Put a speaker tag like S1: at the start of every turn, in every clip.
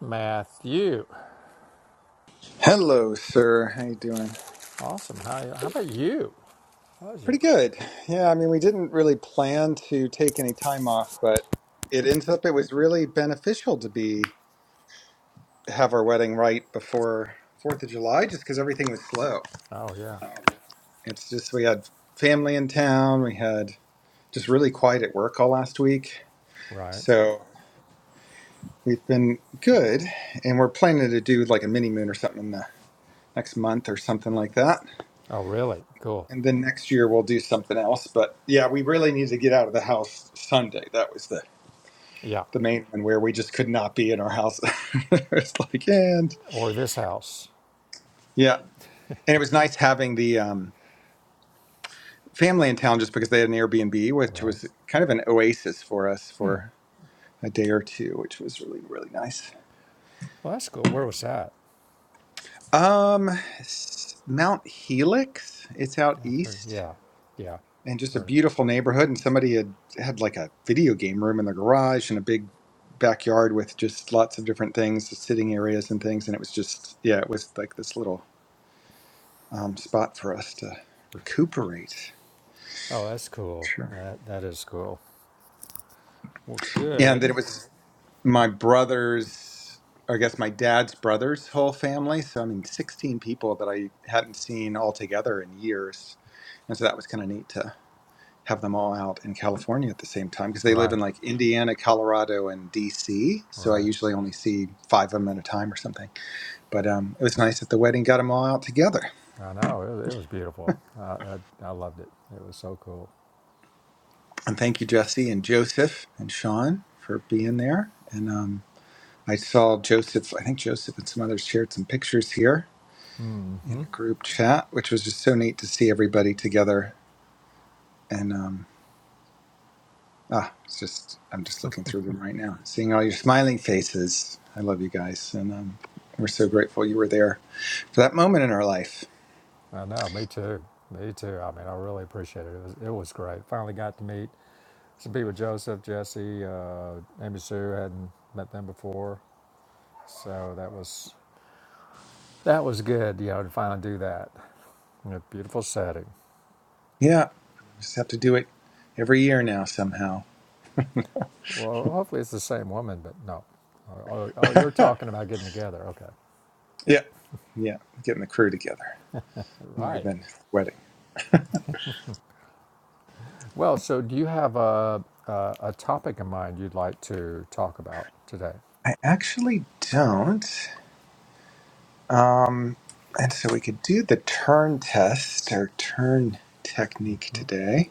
S1: Matthew.
S2: Hello, sir. How you doing?
S1: Awesome. How, how about you? How's you?
S2: Pretty good. Yeah, I mean, we didn't really plan to take any time off, but it ends up it was really beneficial to be have our wedding right before Fourth of July, just because everything was slow.
S1: Oh, yeah.
S2: It's just we had family in town. We had just really quiet at work all last week,
S1: Right.
S2: so we've been good, and we're planning to do like a mini moon or something in the next month or something like that.
S1: Oh, really? Cool.
S2: and then next year we'll do something else. But yeah, we really need to get out of the house Sunday. That was the
S1: Yeah.
S2: the main one where we just could not be in our house. it's like and
S1: Or this house.
S2: yeah, and it was nice having the um, family in town just because they had an Airbnb, which
S1: Right.
S2: was kind of an oasis for us
S1: Hmm.
S2: for a day or two, which was really really nice.
S1: Well, that's cool. Where was that?
S2: Um, s- Mount Helix, it's out
S1: I've heard.
S2: east.
S1: Yeah. Yeah.
S2: and just a
S1: Heard it.
S2: beautiful neighborhood. And somebody had had like a video game room in the garage and a big backyard with just lots of different things, sitting areas and things. And it was just, yeah, it was like this little um, spot for us to recuperate.
S1: Oh, that's cool.
S2: Sure.
S1: That that is cool. Well,
S2: Yeah, and then
S1: good.
S2: it was my brother's, or I guess my dad's brother's whole family. So I mean, sixteen people that I hadn't seen all together in years, and so that was kind of neat to have them all out in California at the same time because they live
S1: Right.
S2: in like Indiana, Colorado, and DC. So I
S1: Right.
S2: usually only see five of them at a time or something. But um, it was nice at the wedding, got them all out together.
S1: I know. It, it was beautiful. I, I I loved it. It was so cool.
S2: And thank you, Jesse and Joseph and Sean for being there. And um, I saw Joseph, I think Joseph and some others shared some pictures here in
S1: Mm-hmm.
S2: a group chat, which was just so neat to see everybody together. And um, Ah, it's just I'm just looking through them right now, seeing all your smiling faces. I love you guys, and um, we're so grateful you were there for that moment in our life.
S1: I know. Me too. Me too. I mean, I really appreciate it. It was it was great. Finally got to meet To be with Joseph, Jesse, uh, Amy Sue, hadn't met them before, so that was that was good. You know, to finally do that in a beautiful setting.
S2: Yeah, just have to do it every year now somehow.
S1: Well, hopefully it's the same woman, but no. Oh, oh, oh, you're
S2: yeah,
S1: talking about getting together. Okay,
S2: yeah, getting the crew together more
S1: right.
S2: than wedding.
S1: Well, so do you have a a, a topic in mind you'd like to talk about today?
S2: I actually don't. Um, and so we could do the turn test or turn technique
S1: Hmm?
S2: today.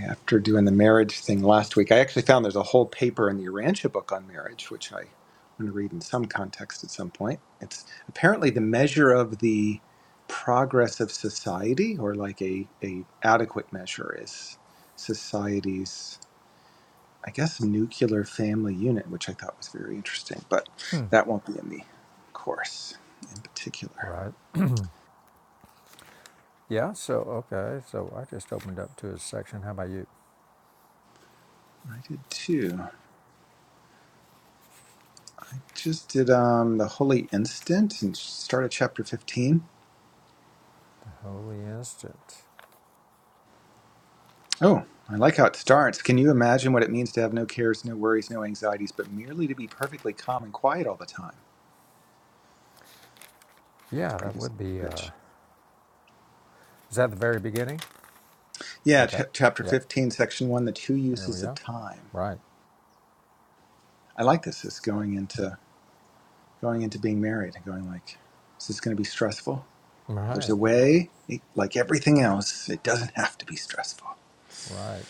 S2: after doing the marriage thing last week. I actually found there's a whole paper in the Urantia book on marriage, which I want to read in some context at some point. It's apparently the measure of the progress of society, or like a, a adequate measure, is society's, I guess, nuclear family unit, which I thought was very interesting. But that won't be in the course in particular.
S1: Right. Yeah. So okay. So I just opened up to a section. How about you?
S2: I did too. I just did um, the Holy Instant and started chapter 15
S1: Holy instant.
S2: Oh, I like how it starts. Can you imagine what it means to have no cares, no worries, no anxieties, but merely to be perfectly calm and quiet all the time? It's a
S1: Yeah,
S2: pretty
S1: that
S2: good
S1: would be. Uh,
S2: pitch.
S1: is that the very beginning?
S2: Yeah,
S1: Okay.
S2: ch- chapter
S1: Yep.
S2: 15, section 1, the two
S1: There we
S2: uses of
S1: go.
S2: time.
S1: Right.
S2: I like this. It's going into going into being married and going like, is this going to be stressful? Well, there's
S1: Right.
S2: a way, it- like everything else, it doesn't have to be stressful.
S1: Right.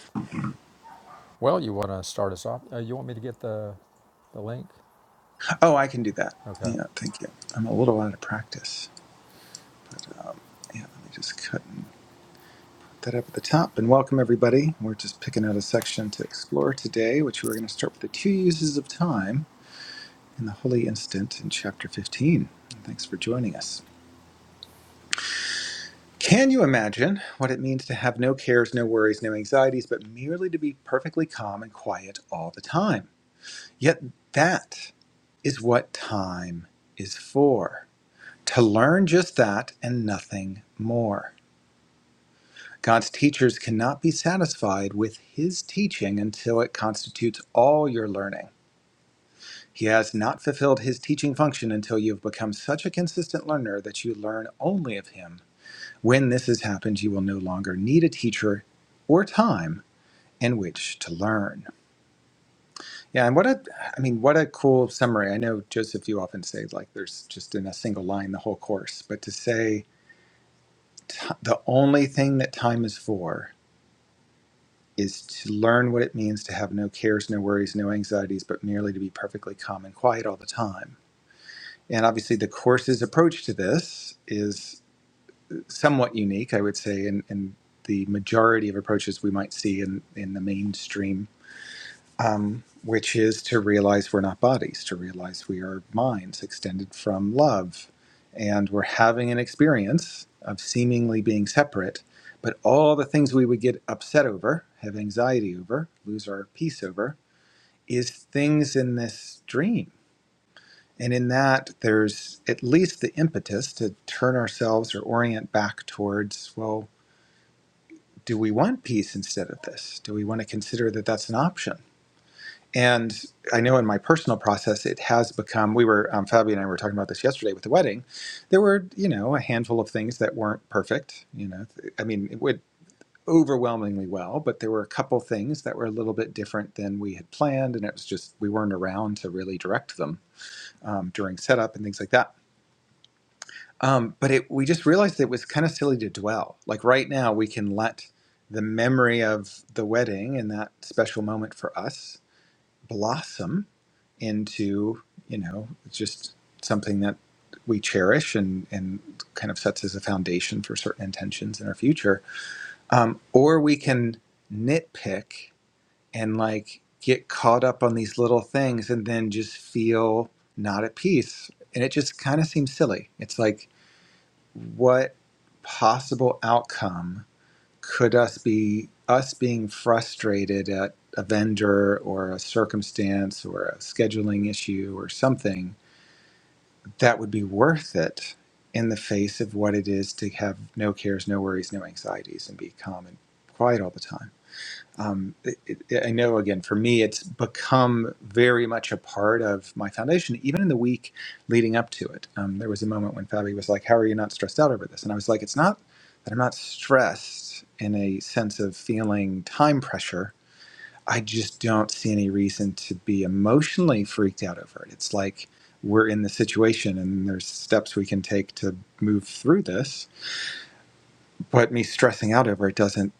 S1: Well, you want to start us off? Uh, you want me to get the the link?
S2: Oh, I can do that.
S1: Okay.
S2: Yeah, thank you. I'm a little out of practice. Um, yeah, let me just cut. that up at the top and welcome everybody. We're just picking out a section to explore today, which we're going to start with the two uses of time in the holy instant in chapter 15. And Thanks for joining us. Can you imagine what it means to have no cares, no worries, no anxieties, but merely to be perfectly calm and quiet all the time? Yet that is what time is for to learn just that and nothing more. God's teachers cannot be satisfied with his teaching until it constitutes all your learning. He has not fulfilled his teaching function until you have become such a consistent learner that you learn only of him. When this has happened, you will no longer need a teacher or time in which to learn. Yeah, and what a I mean, what a cool summary. I know Joseph you often say like there's just in a single line the whole course, but to say t- the only thing that time is for is to learn what it means to have no cares, no worries, no anxieties, but merely to be perfectly calm and quiet all the time. And obviously, the course's approach to this is somewhat unique, I would say, in, in the majority of approaches we might see in, in the mainstream um, which is to realize we're not bodies, to realize we are minds extended from love. And we're having an experience of seemingly being separate, but all the things we would get upset over, have anxiety over, lose our peace over, is things in this dream. And in that, there's at least the impetus to turn ourselves or orient back towards, well, do we want peace instead of this? Do we want to consider that that's an option? And I know in my personal process, it has become. We were um, Fabi and I were talking about this yesterday with the wedding. There were, you know, a handful of things that weren't perfect. You know, I mean, it went overwhelmingly well, but there were a couple things that were a little bit different than we had planned, and it was just we weren't around to really direct them um, during setup and things like that. Um, but it, we just realized it was kind of silly to dwell. Like right now, we can let the memory of the wedding and that special moment for us blossom into you know just something that we cherish and and kind of sets as a foundation for certain intentions in our future um, or we can nitpick and like get caught up on these little things and then just feel not at peace and it just kind of seems silly it's like what possible outcome could us be us being frustrated at a vendor or a circumstance or a scheduling issue or something that would be worth it in the face of what it is to have no cares, no worries, no anxieties, and be calm and quiet all the time. Um, it, it, I know, again, for me, it's become very much a part of my foundation, even in the week leading up to it. Um, there was a moment when Fabi was like, How are you not stressed out over this? And I was like, It's not that I'm not stressed in a sense of feeling time pressure I just don't see any reason to be emotionally freaked out over it. It's like we're in the situation and there's steps we can take to move through this. But me stressing out over it doesn't,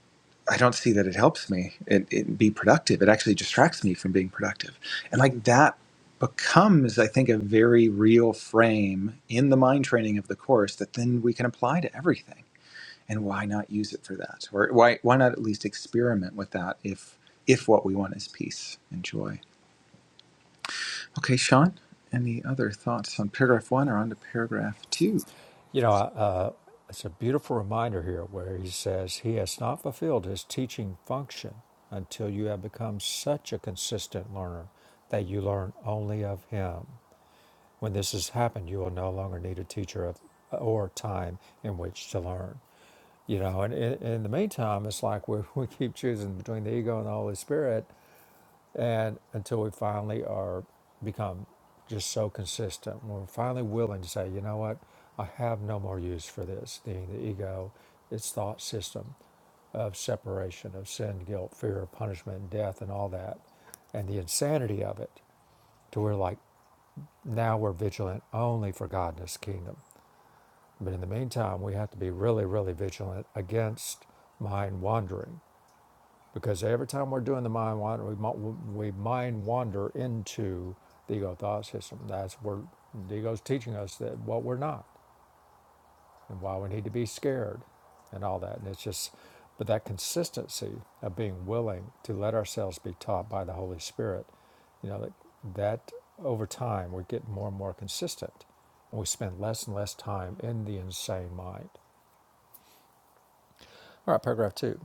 S2: I don't see that it helps me it, it be productive. It actually distracts me from being productive. And like that becomes, I think, a very real frame in the mind training of the course that then we can apply to everything. And why not use it for that? Or why, why not at least experiment with that if, if what we want is peace and joy? Okay, Sean, any other thoughts on paragraph one or on to paragraph two?
S1: You know, uh, it's a beautiful reminder here where he says he has not fulfilled his teaching function until you have become such a consistent learner that you learn only of him. When this has happened, you will no longer need a teacher of, or time in which to learn. You know, and in, the meantime, it's like we we keep choosing between the ego and the Holy Spirit, and until we finally are become just so consistent, we're finally willing to say, you know what, I have no more use for this. The, the ego, its thought system of separation, of sin, guilt, fear, punishment, and death, and all that, and the insanity of it, to where like now we're vigilant only for God and His kingdom. But in the meantime, we have to be really, really vigilant against mind wandering Because every time we're doing the mind wander, we, we mind wander into the ego thought system. That's where the ego's teaching us that what we're not and why we need to be scared and all that. And it's just, but that consistency of being willing to let ourselves be taught by the Holy Spirit, you know, that, that over time we get more and more consistent and we spend less and less time in the insane mind. All right, paragraph two.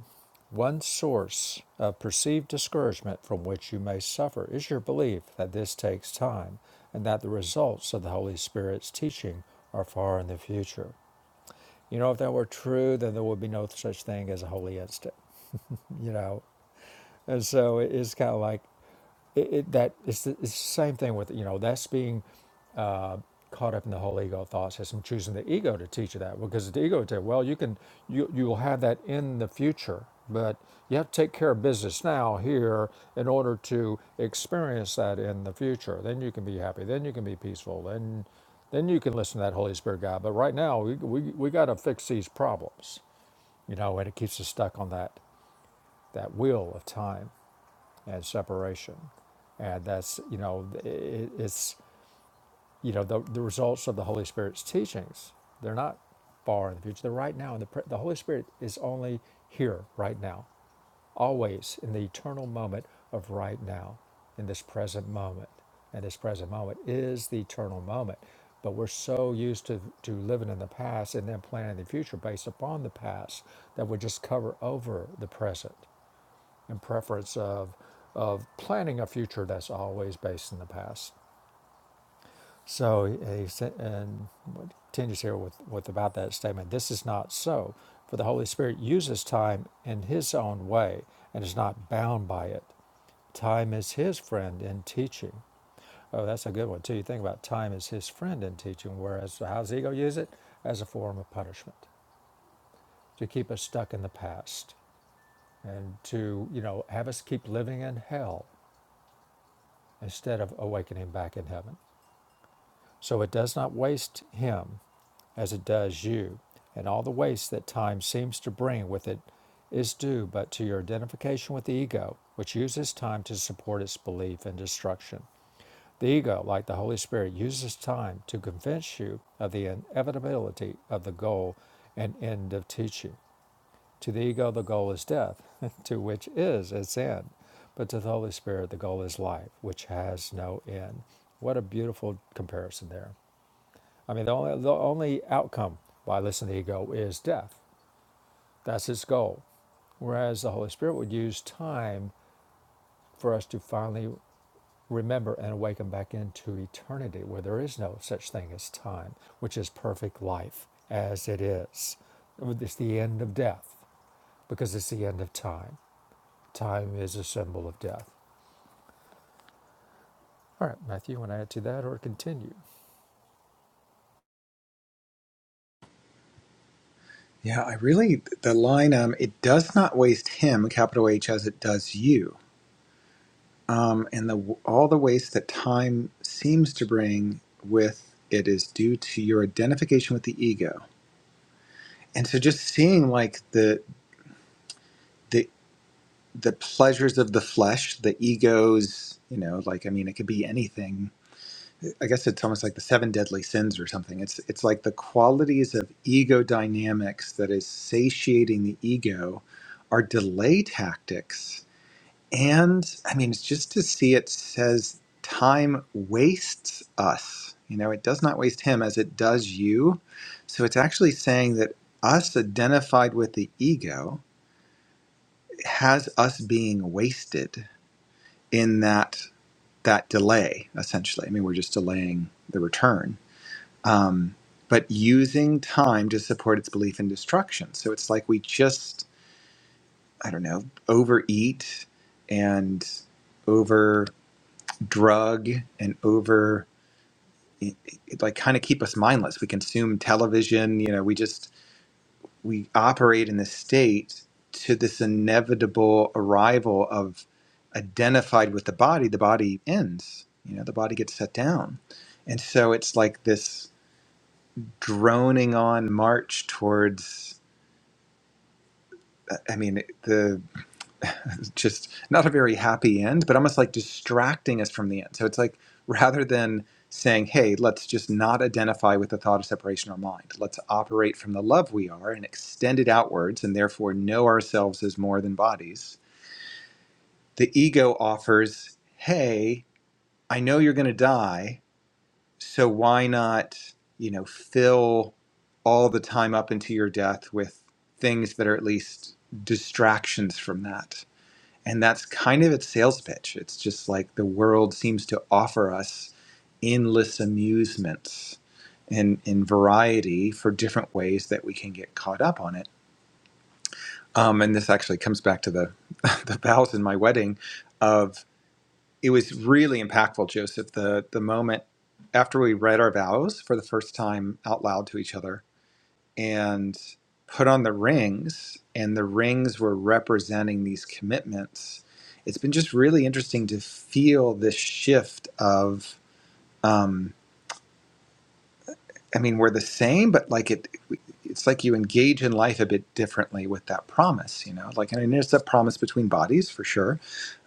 S1: One source of perceived discouragement from which you may suffer is your belief that this takes time and that the results of the Holy Spirit's teaching are far in the future. You know, if that were true, then there would be no such thing as a holy instant, you know? And so it is kind of like it, it that it's the, it's the same thing with you know that's being uh, caught up in the whole ego thought system choosing the ego to teach you that because the ego would tell well you can you you will have that in the future but you have to take care of business now here in order to experience that in the future then you can be happy then you can be peaceful then then you can listen to that holy spirit guide but right now we we, we got to fix these problems you know and it keeps us stuck on that that wheel of time and separation. And that's, you know, i- it's, you know, the, the results of the Holy Spirit's teachings. They're not far in the future. They're right now. And the, pre- the Holy Spirit is only here right now, always in the eternal moment of right now, in this present moment. And this present moment is the eternal moment. But we're so used to, to living in the past and then planning the future based upon the past that we just cover over the present in preference of of planning a future that's always based in the past. So he said, and what continues here with, with about that statement. This is not so, for the Holy Spirit uses time in His own way and is not bound by it. Time is His friend in teaching. Oh, that's a good one too. You think about time is His friend in teaching, whereas how's does ego use it? As a form of punishment to keep us stuck in the past and to you know have us keep living in hell instead of awakening back in heaven. So it does not waste him as it does you, and all the waste that time seems to bring with it is due but to your identification with the ego, which uses time to support its belief in destruction. The ego, like the Holy Spirit, uses time to convince you of the inevitability of the goal and end of teaching. To the ego, the goal is death, to which is its end. But to the Holy Spirit, the goal is life, which has no end. What a beautiful comparison there. I mean, the only, the only outcome by listening to the ego is death. That's its goal. Whereas the Holy Spirit would use time for us to finally remember and awaken back into eternity, where there is no such thing as time, which is perfect life as it is. It's the end of death because it's the end of time. Time is a symbol of death. All right, Matthew, you want to add to that or continue?
S2: Yeah, I really the line um it does not waste him capital H as it does you. Um and the all the waste that time seems to bring with it is due to your identification with the ego. And so just seeing like the the the pleasures of the flesh, the egos, you know, like I mean it could be anything I guess it's almost like the seven deadly sins or something. It's it's like the qualities of ego dynamics that is satiating the ego are delay tactics. And I mean, it's just to see it says time wastes us. You know, it does not waste him as it does you. So it's actually saying that us identified with the ego has us being wasted in that that delay essentially. I mean, we're just delaying the return um, but using time to support its belief in destruction. So it's like we just, I don't know, overeat and over drug and over it, it, like kind of keep us mindless. We consume television, you know, we just we operate in this state to this inevitable arrival of identified with the body, the body ends, you know, the body gets set down. And so it's like this droning on march towards I mean, the just not a very happy end, but almost like distracting us from the end. So it's like rather than saying, hey, let's just not identify with the thought of separation in our mind, let's operate from the love we are and extend it outwards and therefore know ourselves as more than bodies. The ego offers, hey, I know you're going to die, so why not, you know, fill all the time up into your death with things that are at least distractions from that And that's kind of its sales pitch. It's just like the world seems to offer us endless amusements and, and variety for different ways that we can get caught up on it. Um, and this actually comes back to the, the vows in my wedding of it was really impactful, Joseph, the, the moment after we read our vows for the first time out loud to each other and put on the rings, and the rings were representing these commitments. It's been just really interesting to feel this shift of, um, I mean, we're the same, but like it, it's like you engage in life a bit differently with that promise, you know. Like, and it's a promise between bodies for sure,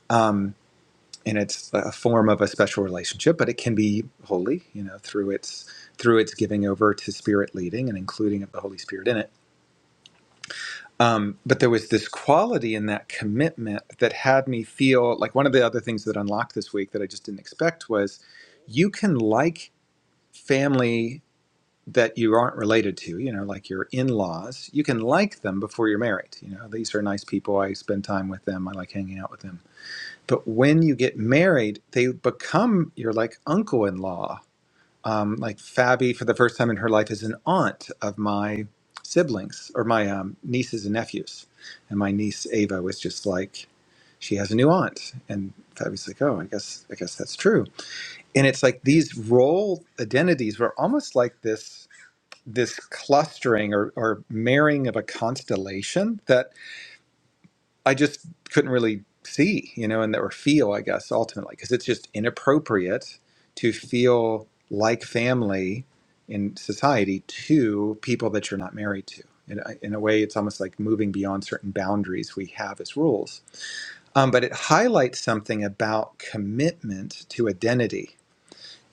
S2: um, and it's a form of a special relationship, but it can be holy, you know, through its through its giving over to spirit leading and including of the Holy Spirit in it um, but there was this quality in that commitment that had me feel like one of the other things that unlocked this week that I just didn't expect was you can like family that you aren't related to, you know, like your in laws, you can like them before you're married. You know, these are nice people. I spend time with them. I like hanging out with them. But when you get married, they become your like uncle in law um, like Fabi, for the first time in her life, is an aunt of my siblings or my um, nieces and nephews. And my niece Ava was just like, she has a new aunt, and Fabi's like, oh, I guess, I guess that's true. And it's like these role identities were almost like this, this clustering or, or marrying of a constellation that. I just couldn't really see, you know, and or feel, I guess, ultimately, because it's just inappropriate to feel like family in society to people that you're not married to. In a, in a way, it's almost like moving beyond certain boundaries we have as rules. Um, but it highlights something about commitment to identity.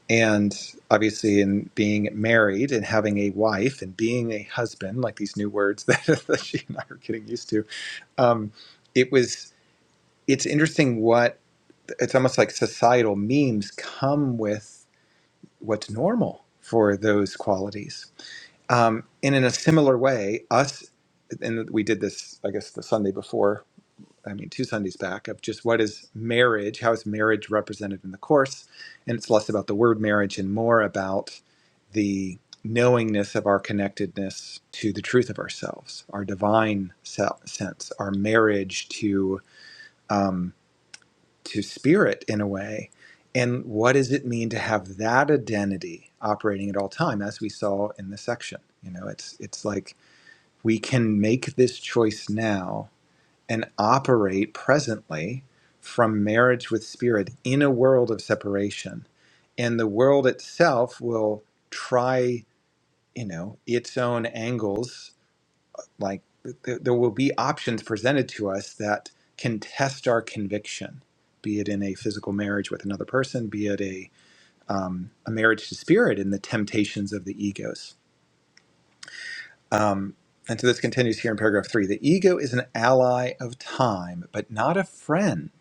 S2: And obviously, in being married and having a wife and being a husband, like these new words that, she and I are getting used to, um, it was it's interesting what it's almost like societal memes come with what's normal for those qualities. Um, and in a similar way, us, and we did this, I guess, the Sunday before, I mean, two Sundays back, of just what is marriage, how is marriage represented in the Course. And it's less about the word marriage and more about the knowingness of our connectedness to the truth of ourselves, our divine se- sense, our marriage to. Um, to spirit in a way and what does it mean to have that identity operating at all time as we saw in the section you know it's it's like we can make this choice now and operate presently from marriage with spirit in a world of separation and the world itself will try you know its own angles like th- there will be options presented to us that can test our conviction, be it in a physical marriage with another person, be it a um, a marriage to spirit, and the temptations of the egos. Um, and so this continues here in paragraph three. The ego is an ally of time, but not a friend.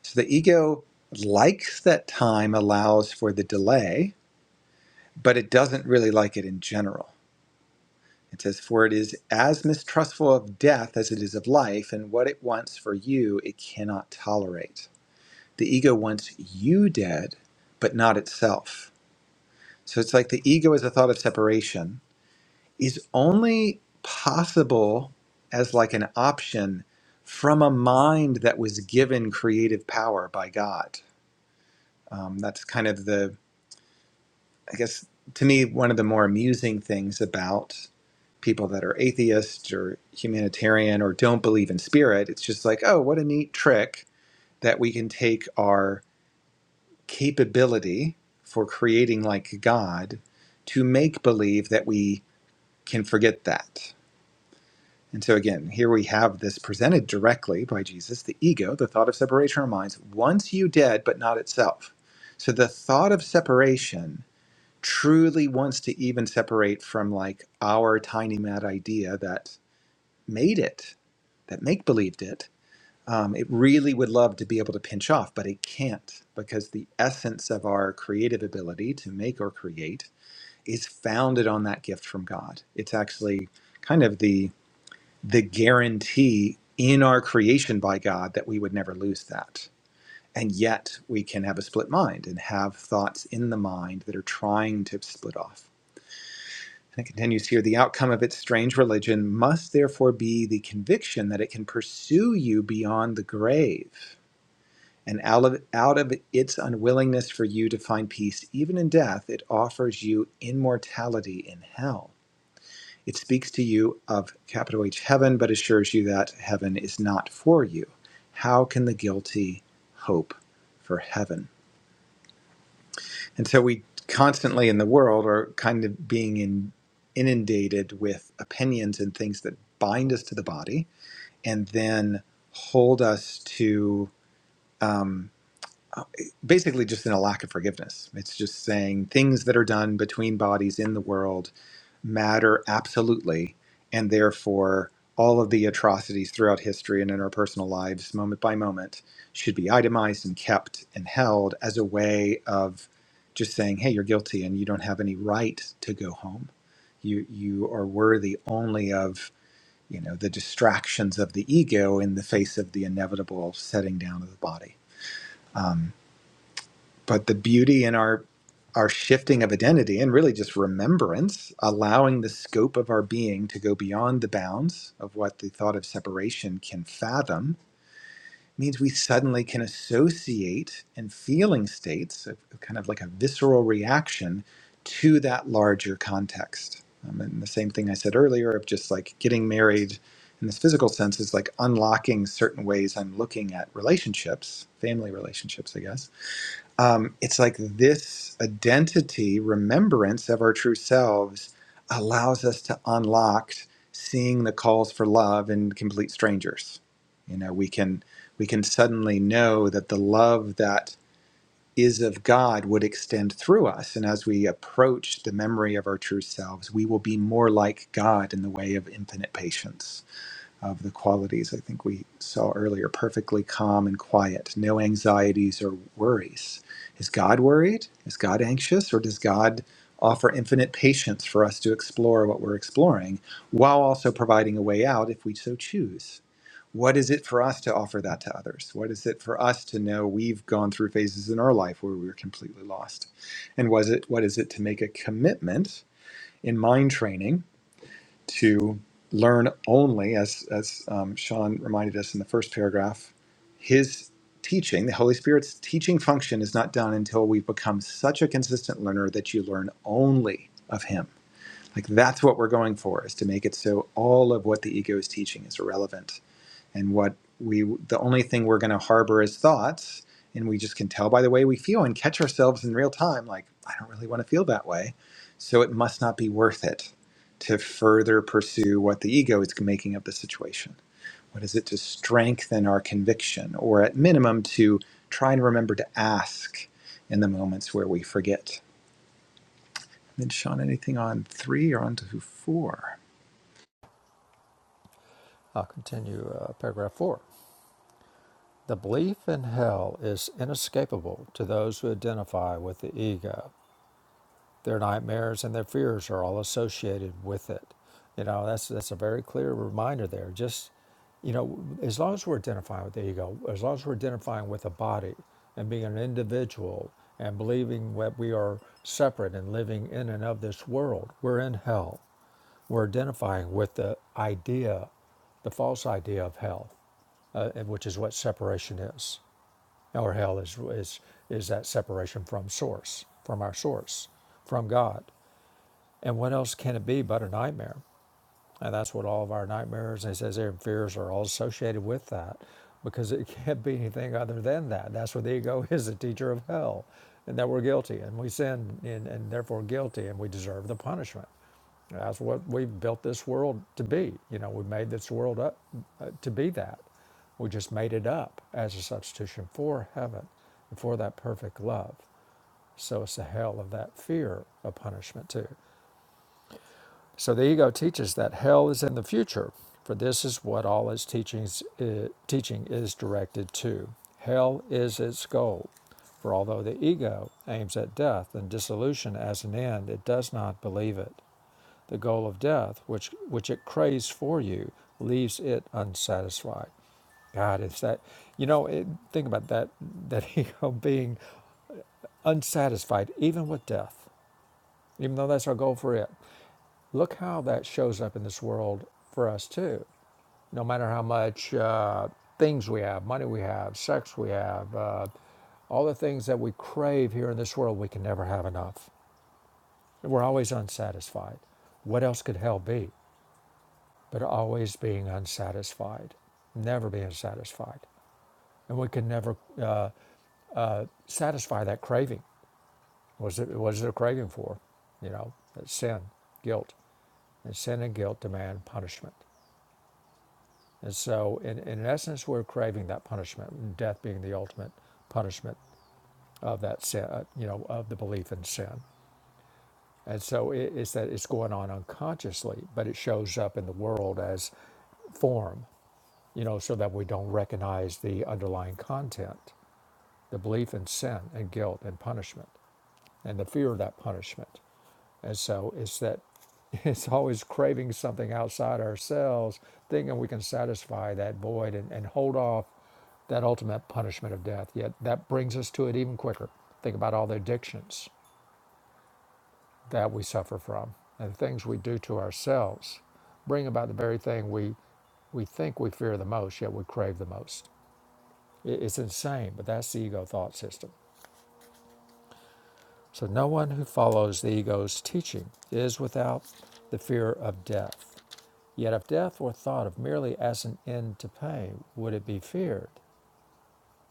S2: So the ego likes that time allows for the delay, but it doesn't really like it in general It says, For it is as mistrustful of death as it is of life, and what it wants for you, it cannot tolerate. The ego wants you dead, but not itself. So it's like the ego as a thought of separation is only possible as like an option from a mind that was given creative power by God. Um, that's kind of the, I guess, to me, one of the more amusing things about people that are atheists or humanitarian or don't believe in spirit. It's just like, oh, what a neat trick that we can take our capability for creating like God to make believe that we can forget that. And so, again, here we have this presented directly by Jesus the ego, the thought of separation of minds, once you dead, but not itself. So, the thought of separation truly wants to even separate from like our tiny mad idea that made it, that make believed it, um, it really would love to be able to pinch off, but it can't because the essence of our creative ability to make or create is founded on that gift from God. It's actually kind of the the guarantee in our creation by God that we would never lose that. And yet we can have a split mind and have thoughts in the mind that are trying to split off. And it continues here the outcome of its strange religion must therefore be the conviction that it can pursue you beyond the grave. And out of, out of its unwillingness for you to find peace, even in death, it offers you immortality in hell. It speaks to you of capital H heaven, but assures you that heaven is not for you. How can the guilty hope for heaven? And so we constantly in the world are kind of being in, inundated with opinions and things that bind us to the body and then hold us to um, basically just in a lack of forgiveness. It's just saying things that are done between bodies in the world matter absolutely, and therefore all of the atrocities throughout history and in our personal lives, moment by moment, should be itemized and kept and held as a way of just saying, "Hey, you're guilty, and you don't have any right to go home. You you are worthy only of." You know, the distractions of the ego in the face of the inevitable setting down of the body. Um, but the beauty in our our shifting of identity and really just remembrance allowing the scope of our being to go beyond the bounds of what the thought of separation can fathom means we suddenly can associate and feeling states of of kind of like a visceral reaction to that larger context um, and the same thing i said earlier of just like getting married in this physical sense is like unlocking certain ways i'm looking at relationships family relationships i guess um, it's like this identity remembrance of our true selves allows us to unlock seeing the calls for love in complete strangers you know we can we can suddenly know that the love that is of god would extend through us and as we approach the memory of our true selves we will be more like god in the way of infinite patience of the qualities I think we saw earlier perfectly calm and quiet, no anxieties or worries. Is God worried? Is God anxious? Or does God offer infinite patience for us to explore what we're exploring while also providing a way out if we so choose? What is it for us to offer that to others? What is it for us to know we've gone through phases in our life where we were completely lost? And was it what is it to make a commitment in mind training to learn only, as, as um, Sean reminded us in the first paragraph, his teaching, the Holy Spirit's teaching function is not done until we've become such a consistent learner that you learn only of him. Like that's what we're going for, is to make it so all of what the ego is teaching is irrelevant and what we the only thing we're going to harbor is thoughts and we just can tell by the way we feel and catch ourselves in real time like i don't really want to feel that way so it must not be worth it to further pursue what the ego is making of the situation what is it to strengthen our conviction or at minimum to try and remember to ask in the moments where we forget did sean anything on three or on to four
S1: I'll continue uh, paragraph four. The belief in hell is inescapable to those who identify with the ego Their nightmares and their fears are all associated with it. You know, that's that's a very clear reminder there. Just, you know, as long as we're identifying with the ego, as long as we're identifying with the body and being an individual and believing that we are separate and living in and of this world, we're in hell. We're identifying with the idea, the false idea of hell, uh, which is what separation is. Our hell is, is, is that separation from source, from our source, from God. And what else can it be but a nightmare? And that's what all of our nightmares and it says here fears are all associated with that because it can't be anything other than that. That's what the ego is, the teacher of hell, and that we're guilty and we sin and, and therefore guilty and we deserve the punishment. That's what we've built this world to be. You know, we made this world up uh, to be that. We just made it up as a substitution for heaven and for that perfect love. So it's the hell of that fear of punishment, too. So the ego teaches that hell is in the future, for this is what all its teachings, eh, teaching is directed to. Hell is its goal. For although the ego aims at death and dissolution as an end, it does not believe it. The goal of death, which, which it craves for you, leaves it unsatisfied. God, it's that, you know, it, think about that, that ego being unsatisfied even with death even though that's our goal for it. Look how that shows up in this world for us too. No matter how much uh, things we have, money we have, sex we have, uh, all the things that we crave here in this world, we can never have enough. We're always unsatisfied. What else could hell be but always being unsatisfied, never being satisfied? And we can never uh, uh, satisfy that craving. Was it was it a craving for? You know, sin, guilt. And sin and guilt demand punishment. And so, in, in essence, we're craving that punishment, death being the ultimate punishment of that sin, uh, you know, of the belief in sin. And so, it, it's that it's going on unconsciously, but it shows up in the world as form, you know, so that we don't recognize the underlying content, the belief in sin and guilt and punishment, and the fear of that punishment. And so it's that it's always craving something outside ourselves, thinking we can satisfy that void and, and hold off that ultimate punishment of death. Yet that brings us to it even quicker. Think about all the addictions that we suffer from and the things we do to ourselves bring about the very thing we we think we fear the most, yet we crave the most. It- It's insane, but that's the ego thought system. So no one who follows the ego's teaching is without the fear of death. Yet if death were thought of merely as an end to pain, would it be feared?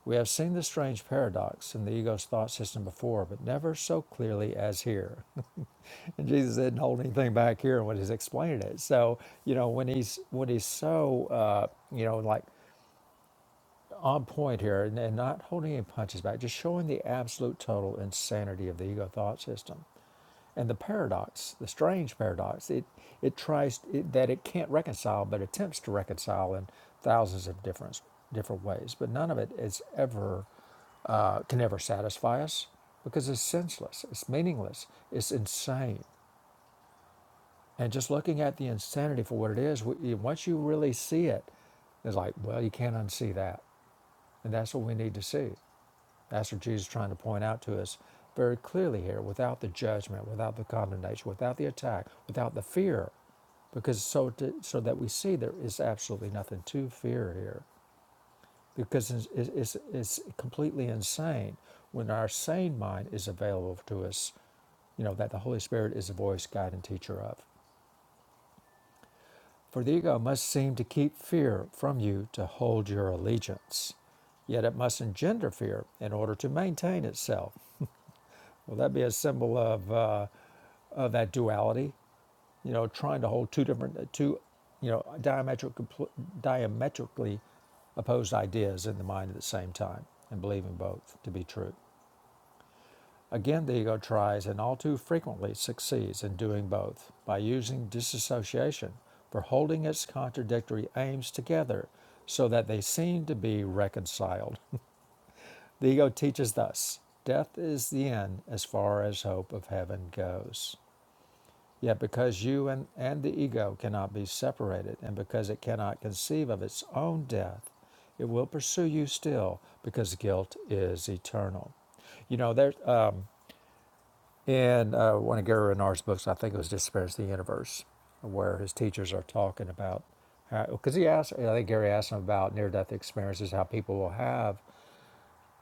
S1: We have seen this strange paradox in the ego's thought system before, but never so clearly as here. and Jesus didn't hold anything back here when he's explaining it. So you know when he's when he's so uh, you know like on point here and, and not holding any punches back, just showing the absolute total insanity of the ego thought system. And the paradox, the strange paradox, it, it tries it, that it can't reconcile, but attempts to reconcile in thousands of different, different ways. But none of it is ever, uh, can ever satisfy us because it's senseless, it's meaningless, it's insane. And just looking at the insanity for what it is, w- once you really see it, it's like, well, you can't unsee that. And that's what we need to see. That's what Jesus is trying to point out to us very clearly here without the judgment, without the condemnation, without the attack, without the fear, because so, to, so that we see there is absolutely nothing to fear here. Because it's, it's, it's completely insane when our sane mind is available to us, you know, that the Holy Spirit is the voice, guide, and teacher of. For the ego must seem to keep fear from you to hold your allegiance, yet it must engender fear in order to maintain itself Will that be a symbol of, uh, of that duality? You know, trying to hold two different, uh, two, you know, diametric, diametrically opposed ideas in the mind at the same time and believing both to be true. Again, the ego tries and all too frequently succeeds in doing both by using disassociation for holding its contradictory aims together so that they seem to be reconciled. The ego teaches thus death is the end as far as hope of heaven goes. Yet, because you and, and the ego cannot be separated, and because it cannot conceive of its own death, it will pursue you still because guilt is eternal. You know, there uh, in uh, one of Gary Renard's books, I think it was Disappearance of the Universe, where his teachers are talking about because he asked, I think Gary asked him about near death experiences, how people will have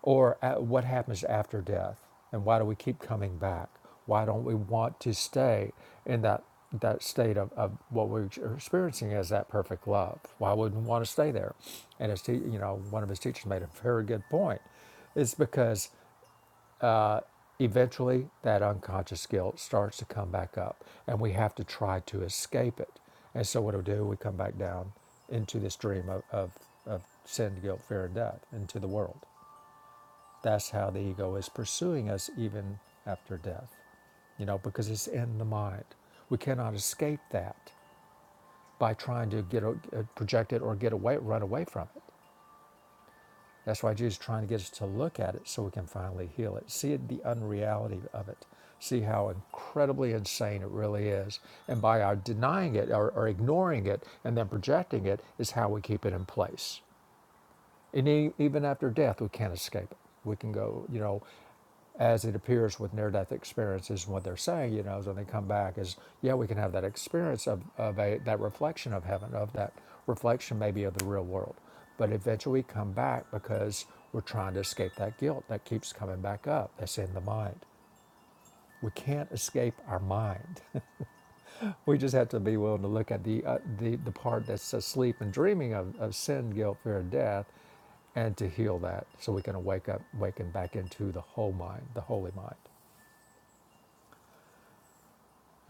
S1: or uh, what happens after death? And why do we keep coming back? Why don't we want to stay in that, that state of, of what we're experiencing as that perfect love? Why wouldn't we want to stay there? And his te- you know, one of his teachers made a very good point. It's because eventually that unconscious guilt starts to come back up and we have to try to escape it. And so what do we do? We come back down into this dream of, of, of sin, guilt, fear, and death, into the world. That's how the ego is pursuing us even after death, you know, because it's in the mind. We cannot escape that by trying to get o- uh, project it or get away, run away from it. That's why Jesus is trying to get us to look at it so we can finally heal it, see it, the unreality of it, see how incredibly insane it really is. And by our denying it or, or ignoring it and then projecting it is how we keep it in place. And e- even after death, we can't escape it. We can go, you know, as it appears with near death experiences, what they're saying, you know, is when they come back, is yeah, we can have that experience of, of a, that reflection of heaven, of that reflection maybe of the real world. But eventually we come back because we're trying to escape that guilt that keeps coming back up that's in the mind. We can't escape our mind. We just have to be willing to look at the uh, the, the part that's asleep and dreaming of, of sin, guilt, fear, and death, and to heal that so we can wake up, waken back into the whole mind, the holy mind.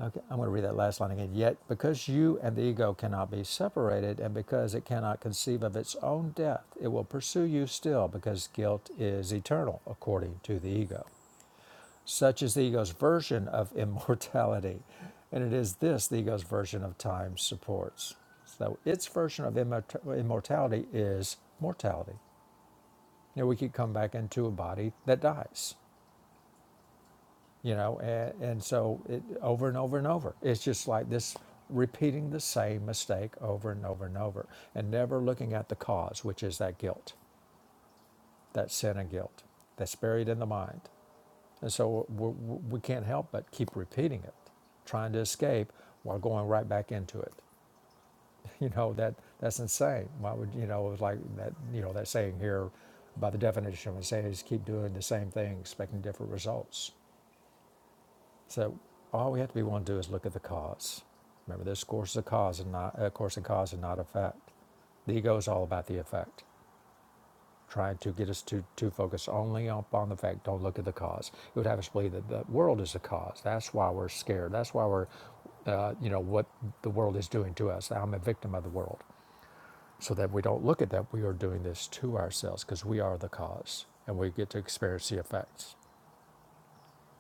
S1: Okay, I'm going to read that last line again. Yet, because you and the ego cannot be separated, and because it cannot conceive of its own death, it will pursue you still, because guilt is eternal, according to the ego. Such is the ego's version of immortality. And it is this the ego's version of time supports. So its version of immort- immortality is mortality. You know, we keep coming back into a body that dies, you know, and, and so it, over and over and over. It's just like this repeating the same mistake over and over and over and never looking at the cause, which is that guilt, that sin and guilt that's buried in the mind. And so we we can't help but keep repeating it, trying to escape while going right back into it. You know, that that's insane. Why would, you know, it was like that, you know, that saying here by the definition of saying is keep doing the same thing, expecting different results. So all we have to be willing to do is look at the cause. Remember, this course is a cause and not a course and cause and not effect. The ego is all about the effect. trying to get us to, to focus only upon the fact, don't look at the cause. It would have us believe that the world is the cause. That's why we're scared. That's why we're, uh, you know, what the world is doing to us. I'm a victim of the world. So that we don't look at that, we are doing this to ourselves because we are the cause and we get to experience the effects.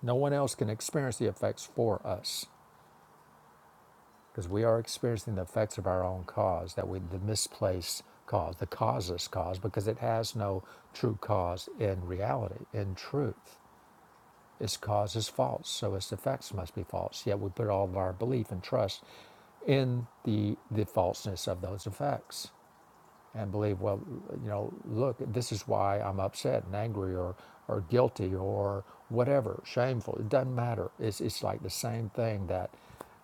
S1: No one else can experience the effects for us because we are experiencing the effects of our own cause, that we, the misplaced cause, the causeless cause, because it has no true cause in reality, in truth. Its cause is false, so its effects must be false. Yet we put all of our belief and trust in the, the falseness of those effects and believe, well, you know, look, this is why I'm upset and angry or, or guilty or whatever, shameful. It doesn't matter. It's, it's like the same thing that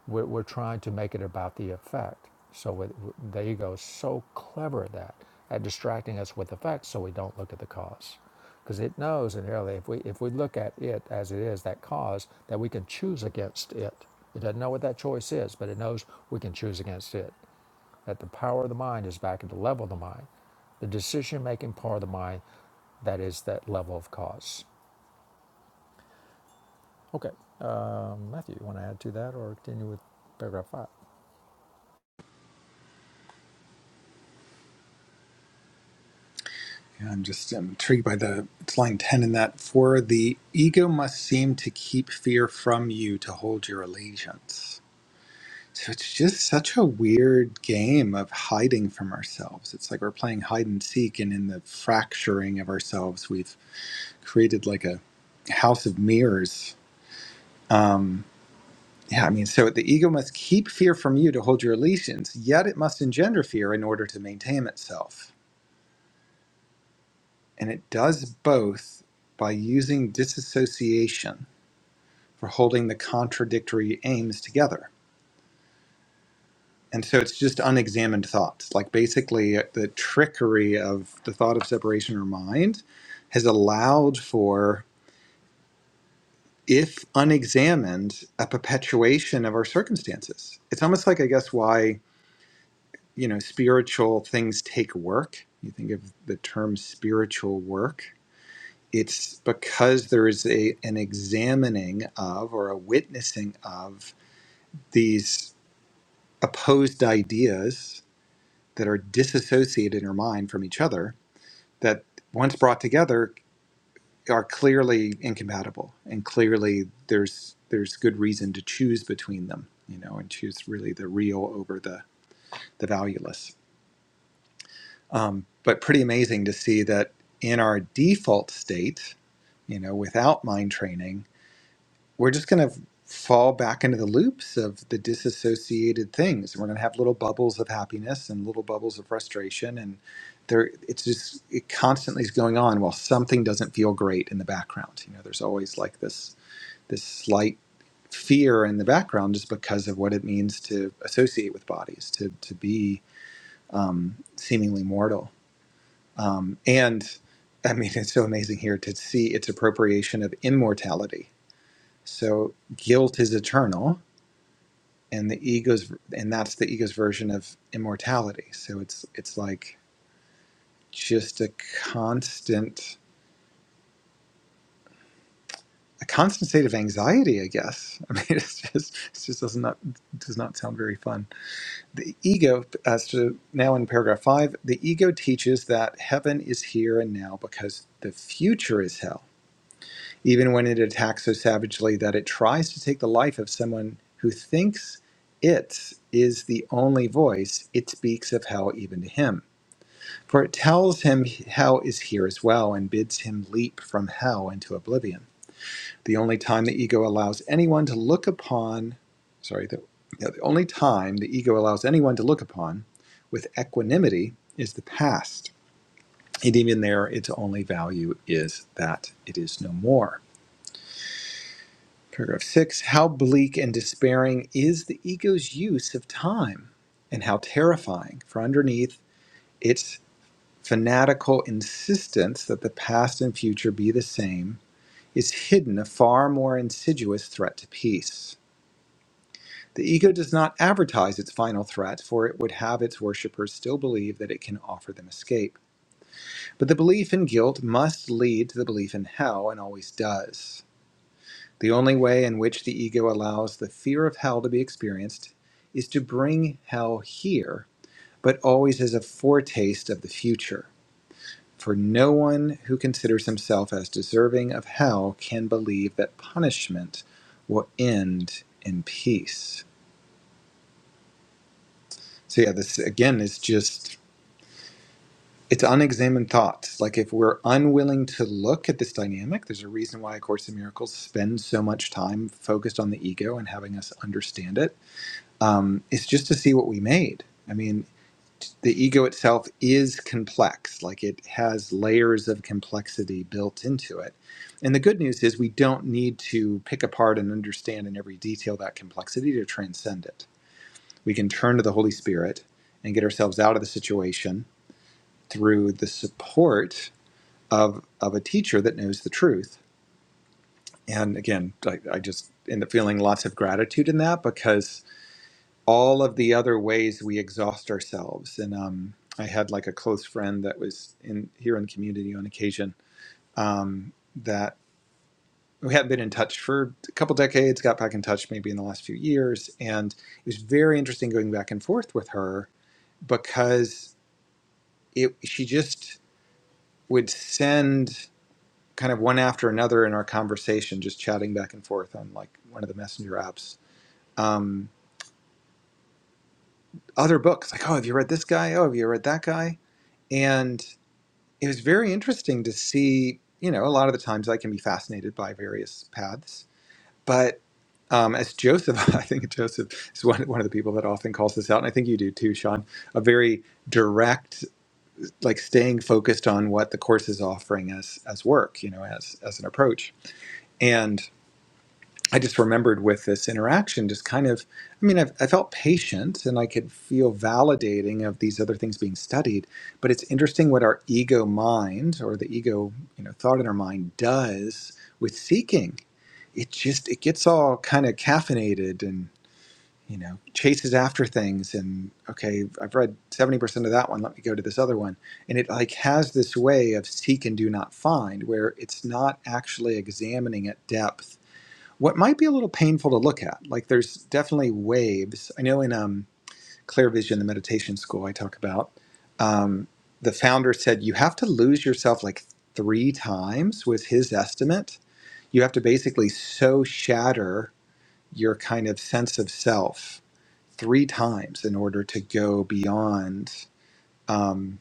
S1: we're, we're trying to make it about the effect. So with, the ego is so clever at that, at distracting us with the facts so we don't look at the cause. Because it knows inherently if we, if we look at it as it is, that cause, that we can choose against it. It doesn't know what that choice is, but it knows we can choose against it that the power of the mind is back at the level of the mind, the decision making part of the mind that is that level of cause. Okay, um, Matthew, you want to add to that or continue with paragraph five?
S2: Yeah, I'm just i intrigued by the it's line ten in that for the ego must seem to keep fear from you to hold your allegiance. So it's just such a weird game of hiding from ourselves. It's like we're playing hide and seek, and in the fracturing of ourselves, we've created like a house of mirrors. Um, yeah, I mean, so the ego must keep fear from you to hold your allegiance, yet it must engender fear in order to maintain itself. and it does both by using disassociation for holding the contradictory aims together. And so it's just unexamined thoughts. Like basically, uh, the trickery of the thought of separation or mind has allowed for, if unexamined, a perpetuation of our circumstances. It's almost like, I guess, why, you know, spiritual things take work. You think of the term spiritual work it's because there is a an examining of or a witnessing of these opposed ideas that are disassociated in our mind from each other that once brought together are clearly incompatible and clearly there's there's good reason to choose between them you know and choose really the real over the the valueless um, but pretty amazing to see that in our default state you know without mind training we're just going to fall back into the loops of the disassociated things and we're going to have little bubbles of happiness and little bubbles of frustration and there it's just it constantly is going on while something doesn't feel great in the background you know there's always like this this slight fear in the background just because of what it means to associate with bodies to to be um, seemingly mortal um, and i mean it's so amazing here to see its appropriation of immortality so guilt is eternal, and the ego's and that's the ego's version of immortality. So it's it's like just a constant a constant state of anxiety, I guess. I mean, it's just it just does not does not sound very fun. The ego, as to now in paragraph five, the ego teaches that heaven is here and now because the future is hell even when it attacks so savagely that it tries to take the life of someone who thinks it is the only voice, it speaks of hell even to him. For it tells him hell is here as well and bids him leap from hell into oblivion. The only time the ego allows anyone to look upon, sorry, the, yeah, the only time the ego allows anyone to look upon with equanimity is the past. And even there, its only value is that it is no more. Paragraph six How bleak and despairing is the ego's use of time, and how terrifying, for underneath its fanatical insistence that the past and future be the same is hidden a far more insidious threat to peace. The ego does not advertise its final threat, for it would have its worshippers still believe that it can offer them escape. But the belief in guilt must lead to the belief in hell, and always does. The only way in which the ego allows the fear of hell to be experienced is to bring hell here, but always as a foretaste of the future. For no one who considers himself as deserving of hell can believe that punishment will end in peace. So, yeah, this again is just, it's unexamined thoughts. Like, if we're unwilling to look at this dynamic, there's a reason why A Course in Miracles spends so much time focused on the ego and having us understand it um, it's just to see what we made. I mean, the ego itself is complex, like it has layers of complexity built into it. And the good news is we don't need to pick apart and understand in every detail that complexity to transcend it. We can turn to the Holy Spirit and get ourselves out of the situation through the support of, of a teacher that knows the truth. And again, I, I just end up feeling lots of gratitude in that because all of the other ways we exhaust ourselves. And um, I had like a close friend that was in here in the community on occasion um, that we hadn't been in touch for a couple decades, got back in touch maybe in the last few years. And it was very interesting going back and forth with her because it, she just would send kind of one after another in our conversation, just chatting back and forth on like one of the messenger apps. Um, other books like, oh, have you read this guy? Oh, have you read that guy? And it was very interesting to see. You know, a lot of the times I can be fascinated by various paths, but um, as Joseph, I think Joseph is one, one of the people that often calls this out, and I think you do too, Sean. A very direct, like staying focused on what the course is offering as as work, you know, as as an approach, and. I just remembered with this interaction, just kind of, I mean, I've, I felt patient and I could feel validating of these other things being studied. But it's interesting what our ego mind or the ego, you know, thought in our mind does with seeking. It just, it gets all kind of caffeinated and, you know, chases after things. And okay, I've read 70% of that one. Let me go to this other one. And it like has this way of seek and do not find where it's not actually examining at depth what might be a little painful to look at. Like there's definitely waves. I know in um, Clear Vision, the meditation school I talk about, um, the founder said you have to lose yourself like three times was his estimate. You have to basically so shatter your kind of sense of self three times in order to go beyond. Um,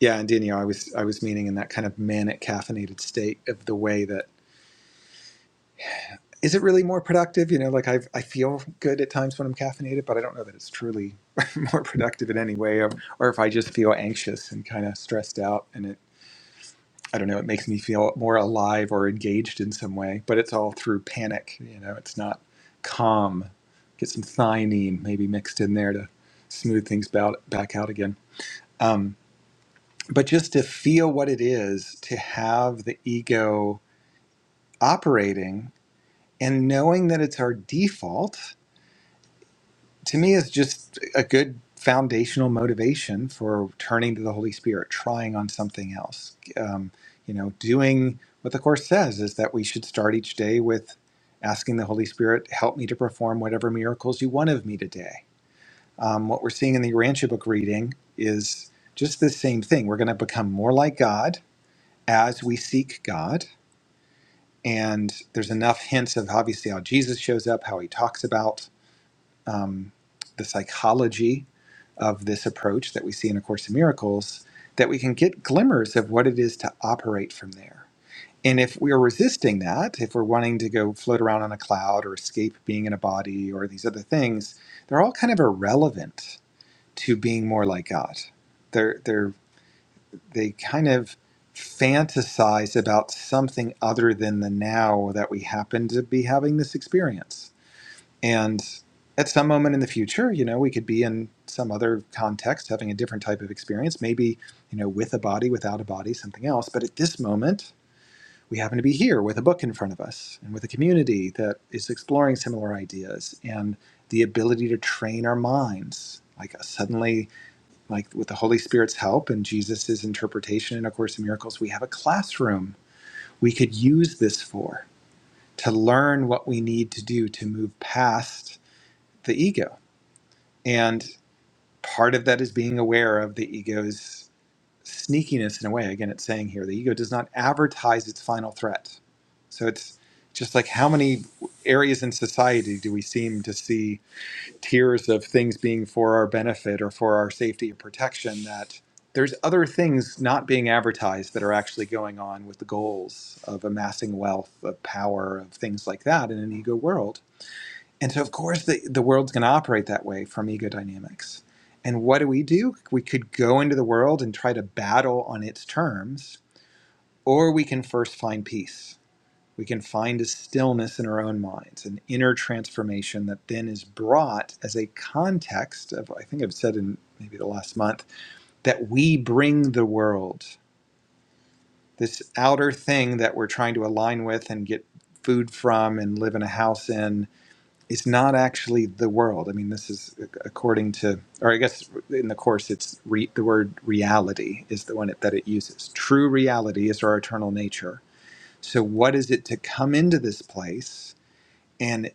S2: yeah, and Danielle, I was I was meaning in that kind of manic caffeinated state of the way that is it really more productive? You know, like I I feel good at times when I'm caffeinated, but I don't know that it's truly more productive in any way, or, or if I just feel anxious and kind of stressed out, and it I don't know, it makes me feel more alive or engaged in some way, but it's all through panic. You know, it's not calm. Get some thiamine maybe mixed in there to smooth things about, back out again. Um, but just to feel what it is to have the ego operating and knowing that it's our default to me is just a good foundational motivation for turning to the Holy Spirit, trying on something else. Um, you know, doing what the Course says is that we should start each day with asking the Holy Spirit, help me to perform whatever miracles you want of me today. Um, what we're seeing in the Urantia book reading is just the same thing. We're going to become more like God as we seek God. And there's enough hints of obviously how Jesus shows up, how he talks about um, the psychology of this approach that we see in A Course in Miracles that we can get glimmers of what it is to operate from there. And if we are resisting that, if we're wanting to go float around on a cloud or escape being in a body or these other things, they're all kind of irrelevant to being more like God. They're, they're, they kind of fantasize about something other than the now that we happen to be having this experience and at some moment in the future, you know, we could be in some other context having a different type of experience, maybe, you know, with a body, without a body, something else. But at this moment, we happen to be here with a book in front of us and with a community that is exploring similar ideas and the ability to train our minds. Like uh, suddenly, like with the Holy Spirit's help and Jesus's interpretation in A Course in Miracles, we have a classroom we could use this for to learn what we need to do to move past the ego and part of that is being aware of the ego's sneakiness in a way. Again, it's saying here the ego does not advertise its final threat. So it's just like how many areas in society do we seem to see tiers of things being for our benefit or for our safety or protection that there's other things not being advertised that are actually going on with the goals of amassing wealth, of power, of things like that in an ego world and so, of course, the, the world's going to operate that way from ego dynamics. And what do we do? We could go into the world and try to battle on its terms, or we can first find peace. We can find a stillness in our own minds, an inner transformation that then is brought as a context of, I think I've said in maybe the last month, that we bring the world, this outer thing that we're trying to align with and get food from and live in a house in it's not actually the world. I mean, this is according to, or I guess in the course, it's re, the word reality is the one it, that it uses. True reality is our eternal nature. So, what is it to come into this place and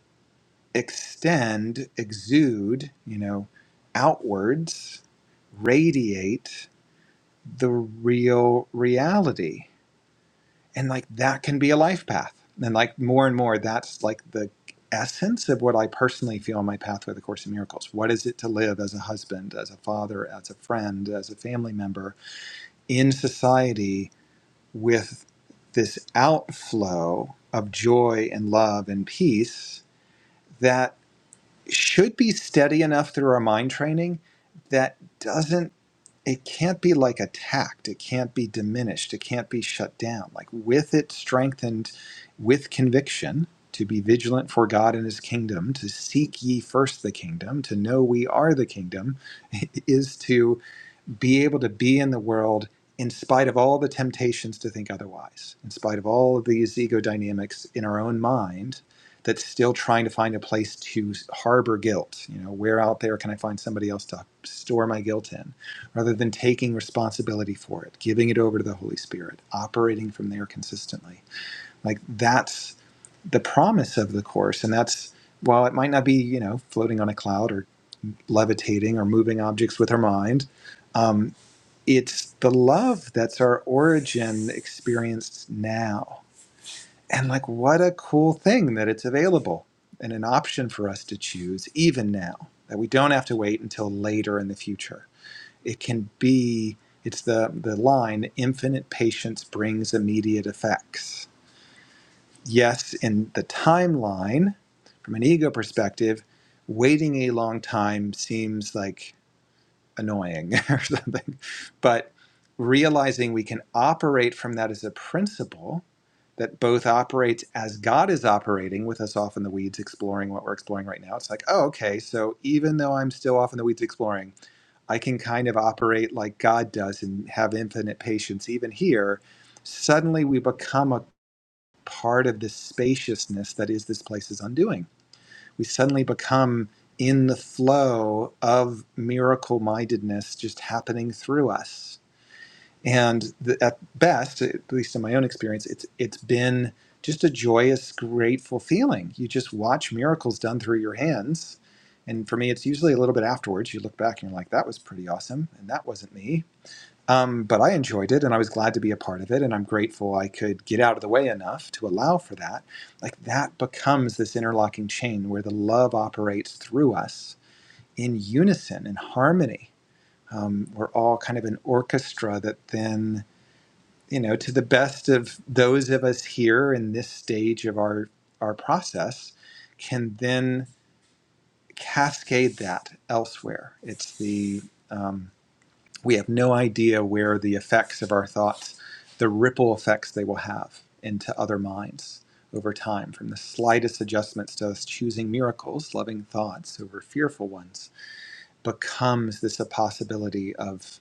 S2: extend, exude, you know, outwards, radiate the real reality? and like that can be a life path and like more and more that's like the essence of what i personally feel in my path with the course in miracles what is it to live as a husband as a father as a friend as a family member in society with this outflow of joy and love and peace that should be steady enough through our mind training that doesn't it can't be like attacked it can't be diminished it can't be shut down like with it strengthened with conviction to be vigilant for god and his kingdom to seek ye first the kingdom to know we are the kingdom is to be able to be in the world in spite of all the temptations to think otherwise, in spite of all of these ego dynamics in our own mind that's still trying to find a place to harbor guilt. You know, where out there can I find somebody else to store my guilt in? Rather than taking responsibility for it, giving it over to the Holy Spirit, operating from there consistently. Like that's the promise of the Course. And that's, while it might not be, you know, floating on a cloud or levitating or moving objects with our mind, um, it's the love that's our origin experienced now. And like, what a cool thing that it's available and an option for us to choose even now, that we don't have to wait until later in the future. It can be, it's the, the line infinite patience brings immediate effects. Yes, in the timeline, from an ego perspective, waiting a long time seems like annoying or something. But realizing we can operate from that as a principle that both operates as God is operating with us off in the weeds exploring what we're exploring right now. It's like, oh, okay, so even though I'm still off in the weeds exploring, I can kind of operate like God does and have infinite patience even here. Suddenly we become a part of this spaciousness that is this place's undoing we suddenly become in the flow of miracle mindedness just happening through us. And the, at best, at least in my own experience, it's it's been just a joyous, grateful feeling. You just watch miracles done through your hands. And for me, it's usually a little bit afterwards. You look back and you're like, that was pretty awesome. And that wasn't me um, but I enjoyed it and I was glad to be a part of it. And I'm grateful I could get out of the way enough to allow for that. Like that becomes this interlocking chain where the love operates through us in unison, in harmony. Um, we're all kind of an orchestra that then, you know, to the best of those of us here in this stage of our, our process, can then cascade that elsewhere. It's the, um, we have no idea where the effects of our thoughts, the ripple effects they will have into other minds over time, from the slightest adjustments to us choosing miracles, loving thoughts over fearful ones, becomes this a possibility of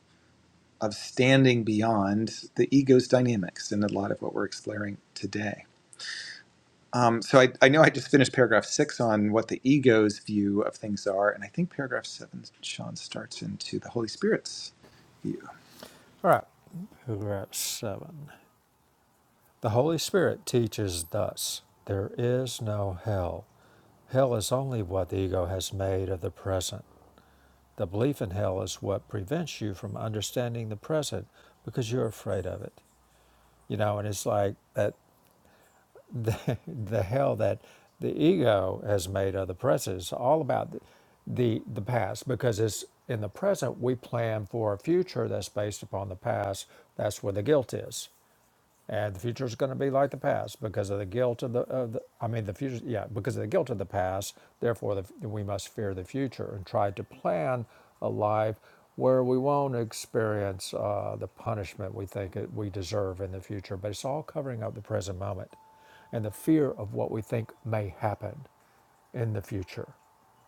S2: of standing beyond the ego's dynamics in a lot of what we're exploring today. Um, so I, I know I just finished paragraph six on what the ego's view of things are, and I think paragraph seven, Sean starts into the Holy Spirit's view.
S1: All right, paragraph seven. The Holy Spirit teaches thus there is no hell. Hell is only what the ego has made of the present. The belief in hell is what prevents you from understanding the present because you're afraid of it. You know, and it's like that the, the hell that the ego has made of the present. It's all about the, the the past because it's in the present we plan for a future that's based upon the past. That's where the guilt is and the future is going to be like the past because of the guilt of the, of the i mean the future yeah because of the guilt of the past therefore the, we must fear the future and try to plan a life where we won't experience uh, the punishment we think it, we deserve in the future but it's all covering up the present moment and the fear of what we think may happen in the future.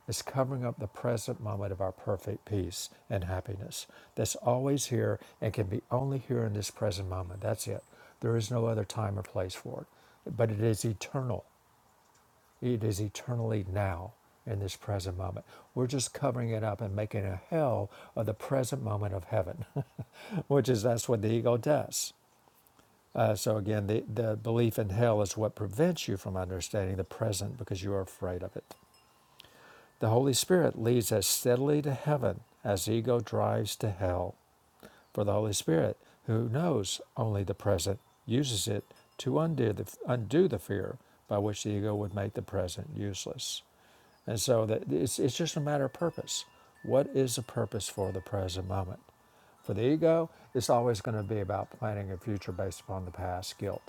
S1: It's covering up the present moment of our perfect peace and happiness that's always here and can be only here in this present moment. That's it. There is no other time or place for it. But it is eternal. It is eternally now in this present moment. We're just covering it up and making a hell of the present moment of heaven, which is that's what the ego does. Uh, so again, the, the belief in hell is what prevents you from understanding the present because you are afraid of it. The Holy Spirit leads as steadily to heaven as ego drives to hell. For the Holy Spirit, who knows only the present, uses it to undo the, undo the fear by which the ego would make the present useless. And so that it's, it's just a matter of purpose. What is the purpose for the present moment? For the ego, it's always going to be about planning a future based upon the past guilt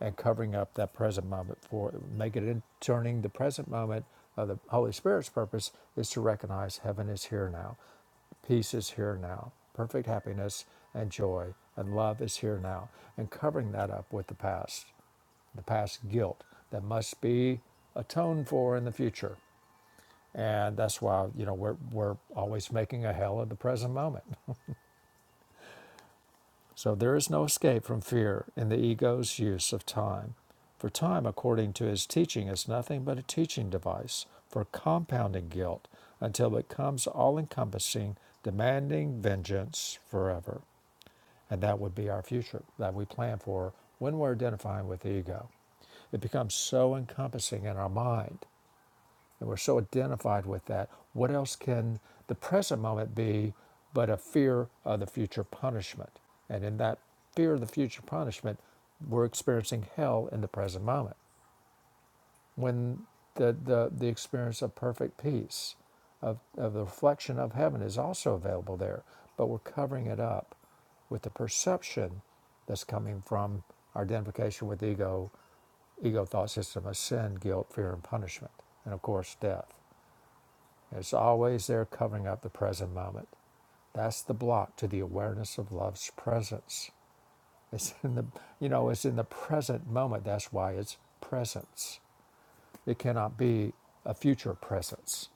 S1: and covering up that present moment for make it in turning the present moment of the Holy Spirit's purpose is to recognize heaven is here now. Peace is here now. Perfect happiness and joy and love is here now. And covering that up with the past, the past guilt that must be atoned for in the future. And that's why, you know, we're, we're always making a hell of the present moment. So there is no escape from fear in the ego's use of time, for time, according to his teaching, is nothing but a teaching device for compounding guilt until it becomes all encompassing, demanding vengeance forever. And that would be our future that we plan for when we're identifying with the ego. It becomes so encompassing in our mind and we're so identified with that. What else can the present moment be but a fear of the future punishment? And in that fear of the future punishment, we're experiencing hell in the present moment. When the, the, the experience of perfect peace, of, of the reflection of heaven, is also available there, but we're covering it up with the perception that's coming from our identification with ego, ego thought system of sin, guilt, fear, and punishment, and of course, death. It's always there covering up the present moment. That's the block to the awareness of love's presence. It's in the you know, it's in the present moment. That's why it's presence. It cannot be a future presence.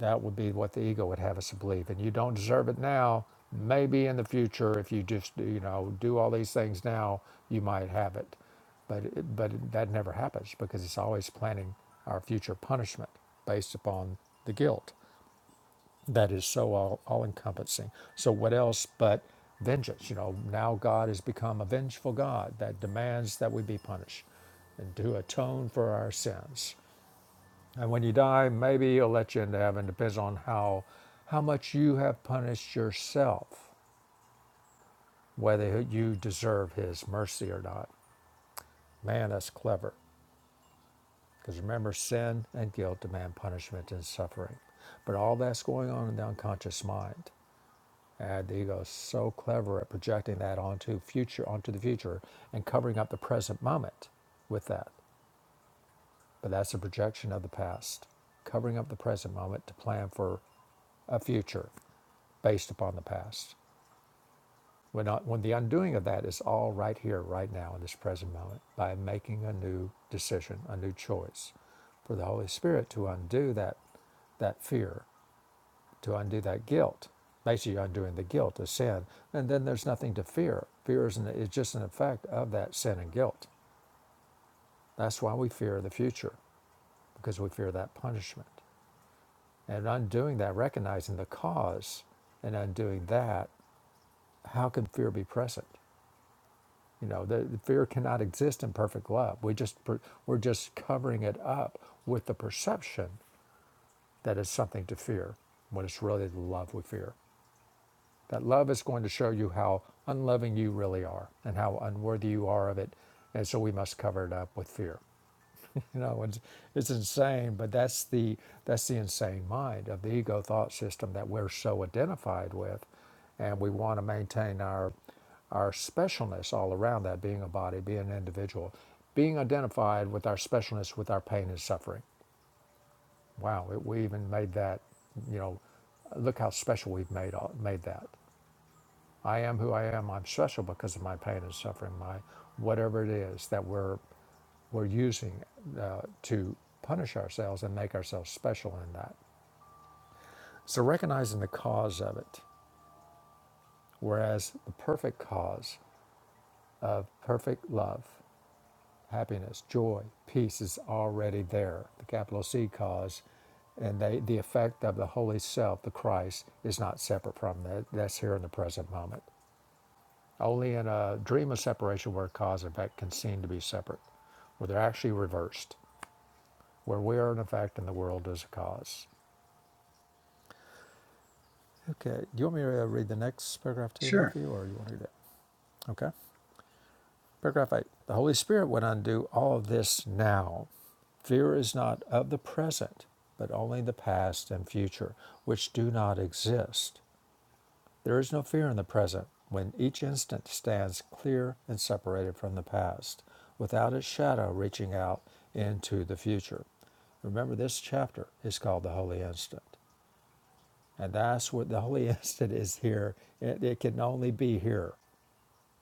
S1: That would be what the ego would have us believe. And you don't deserve it now. Maybe in the future, if you just you know do all these things now, you might have it. But but that never happens because it's always planning our future punishment based upon the guilt that is so all, all encompassing. So, what else but vengeance? You know, now God has become a vengeful God that demands that we be punished and to atone for our sins. And when you die, maybe he'll let you into heaven. Depends on how, how much you have punished yourself, whether you deserve his mercy or not. Man, that's clever. Because remember, sin and guilt demand punishment and suffering. But all that's going on in the unconscious mind. And the ego is so clever at projecting that onto future, onto the future, and covering up the present moment with that. But that's a projection of the past, covering up the present moment to plan for a future based upon the past. When, not, when the undoing of that is all right here, right now, in this present moment, by making a new decision, a new choice, for the Holy Spirit to undo that that fear to undo that guilt. Basically, you're undoing the guilt of sin, and then there's nothing to fear. Fear is, an, is just an effect of that sin and guilt. That's why we fear the future, because we fear that punishment. And undoing that, recognizing the cause, and undoing that, how can fear be present? You know, the, the fear cannot exist in perfect love. We just we're just covering it up with the perception that it's something to fear, when it's really the love we fear. That love is going to show you how unloving you really are and how unworthy you are of it. And so we must cover it up with fear. You know, it's, it's insane, but that's the that's the insane mind of the ego thought system that we're so identified with, and we want to maintain our our specialness all around that being a body, being an individual, being identified with our specialness, with our pain and suffering. Wow, we we even made that. You know, look how special we've made all, made that. I am who I am. I'm special because of my pain and suffering, my whatever it is that we're we're using uh, to punish ourselves and make ourselves special in that. So recognizing the cause of it, whereas the perfect cause of perfect love, happiness, joy, peace is already there. The capital C cause, and they, the effect of the Holy Self, the Christ, is not separate from that. That's here in the present moment. Only in a dream of separation where cause and effect can seem to be separate, where they're actually reversed, where we are an effect and the world is a cause. Okay. Do you want me to uh, read the next paragraph too,
S2: Sure.
S1: Matthew, or you want to do that? Okay. Paragraph eight. The Holy Spirit would undo all of this now. Fear is not of the present, but only the past and future, which do not exist. There is no fear in the present when each instant stands clear and separated from the past, without its shadow reaching out into the future. Remember, this chapter is called the Holy Instant. And that's what the Holy Instant is here. It, it can only be here.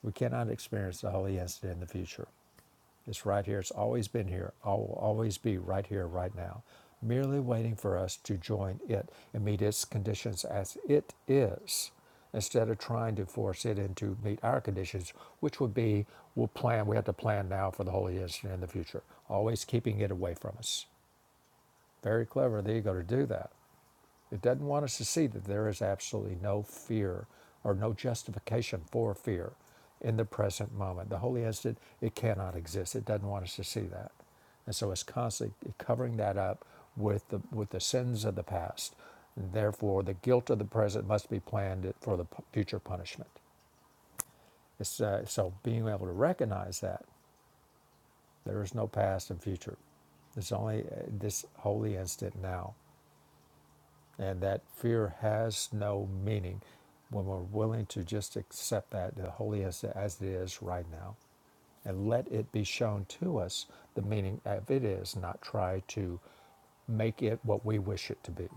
S1: We cannot experience the Holy Instant in the future. It's right here. It's always been here. I will always be right here, right now, merely waiting for us to join it and meet its conditions as it is, instead of trying to force it into meet our conditions, which would be we'll plan. We have to plan now for the holy instant in the future, always keeping it away from us. Very clever of the ego to do that. It doesn't want us to see that there is absolutely no fear or no justification for fear in the present moment. The holy instant, it cannot exist. It doesn't want us to see that. And so it's constantly covering that up with the, with the sins of the past. And Therefore, the guilt of the present must be planned for the future punishment. It's, uh, so being able to recognize that there is no past and future. There's only uh, this holy instant now And that fear has no meaning when we're willing to just accept that the holy as, as it is right now and let it be shown to us the meaning of it is, not try to make it what we wish it to be.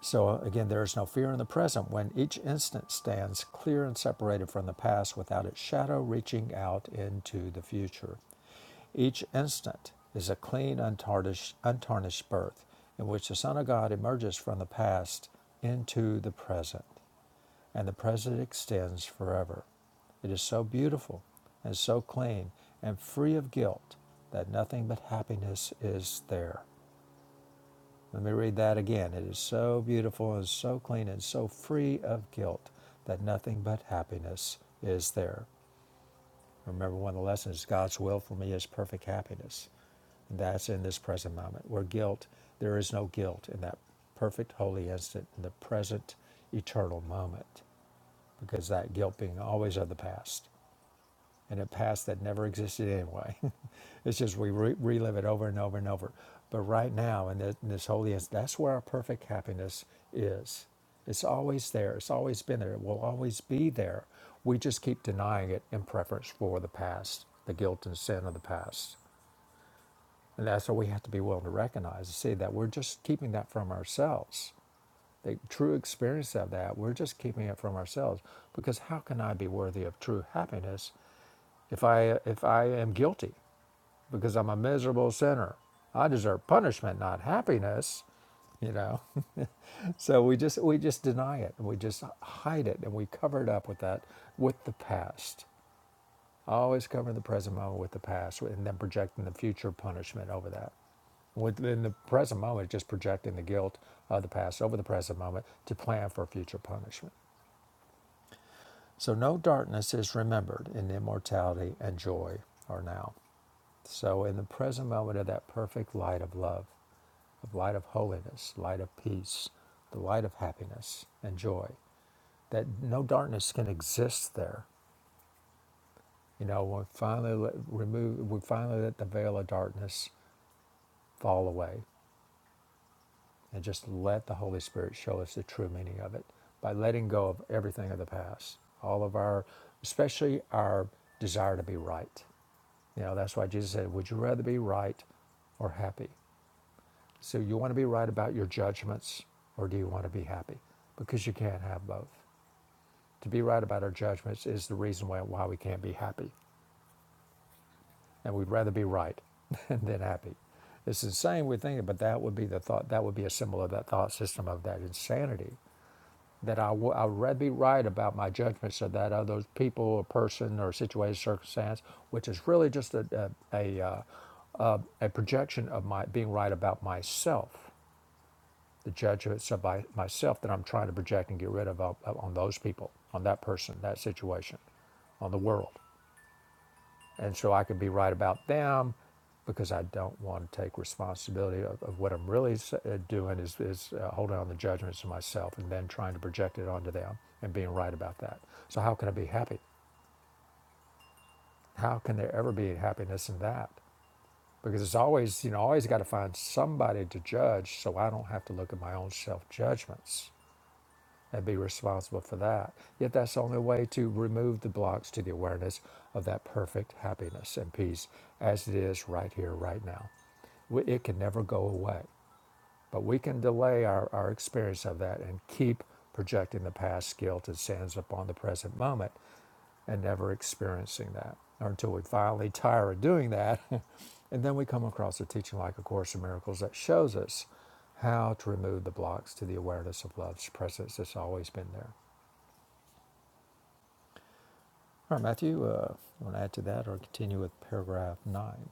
S1: So again, there is no fear in the present when each instant stands clear and separated from the past without its shadow reaching out into the future. Each instant is a clean, untarnished, untarnished birth in which the Son of God emerges from the past into the present, and the present extends forever. It is so beautiful and so clean and free of guilt that nothing but happiness is there. Let me read that again. It is so beautiful and so clean and so free of guilt that nothing but happiness is there. Remember, one of the lessons God's will for me is perfect happiness. And that's in this present moment, where guilt, there is no guilt in that perfect, holy instant, in the present, eternal moment, because that guilt being always of the past in a past that never existed anyway. it's just we re- relive it over and over and over. But right now, in, the, in this holy instant, that's where our perfect happiness is. It's always there. It's always been there. It will always be there. We just keep denying it in preference for the past, the guilt and sin of the past. And that's what we have to be willing to recognize and see that we're just keeping that from ourselves. The true experience of that, we're just keeping it from ourselves. Because how can I be worthy of true happiness if I if I am guilty because I'm a miserable sinner. I deserve punishment, not happiness, you know. so we just we just deny it and we just hide it and we cover it up with that with the past. I Always cover the present moment with the past and then projecting the future punishment over that. Within the present moment, just projecting the guilt of the past over the present moment to plan for future punishment. So no darkness is remembered in immortality and joy are now. So, in the present moment of that perfect light of love, of light of holiness, light of peace, the light of happiness and joy, that no darkness can exist there. You know, we finally let, remove, we finally let the veil of darkness fall away, and just let the Holy Spirit show us the true meaning of it by letting go of everything of the past, all of our, especially our desire to be right. You know, that's why Jesus said, "Would you rather be right or happy?" So you want to be right about your judgments, or do you want to be happy? Because you can't have both. To be right about our judgments is the reason why, why we can't be happy, and we'd rather be right than happy. It's insane we think, it, but that would be the thought. That would be a symbol of that thought system of that insanity. That I w- I'd rather be right about my judgments of that other uh, people or person or situation circumstance, which is really just a a, a, uh, uh, a projection of my being right about myself the judgments of my, myself that I'm trying to project and get rid of on, on those people, on that person, that situation, on the world. And so I can be right about them because I don't want to take responsibility of, of what I'm really s- uh, doing is, is uh, holding on the judgments of myself and then trying to project it onto them and being right about that. So how can I be happy? How can there ever be happiness in that? Because it's always, you know, always got to find somebody to judge so I don't have to look at my own self judgments and be responsible for that. Yet that's the only way to remove the blocks to the awareness of that perfect happiness and peace as it is right here, right now. We- It can never go away, but we can delay our, our experience of that and keep projecting the past guilt and sins upon the present moment and never experiencing that or until we finally tire of doing that. and then we come across a teaching like A Course in Miracles that shows us how to remove the blocks to the awareness of love's presence that's always been there. All right, Matthew, uh, you want to add to that or continue with paragraph nine?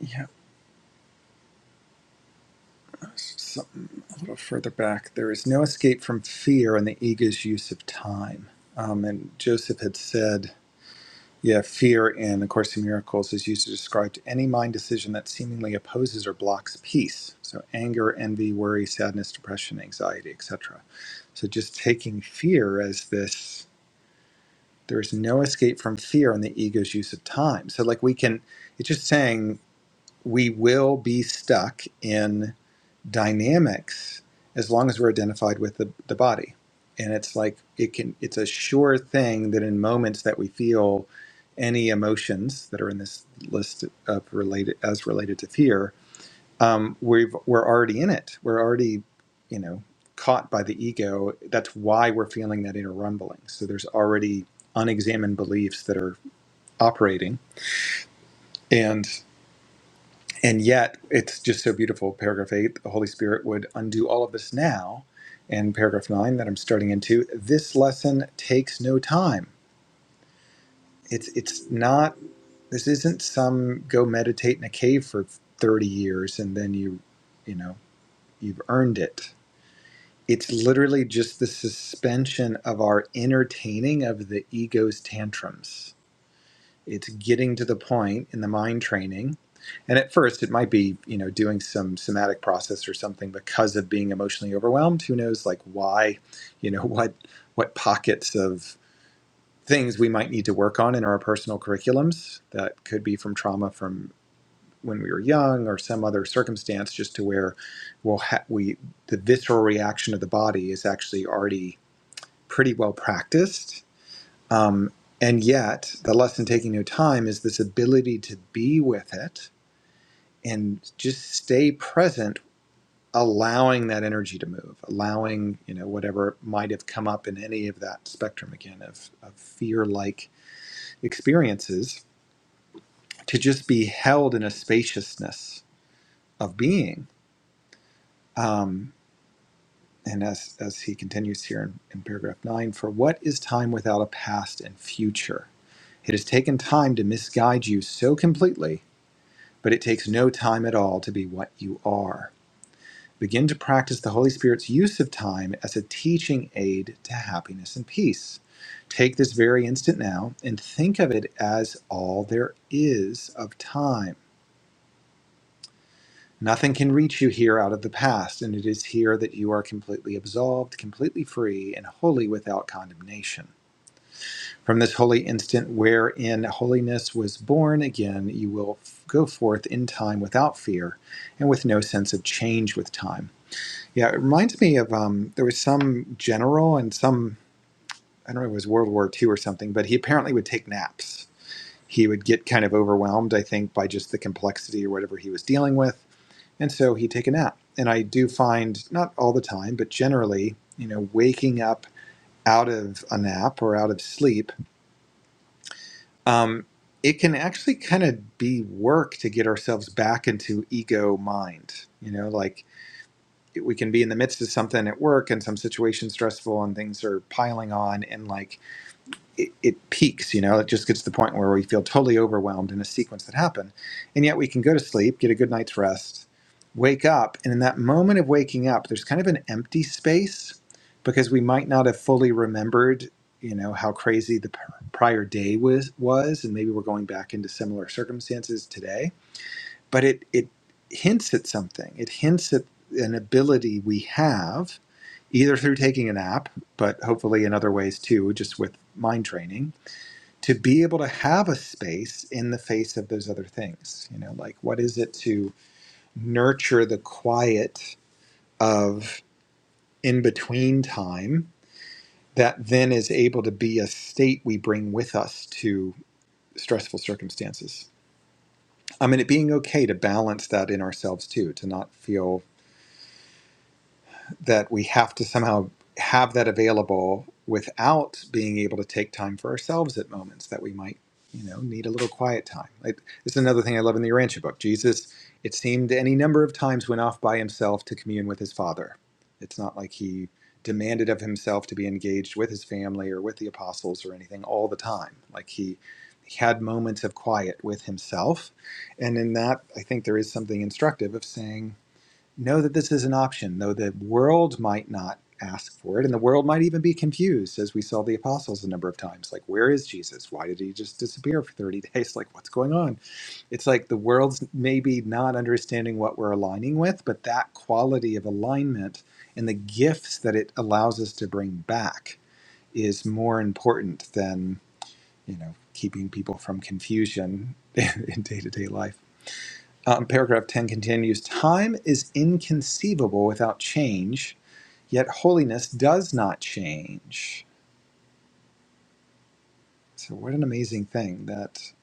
S2: Yeah. something a little further back. There is no escape from fear in the ego's use of time. Um, and Joseph had said, yeah, fear in A Course in Miracles is used to describe any mind decision that seemingly opposes or blocks peace. So anger, envy, worry, sadness, depression, anxiety, etc. So just taking fear as this, there is no escape from fear in the ego's use of time. So like we can, it's just saying we will be stuck in dynamics as long as we're identified with the, the body. And it's like it can it's a sure thing that in moments that we feel any emotions that are in this list of related as related to fear, um, we've we're already in it. We're already, you know, caught by the ego. That's why we're feeling that inner rumbling. So there's already unexamined beliefs that are operating. and. And yet, it's just so beautiful. Paragraph eight, the Holy Spirit would undo all of this now. And paragraph nine that I'm starting into, this lesson takes no time. It's it's not this isn't some go meditate in a cave for 30 years and then you you know, you've earned it. It's literally just the suspension of our entertaining of the ego's tantrums it's getting to the point in the mind training and at first it might be you know doing some somatic process or something because of being emotionally overwhelmed who knows like why you know what what pockets of things we might need to work on in our personal curriculums that could be from trauma from when we were young or some other circumstance just to where we'll ha- we the visceral reaction of the body is actually already pretty well practiced um, and yet, the lesson taking no time is this ability to be with it and just stay present, allowing that energy to move, allowing you know whatever might have come up in any of that spectrum again of, of fear-like experiences to just be held in a spaciousness of being. Um, and as as he continues here in, in paragraph nine, for what is time without a past and future? It has taken time to misguide you so completely but it takes no time at all to be what you are. Begin to practice the Holy Spirit's use of time as a teaching aid to happiness and peace. Take this very instant now and think of it as all there is of time. Nothing can reach you here out of the past, and it is here that you are completely absolved, completely free, and wholly without condemnation. From this holy instant wherein holiness was born again, you will go forth in time without fear and with no sense of change with time. Yeah, it reminds me of um, there was some general and some, I don't know, if it was World War Two or something, but he apparently would take naps. He would get kind of overwhelmed, I think, by just the complexity or whatever he was dealing with. And so he'd take a nap. And I do find, not all the time, but generally, you know, waking up out of a nap or out of sleep um, it can actually kind of be work to get ourselves back into ego mind. You know, like it- we can be in the midst of something at work and some situation stressful and things are piling on, and like it, it peaks, you know, it just gets to the point where we feel totally overwhelmed in a sequence that happened. And yet we can go to sleep, get a good night's rest, wake up, and in that moment of waking up, there's kind of an empty space because we might not have fully remembered, you know, how crazy the p- prior day was was and maybe we're going back into similar circumstances today, but it it hints at something. It hints at an ability we have either through taking a nap, but hopefully in other ways too, just with mind training to be able to have a space in the face of those other things you know like what is it to nurture the quiet of in between time that then is able to be a state we bring with us to stressful circumstances i mean it being okay to balance that in ourselves too to not feel that we have to somehow have that available without being able to take time for ourselves at moments that we might you know need a little quiet time like this is another thing i love in the urantia book jesus it seemed any number of times went off by himself to commune with his father it's not like he demanded of himself to be engaged with his family or with the apostles or anything all the time like he he had moments of quiet with himself and in that i think there is something instructive of saying know that this is an option, though the world might not ask for it, and the world might even be confused, as we saw the apostles a number of times. Like, where is Jesus? Why did he just disappear for 30 days? Like, what's going on? It's like the world's maybe not understanding what we're aligning with, but that quality of alignment and the gifts that it allows us to bring back is more important than, you know, keeping people from confusion in day to day life. Um, paragraph 10 continues Time is inconceivable without change, yet holiness does not change. So, what an amazing thing that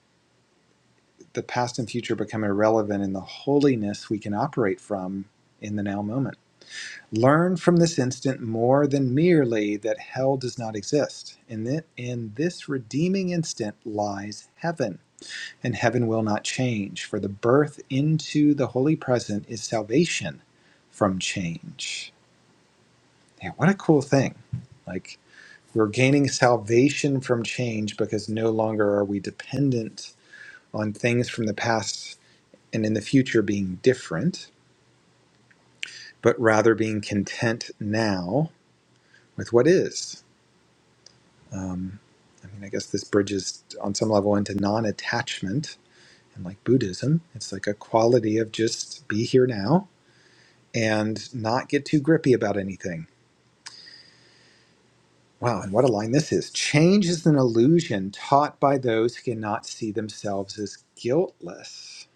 S2: the past and future become irrelevant in the holiness we can operate from in the now moment. Learn from this instant more than merely that hell does not exist. In, that, in this redeeming instant lies heaven, and heaven will not change, for the birth into the holy present is salvation from change. Man, what a cool thing. Like, we're gaining salvation from change because no longer are we dependent on things from the past and in the future being different, but rather being content now with what is. Um, I mean, I guess this bridges on some level into non attachment. And like Buddhism, it's like a quality of just be here now and not get too grippy about anything Wow, and what a line this is. Change is an illusion taught by those who cannot see themselves as guiltless.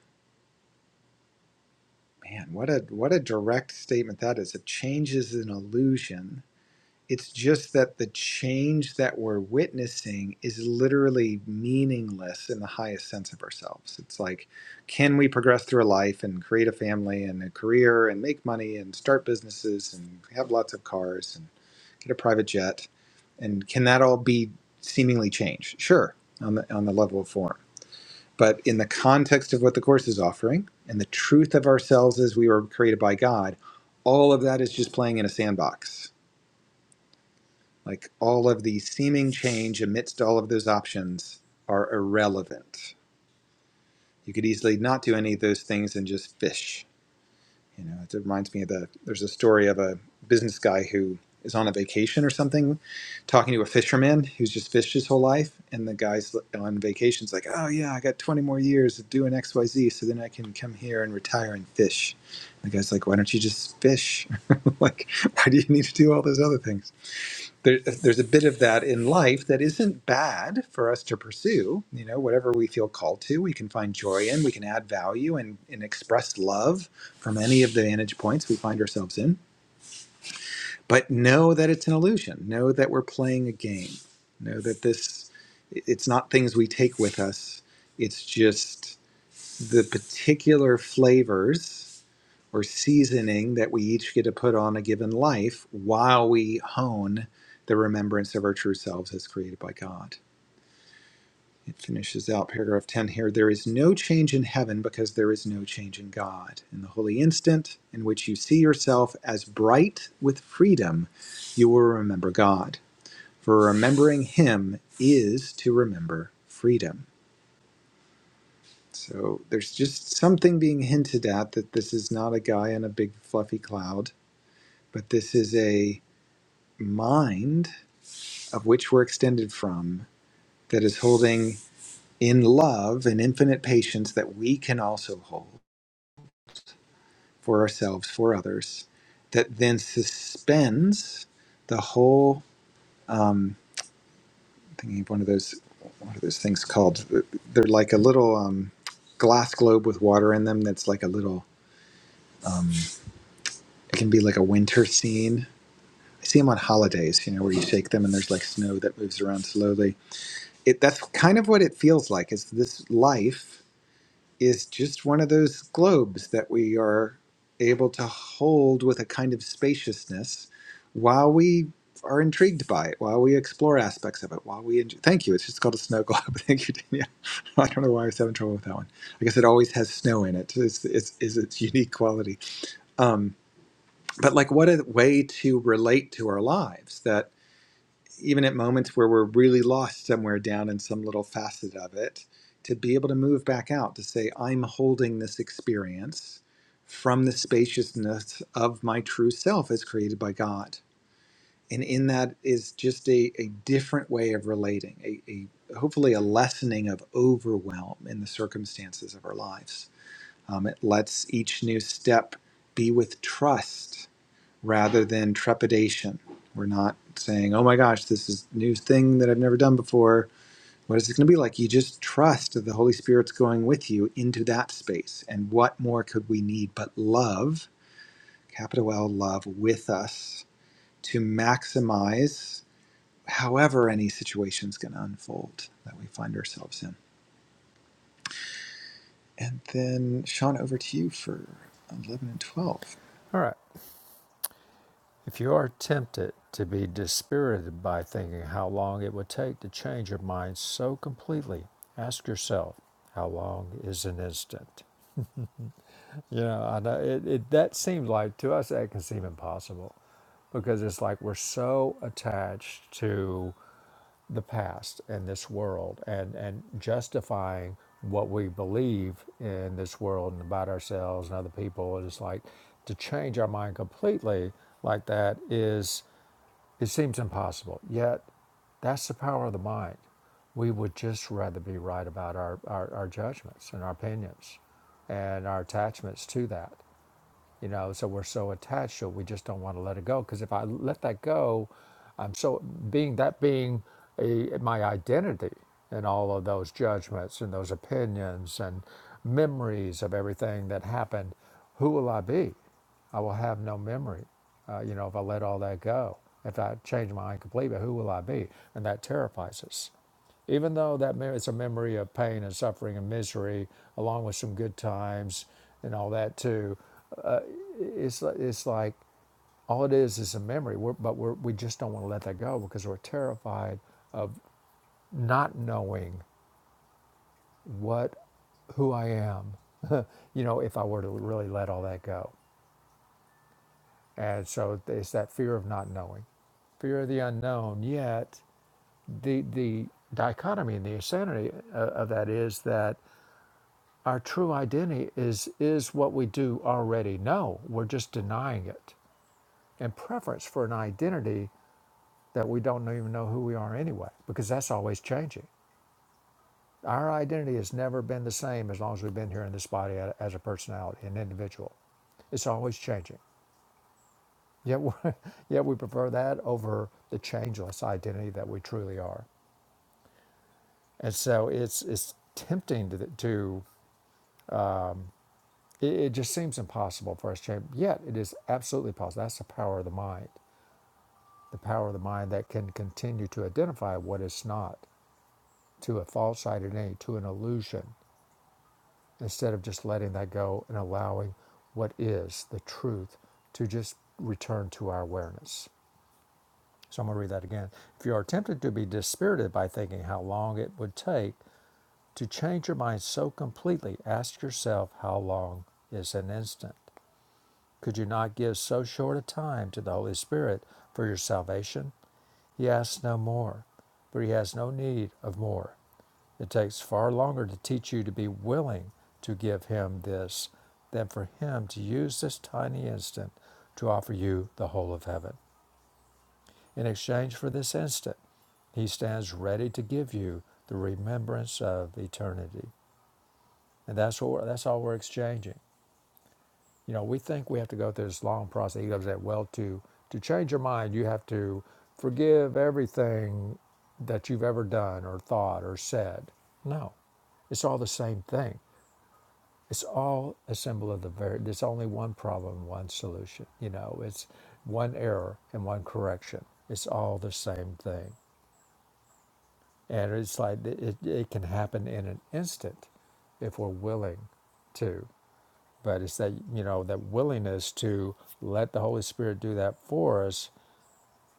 S2: Man, what a what a direct statement that is. If change is an illusion, it's just that the change that we're witnessing is literally meaningless in the highest sense of ourselves. It's like, can we progress through life and create a family and a career and make money and start businesses and have lots of cars and get a private jet, and can that all be seemingly changed? Sure, on the on the level of form, but in the context of what the course is offering and the truth of ourselves as we were created by God, all of that is just playing in a sandbox. Like all of the seeming change amidst all of those options are irrelevant. You could easily not do any of those things and just fish You know, it reminds me of the there's a story of a business guy who is on a vacation or something, talking to a fisherman who's just fished his whole life, and the guy's on vacation's like, "Oh yeah, I got 20 more years of doing X Y Z, so then I can come here and retire and fish." And The guy's like, "Why don't you just fish? like, why do you need to do all those other things?" there, there's a bit of that in life that isn't bad for us to pursue. You know, whatever we feel called to, we can find joy in, we can add value and, and express love from any of the vantage points we find ourselves in. But know that it's an illusion. Know that we're playing a game. Know that this, it's not things we take with us, it's just the particular flavors or seasoning that we each get to put on a given life while we hone the remembrance of our true selves as created by God. It finishes out paragraph 10 here. There is no change in heaven because there is no change in God. In the holy instant in which you see yourself as bright with freedom, you will remember God. For remembering Him is to remember freedom. So there's just something being hinted at that this is not a guy in a big fluffy cloud, but this is a mind of which we're extended from that is holding in love an infinite patience that we can also hold for ourselves, for others, that then suspends the whole. Um, I'm thinking of one of those, what are those things called? They're like a little um, glass globe with water in them. That's like a little. Um, it can be like a winter scene. I see them on holidays, you know, where you shake them and there's like snow that moves around slowly it that's kind of what it feels like is this life is just one of those globes that we are able to hold with a kind of spaciousness while we are intrigued by it while we explore aspects of it while we enjoy. thank you it's just called a snow globe thank you Danielle. i don't know why i was having trouble with that one i guess it always has snow in it it's, it's, it's its unique quality um, but like what a way to relate to our lives that even at moments where we're really lost somewhere down in some little facet of it, to be able to move back out to say, I'm holding this experience from the spaciousness of my true self as created by God. And in that is just a, a different way of relating, a, a hopefully a lessening of overwhelm in the circumstances of our lives. Um, it lets each new step be with trust rather than trepidation. We're not saying, oh my gosh, this is a new thing that I've never done before. What is it going to be like? You just trust that the Holy Spirit's going with you into that space. And what more could we need but love, capital L love, with us to maximize however any situation's going to unfold that we find ourselves in. And then, Sean, over to you for 11 and 12.
S1: All right. If you are tempted to be dispirited by thinking how long it would take to change your mind so completely, ask yourself, how long is an instant? You know, I know it, it, that seems like to us that can seem impossible because it's like we're so attached to the past and this world and, and justifying what we believe in this world and about ourselves and other people. It's like to change our mind completely like that is, it seems impossible. Yet that's the power of the mind. We would just rather be right about our, our, our judgments and our opinions and our attachments to that you know so we're so attached to it we just don't want to let it go because if i let that go i'm so being that being a, my identity and all of those judgments and those opinions and memories of everything that happened who will i be i will have no memory uh, you know if i let all that go if i change my mind completely who will i be and that terrifies us even though that mem- it's a memory of pain and suffering and misery, along with some good times and all that too, it's it's like all it is is a memory. We're, but we're, we just don't want to let that go because we're terrified not knowing what who I am. you know, if I were to really let all that go, and so it's that fear of not knowing, fear of the unknown. Yet the the dichotomy and the insanity uh, of that is that our true identity is is what we do already know. We're just denying it in preference for an identity that we don't even know who we are anyway, because that's always changing. Our identity has never been the same as long as we've been here in this body as a personality, an individual. It's always changing. Yet, we yet we prefer that over the changeless identity that we truly are. And so it's it's tempting to, to it, it just seems impossible for us to change. Yet it is absolutely possible. That's the power of the mind, the power of the mind that can continue to identify what is not to a false identity, to an illusion instead of just letting that go and allowing what is the truth to just return to our awareness. So I'm going to read that again. If you are tempted to be dispirited by thinking how long it would take to change your mind so completely, ask yourself how long is an instant? Could you not give so short a time to the Holy Spirit for your salvation? He asks no more, for he has no need of more. It takes far longer to teach you to be willing to give Him this than for Him to use this tiny instant to offer you the whole of heaven. In exchange for this instant, He stands ready to give you the remembrance of eternity. And that's what that's all we're exchanging. You know, we think we have to go through this long process. He goes that well to to change your mind, you have to forgive everything that you've ever done or thought or said. No. It's all the same thing. It's all a symbol of the very, there's only one problem, one solution. You know, it's one error and one correction. It's all the same thing. And it's like it, it it can happen in an instant if we're willing to. But it's that, you know, that willingness to let the Holy Spirit do that for us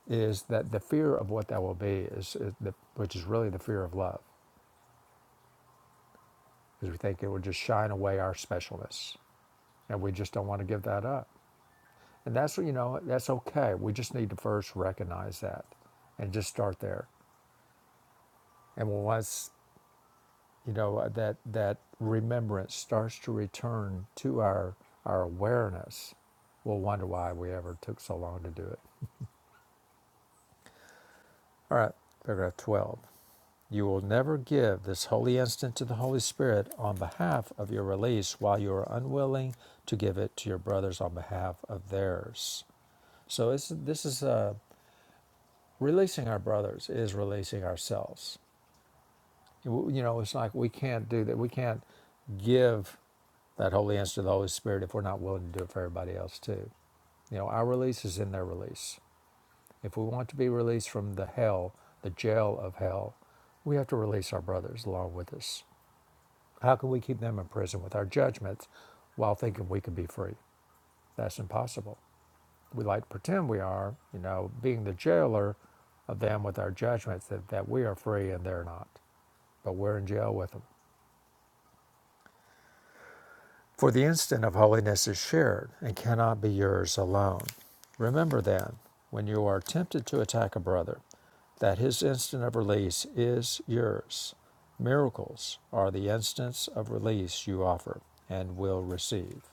S1: is that the fear of what that will be is, is the, which is really the fear of love because we think it will just shine away our specialness and we just don't want to give that up And that's, you know, that's okay. We just need to first recognize that and just start there. And once, you know, that, that remembrance starts to return to our, our awareness, we'll wonder why we ever took so long to do it. All right, paragraph 12. You will never give this holy instant to the Holy Spirit on behalf of your release while you are unwilling to give it to your brothers on behalf of theirs. So it's, this is uh, releasing our brothers is releasing ourselves You know, it's like we can't do that. We can't give that holy answer to the Holy Spirit if we're not willing to do it for everybody else too. You know, our release is in their release. If we want to be released from the hell, the jail of hell, we have to release our brothers along with us. How can we keep them in prison with our judgments while thinking we can be free? That's impossible. We like to pretend we are, you know, being the jailer of them with our judgments that, that we are free and they're not. But we're in jail with them. For the instant of holiness is shared and cannot be yours alone. Remember then, when you are tempted to attack a brother, that his instant of release is yours. Miracles are the instants of release you offer and will receive.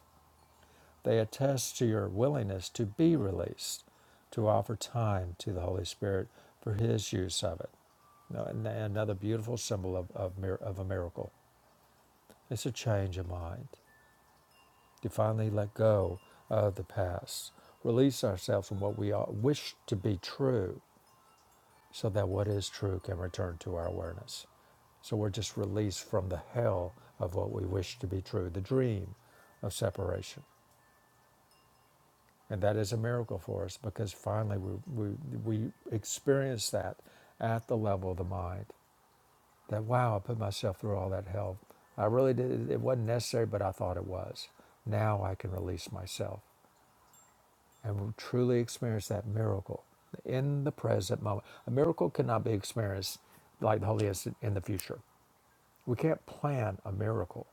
S1: They attest to your willingness to be released, to offer time to the Holy Spirit for his use of it. Now, and- Another beautiful symbol of, of, of a miracle. It's a change of mind to finally let go of the past, release ourselves from what we wish to be true, so that what is true can return to our awareness. So we're just released from the hell of what we wish to be true, the dream of separation. And that is a miracle for us because finally we, we, we experience that at the level of the mind. That, wow, I put myself through all that hell. I really did. It wasn't necessary, but I thought it was. Now I can release myself. and will truly experience that miracle in the present moment. A miracle cannot be experienced like the Holy is in the future. We can't plan a miracle.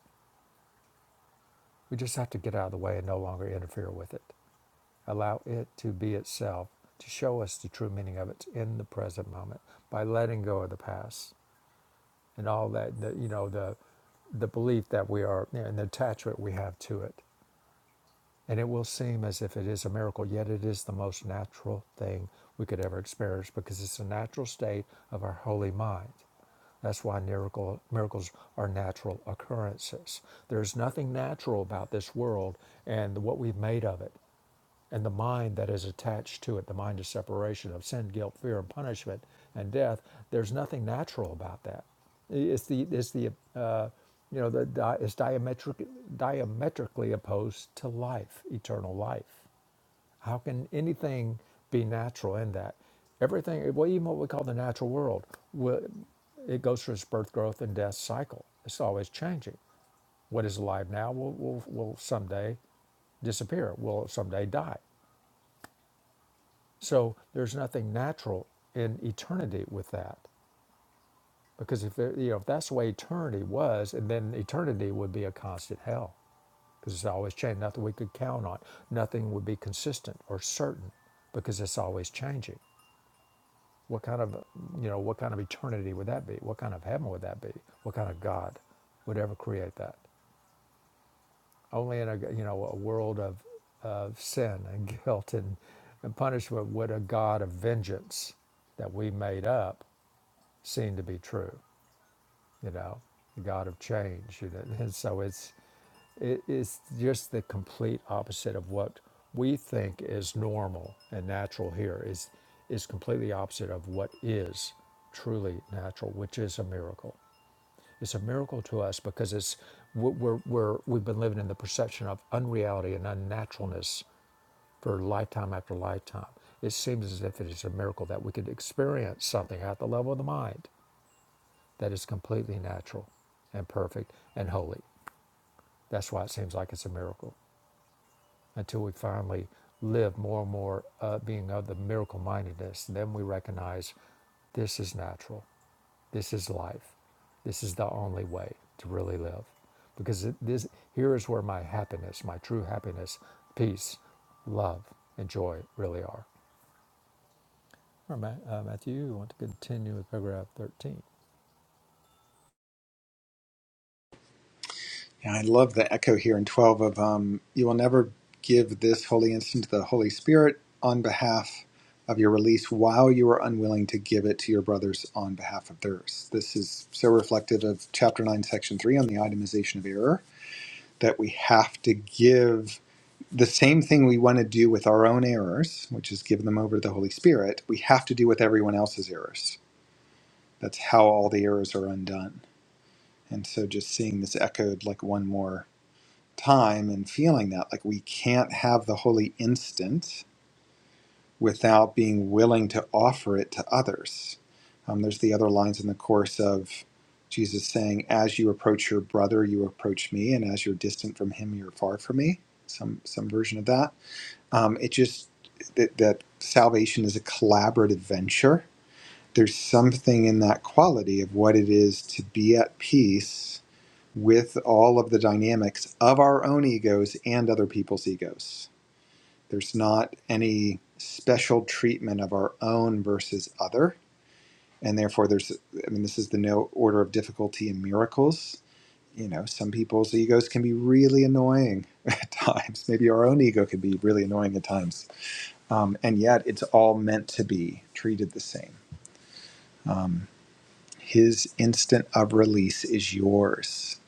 S1: We just have to get out of the way and no longer interfere with it. Allow it to be itself, to show us the true meaning of it in the present moment by letting go of the past and all that, the, you know, the, the belief that we are and the attachment we have to it. and it will seem as if it is a miracle, yet it is the most natural thing we could ever experience because it's a natural state of our holy mind. That's why miracle, miracles are natural occurrences. There's nothing natural about this world and what we've made of it and the mind that is attached to it, the mind of separation of sin, guilt, fear, and punishment and death, there's nothing natural about that. It's the it's the uh, you know the di- it's diametric, diametrically opposed to life, eternal life. How can anything be natural in that? Everything, well, even what we call the natural world, will, it goes through its birth, growth, and death cycle. It's always changing. What is alive now will, will, will someday disappear, will someday die. So there's nothing natural in eternity with that, because if there, you know if that's the way eternity was, then eternity would be a constant hell, because it's always changing. Nothing we could count on. Nothing would be consistent or certain, because it's always changing. What kind of you know what kind of eternity would that be? What kind of heaven would that be? What kind of God would ever create that? Only in a you know a world of of sin and guilt and, and punishment would a God of vengeance that we made up seem to be true, you know, the God of change. you know, And so it's, it, it's just the complete opposite of what we think is normal and natural here is, is completely opposite of what is truly natural, which is a miracle. It's a miracle to us because it's, we're, we're, we're- we've been living in the perception of unreality and unnaturalness for lifetime after lifetime. It seems as if it is a miracle that we could experience something at the level of the mind that is completely natural and perfect and holy. That's why it seems like it's a miracle. Until we finally live more and more uh, being of the miracle mindedness, then we recognize this is natural. This is life. This is the only way to really live. Because it, this, here is where my happiness, my true happiness, peace, love, and joy really are. All right, uh, Matthew, you want to continue with paragraph 13?
S2: Yeah, I love the echo here in 12 of um, you will never give this holy instant to the Holy Spirit on behalf of your release while you are unwilling to give it to your brothers on behalf of theirs. This is so reflective of chapter 9, section 3 on the itemization of error that we have to give the same thing we want to do with our own errors, which is give them over to the Holy Spirit, we have to do with everyone else's errors. That's how all the errors are undone. And so just seeing this echoed like one more time and feeling that like we can't have the holy instant without being willing to offer it to others um, there's the other lines in the course of jesus saying as you approach your brother you approach me and as you're distant from him you're far from me some some version of that um, it just that, that salvation is a collaborative venture there's something in that quality of what it is to be at peace with all of the dynamics of our own egos and other people's egos. There's not any special treatment of our own versus other. And therefore, there's, I mean, this is the no order of difficulty in miracles. You know, some people's egos can be really annoying at times. Maybe our own ego can be really annoying at times. Um, and yet, it's all meant to be treated the same. Um, his instant of release is yours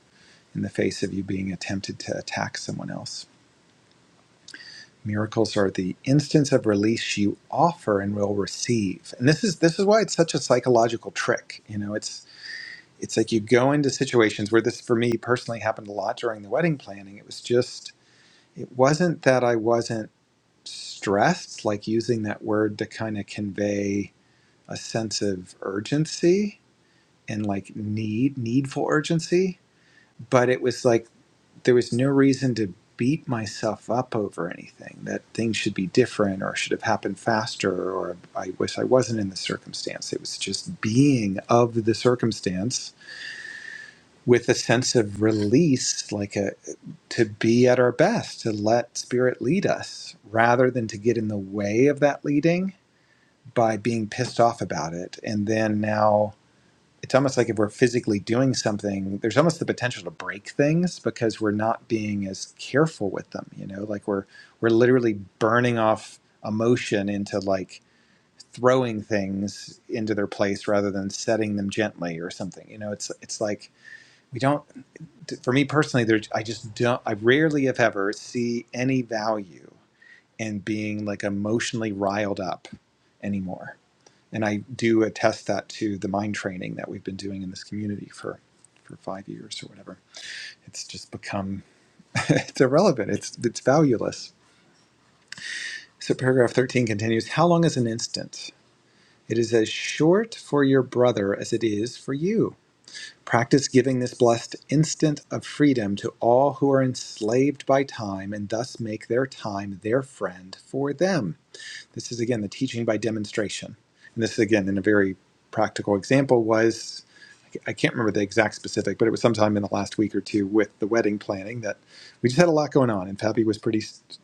S2: in the face of you being attempted to attack someone else. Miracles are the instance of release you offer and will receive. And this is this is why it's such a psychological trick. You know, it's it's like you go into situations where this for me personally happened a lot during the wedding planning. It was just it wasn't that I wasn't stressed, like using that word to kind of convey a sense of urgency and like need, needful urgency. But it was like there was no reason to beat myself up over anything that things should be different or should have happened faster or i wish i wasn't in the circumstance it was just being of the circumstance with a sense of release like a to be at our best to let spirit lead us rather than to get in the way of that leading by being pissed off about it and then now it's almost like if we're physically doing something, there's almost the potential to break things because we're not being as careful with them, you know, like we're we're literally burning off emotion into like throwing things into their place rather than setting them gently or something. You know, it's it's like we don't for me personally there's I just don't I rarely if ever see any value in being like emotionally riled up anymore and I do attest that to the mind training that we've been doing in this community for, for five years or whatever. It's just become it's irrelevant. It's it's valueless. So paragraph thirteen continues, how long is an instant? It is as short for your brother as it is for you. Practice giving this blessed instant of freedom to all who are enslaved by time and thus make their time their friend for them. This is again the teaching by demonstration. And this again in a very practical example was I can't remember the exact specific, but it was sometime in the last week or two with the wedding planning that we just had a lot going on. And Fabi was pretty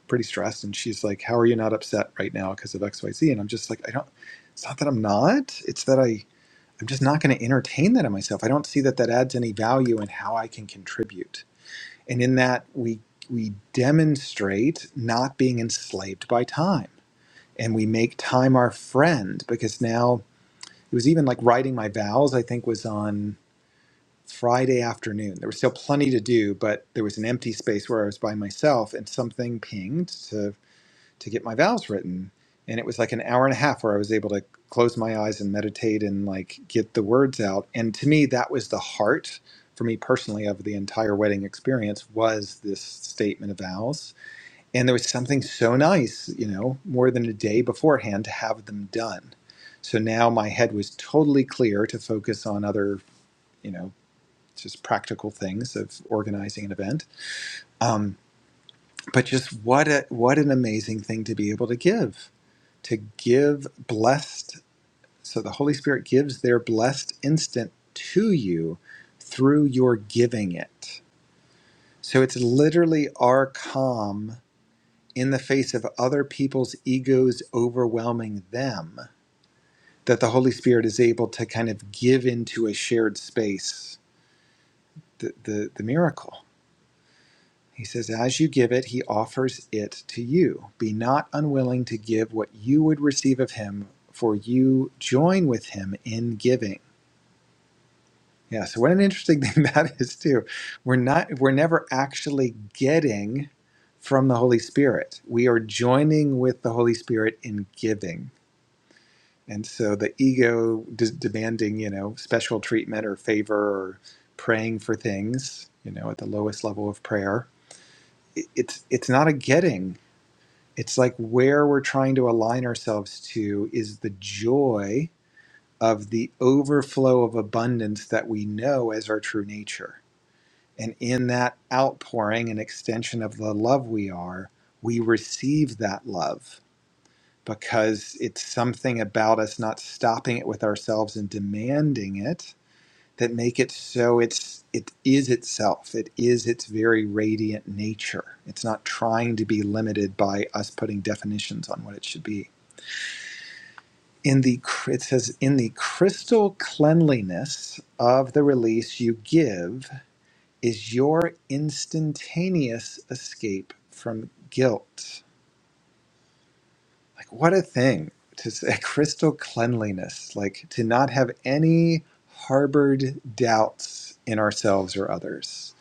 S2: pretty stressed, and she's like, "How are you not upset right now because of X, Y, Z?" And I'm just like, "I don't. It's not that I'm not. It's that I I'm just not going to entertain that in myself. I don't see that that adds any value in how I can contribute. And in that we we demonstrate not being enslaved by time, and we make time our friend because now it was even like writing my vows. I think was on. Friday afternoon. There was still plenty to do, but there was an empty space where I was by myself, and something pinged to to get my vows written. And it was like an hour and a half where I was able to close my eyes and meditate and like get the words out. And to me, that was the heart for me personally of the entire wedding experience was this statement of vows. And there was something so nice, you know, more than a day beforehand to have them done. So now my head was totally clear to focus on other, you know just practical things of organizing an event. Um, but just what a, what an amazing thing to be able to give, to give blessed. So the Holy Spirit gives their blessed instant to you through your giving it. So it's literally our calm in the face of other people's egos overwhelming them that the Holy Spirit is able to kind of give into a shared space the, the, the miracle. He says, As you give it, he offers it to you. Be not unwilling to give what you would receive of him, for you join with him in giving. Yeah, so what an interesting thing that is too. We're not we're never actually getting from the Holy Spirit. We are joining with the Holy Spirit in giving. And so the ego d- demanding, you know, special treatment or favor or praying for things, you know, at the lowest level of prayer, it- it's it's not a getting it's like where we're trying to align ourselves to is the joy of the overflow of abundance that we know as our true nature. And in that outpouring and extension of the love we are, we receive that love because it's something about us not stopping it with ourselves and demanding it that make it so it's it is itself it is its very radiant nature it's not trying to be limited by us putting definitions on what it should be in the it says in the crystal cleanliness of the release you give is your instantaneous escape from guilt like what a thing to say crystal cleanliness like to not have any harbored doubts in ourselves or others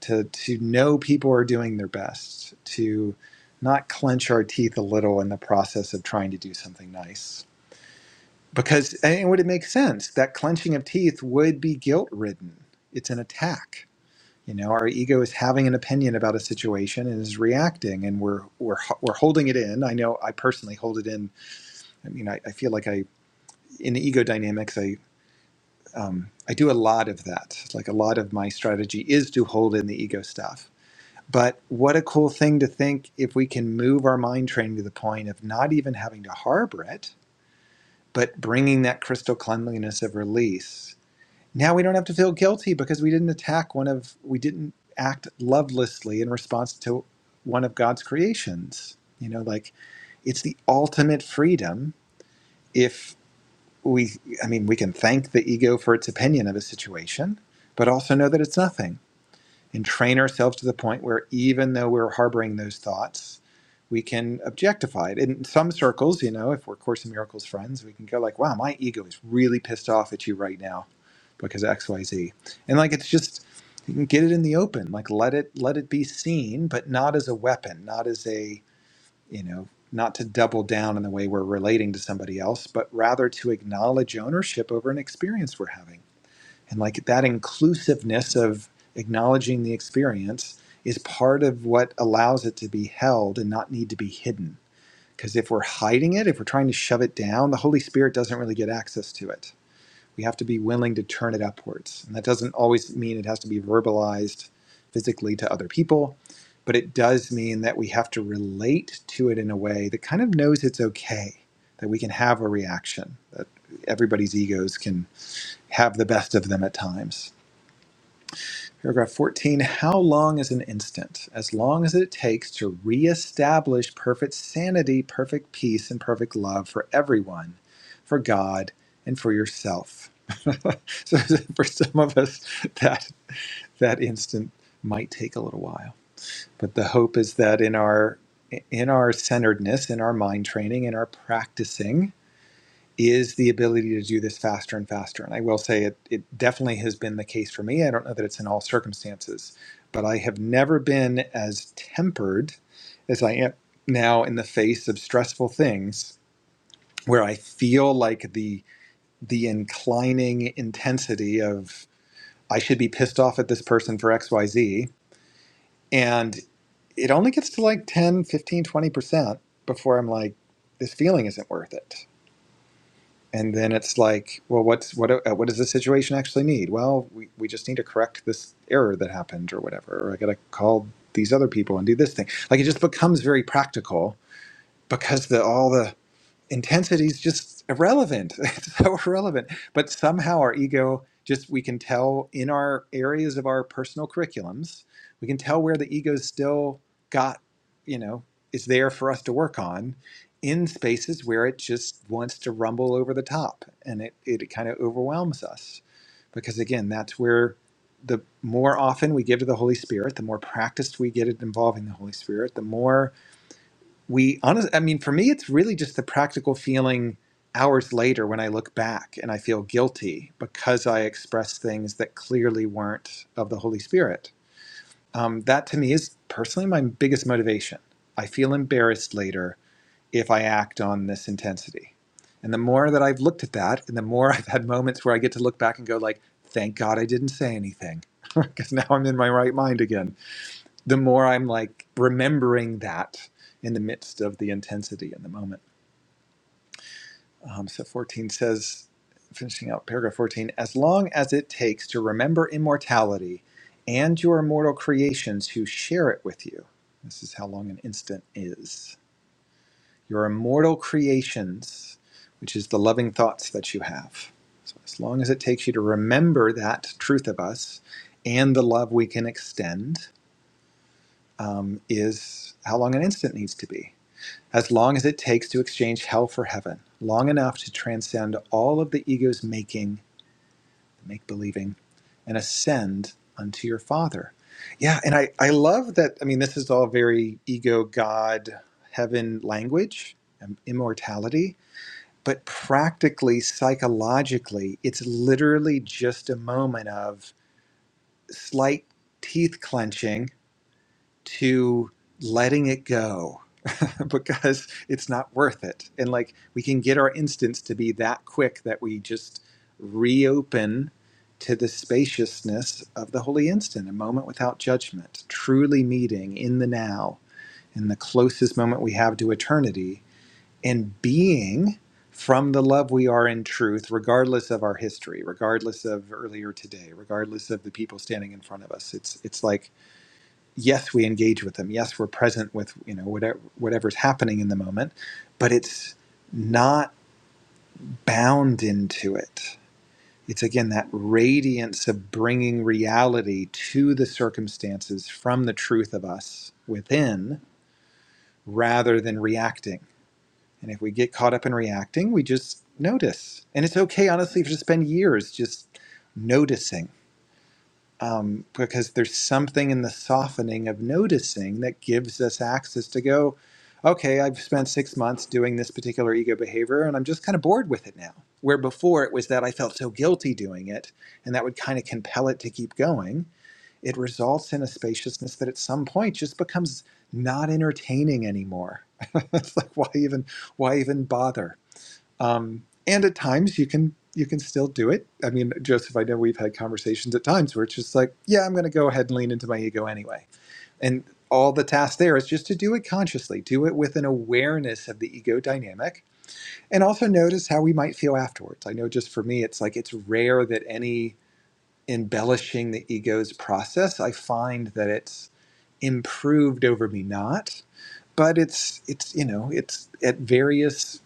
S2: to to know people are doing their best to not clench our teeth a little in the process of trying to do something nice Because, and would it make sense? That clenching of teeth would be guilt ridden. It's an attack. You know, our ego is having an opinion about a situation and is reacting, and we're we're ho- we're holding it in. I know I personally hold it in. I mean, I, I feel like I in ego dynamics, I um, I do a lot of that. Like a lot of my strategy is to hold in the ego stuff. But what a cool thing to think if we can move our mind training to the point of not even having to harbor it, but bringing that crystal cleanliness of release now we don't have to feel guilty because we didn't attack one of we didn't act lovelessly in response to one of god's creations you know like it's the ultimate freedom if we i mean we can thank the ego for its opinion of a situation but also know that it's nothing and train ourselves to the point where even though we're harboring those thoughts we can objectify it in some circles you know if we're course in miracles friends we can go like wow my ego is really pissed off at you right now because xyz and like it's just you can get it in the open like let it let it be seen but not as a weapon not as a you know not to double down in the way we're relating to somebody else but rather to acknowledge ownership over an experience we're having and like that inclusiveness of acknowledging the experience is part of what allows it to be held and not need to be hidden because if we're hiding it if we're trying to shove it down the holy spirit doesn't really get access to it we have to be willing to turn it upwards. And that doesn't always mean it has to be verbalized physically to other people, but it does mean that we have to relate to it in a way that kind of knows it's okay, that we can have a reaction, that everybody's egos can have the best of them at times. Paragraph 14 How long is an instant? As long as it takes to reestablish perfect sanity, perfect peace, and perfect love for everyone, for God, and for yourself. so, for some of us, that, that instant might take a little while. But the hope is that in our in our centeredness, in our mind training, in our practicing, is the ability to do this faster and faster. And I will say it, it definitely has been the case for me. I don't know that it's in all circumstances, but I have never been as tempered as I am now in the face of stressful things where I feel like the the inclining intensity of I should be pissed off at this person for XYZ and it only gets to like ten, fifteen, twenty percent before I'm like this feeling isn't worth it and then it's like, well, what's what? uh, What does the situation actually need? Well, we, we just need to correct this error that happened, or whatever. Or I got to call these other people and do this thing. Like it just becomes very practical because the all the intensity is just irrelevant. It's so irrelevant. But somehow our ego just we can tell in our areas of our personal curriculums, we can tell where the ego's still got, you know, is there for us to work on in spaces where it just wants to rumble over the top and it, it kind of overwhelms us. Because again, that's where the more often we give to the Holy Spirit, the more practiced we get at involving the Holy Spirit, the more we honestly, I mean, for me, it's really just the practical feeling hours later when I look back and I feel guilty because I expressed things that clearly weren't of the Holy Spirit. Um, that to me is personally my biggest motivation. I feel embarrassed later if I act on this intensity. And the more that I've looked at that, and the more I've had moments where I get to look back and go, like, thank God I didn't say anything, because now I'm in my right mind again the more I'm like remembering that in the midst of the intensity in the moment. Um, so 14 says, finishing out paragraph 14, as long as it takes to remember immortality and your immortal creations who share it with you. This is how long an instant is. Your immortal creations, which is the loving thoughts that you have. So as long as it takes you to remember that truth of us and the love we can extend, um, is how long an instant needs to be as long as it takes to exchange hell for heaven, long enough to transcend all of the ego's making, make believing, and ascend unto your Father. Yeah, and I, I love that. I mean, this is all very ego, God, heaven language, and immortality, but practically, psychologically, it's literally just a moment of slight teeth clenching to letting it go because it's not worth it. And like we can get our instance to be that quick that we just reopen to the spaciousness of the holy instant, a moment without judgment, truly meeting in the now, in the closest moment we have to eternity, and being from the love we are in truth, regardless of our history, regardless of earlier today, regardless of the people standing in front of us. It's it's like yes we engage with them yes we're present with you know whatever whatever's happening in the moment but it's not bound into it it's again that radiance of bringing reality to the circumstances from the truth of us within rather than reacting and if we get caught up in reacting we just notice and it's okay honestly to spend years just noticing um, because there's something in the softening of noticing that gives us access to go, okay, I've spent six months doing this particular ego behavior and I'm just kind of bored with it now. Where before it was that I felt so guilty doing it and that would kind of compel it to keep going, it results in a spaciousness that at some point just becomes not entertaining anymore. it's like why even why even bother? um, and at times you can you can still do it i mean joseph i know we've had conversations at times where it's just like yeah i'm going to go ahead and lean into my ego anyway and all the task there is just to do it consciously do it with an awareness of the ego dynamic and also notice how we might feel afterwards i know just for me it's like it's rare that any embellishing the ego's process i find that it's improved over me not but it's it's you know it's at various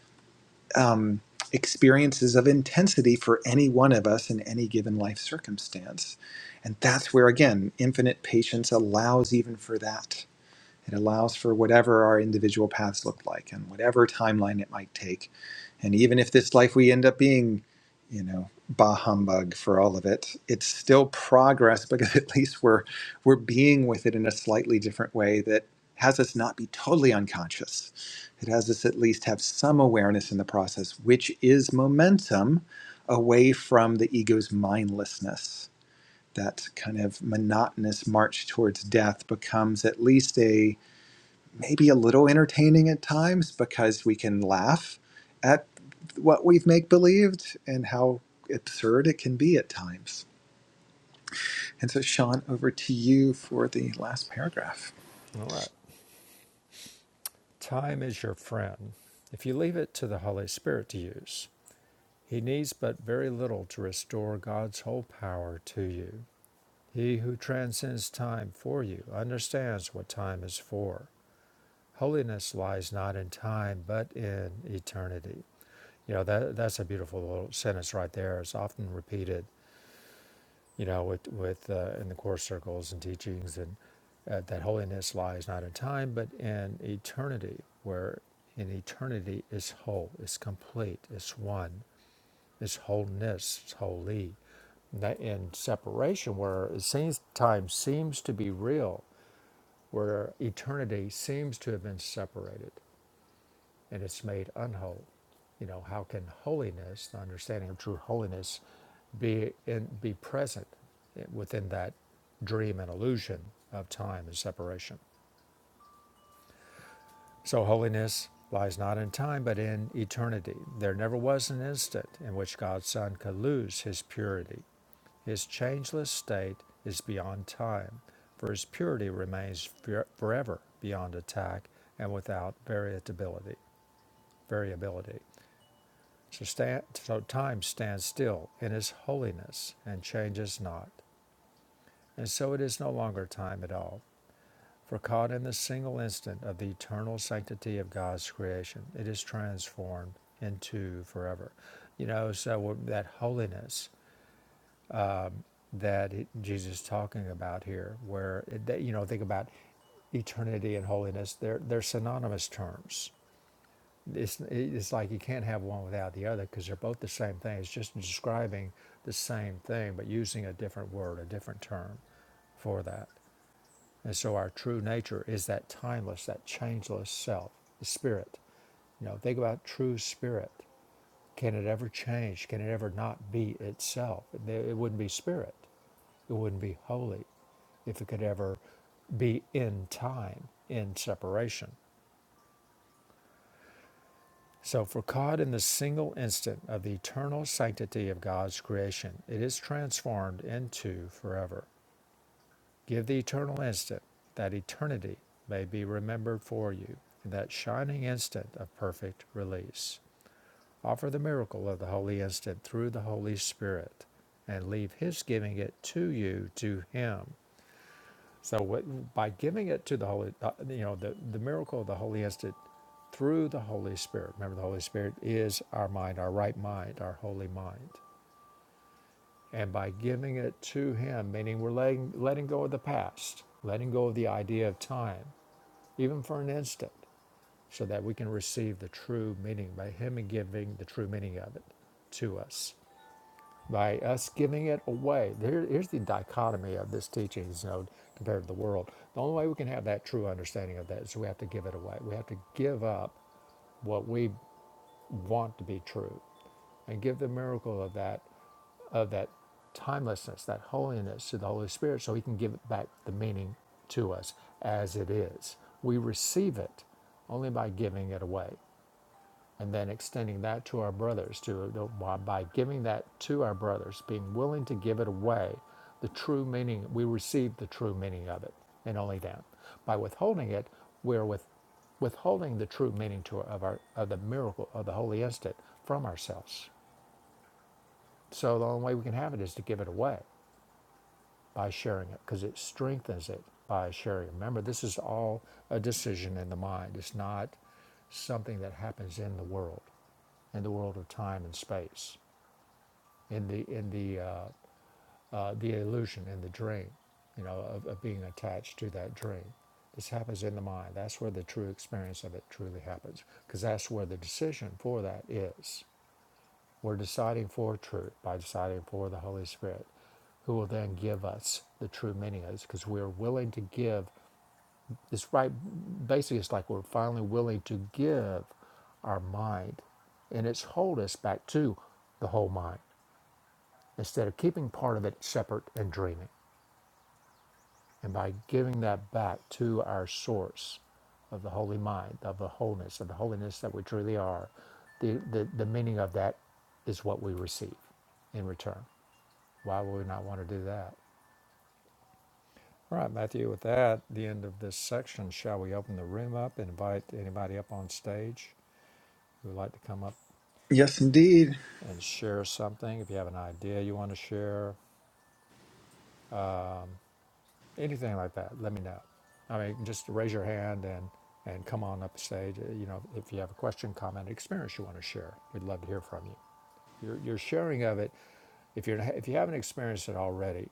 S2: um, experiences of intensity for any one of us in any given life circumstance. And that's where, again, infinite patience allows even for that it allows for whatever our individual paths look like and whatever timeline it might take. And even if this life we end up being, you know, bah humbug for all of it, it's still progress because at least we're we're being with it in a slightly different way that has us not be totally unconscious. It has us at least have some awareness in the process, which is momentum away from the ego's mindlessness. That kind of monotonous march towards death becomes at least a maybe a little entertaining at times because we can laugh at what we've make believed and how absurd it can be at times. And so, Sean, over to you for the last paragraph.
S1: All right. Time is your friend if you leave it to the Holy Spirit to use. He needs but very little to restore God's whole power to you. He who transcends time for you understands what time is for. Holiness lies not in time, but in eternity. You know, that, that's a beautiful little sentence right there. It's often repeated you know, with with uh, in the course circles and teachings, and uh, that holiness lies not in time but in eternity, where in eternity is whole, is complete, is one, is wholeness, is holy. And that- in separation, where it seems time seems to be real, where eternity seems to have been separated and it's made unholy. You know, how can holiness, the understanding of true holiness, be in, be present within that dream and illusion of time and separation? So holiness lies not in time but in eternity. There never was an instant in which God's Son could lose his purity. His changeless state is beyond time, for his purity remains forever beyond attack and without variability. Variability. So, stand, so time stands still in His holiness and changes not. And so it is no longer time at all. For caught in the single instant of the eternal sanctity of God's creation, it is transformed into forever. You know, so that holiness that Jesus is talking about here, where, it, that, you know, think about eternity and holiness, they're, they're synonymous terms. it's it's like you can't have one without the other because they're both the same thing. It's just describing the same thing but using a different word, a different term for that. And so our true nature is that timeless, that changeless self, the spirit. You know, think about true spirit. Can it ever change? Can it ever not be itself? It wouldn't be spirit. It wouldn't be holy if it could ever be in time, in separation. So, for caught in the single instant of the eternal sanctity of God's creation, it is transformed into forever. Give the eternal instant that eternity may be remembered for you, in that shining instant of perfect release. Offer the miracle of the holy instant through the Holy Spirit, and leave His giving it to you to Him so what, by giving it to the Holy, uh, you know, the, the miracle of the Holy Instant through the Holy Spirit. Remember, the Holy Spirit is our mind, our right mind, our holy mind. And by giving it to Him, meaning we're letting, letting go of the past, letting go of the idea of time, even for an instant, so that we can receive the true meaning by Him giving the true meaning of it to us by us giving it away. There, here's the dichotomy of this teaching, you know, compared to the world. The only way we can have that true understanding of that is we have to give it away. We have to give up what we want to be true, and give the miracle of that, of that timelessness, that holiness to the Holy Spirit, so He can give it back the meaning to us as it is. We receive it only by giving it away and then extending that to our brothers to by giving that to our brothers being willing to give it away the true meaning we receive the true meaning of it and only that by withholding it we're with withholding the true meaning to of our of the miracle of the holy instant from ourselves so the only way we can have it is to give it away by sharing it because it strengthens it by sharing. it. Remember, this is all a decision in the mind. It's not something that happens in the world, in the world of time and space, in the in the uh, uh, the illusion, in the dream, you know, of, of being attached to that dream. This happens in the mind. That's where the true experience of it truly happens, because that's where the decision for that is. We're deciding for truth by deciding for the Holy Spirit, who will then give us the true meaning of this because we're willing to give. It's right, basically, it's like we're finally willing to give our mind and its wholeness back to the whole mind instead of keeping part of it separate and dreaming. And by giving that back to our source of the holy mind, of the wholeness, of the holiness that we truly are, the, the, the meaning of that is what we receive in return. Why would we not want to do that? All right, Matthew, with that, the end of this section, shall we open the room up and invite anybody up on stage who would like to come up
S2: Yes, indeed.
S1: and share something? If you have an idea you want to share, anything like that, let me know. I mean, just raise your hand and, and come on up the stage. You know, if you have a question, comment, experience you want to share, we'd love to hear from you. Your, your sharing of it, if you're if you haven't experienced it already,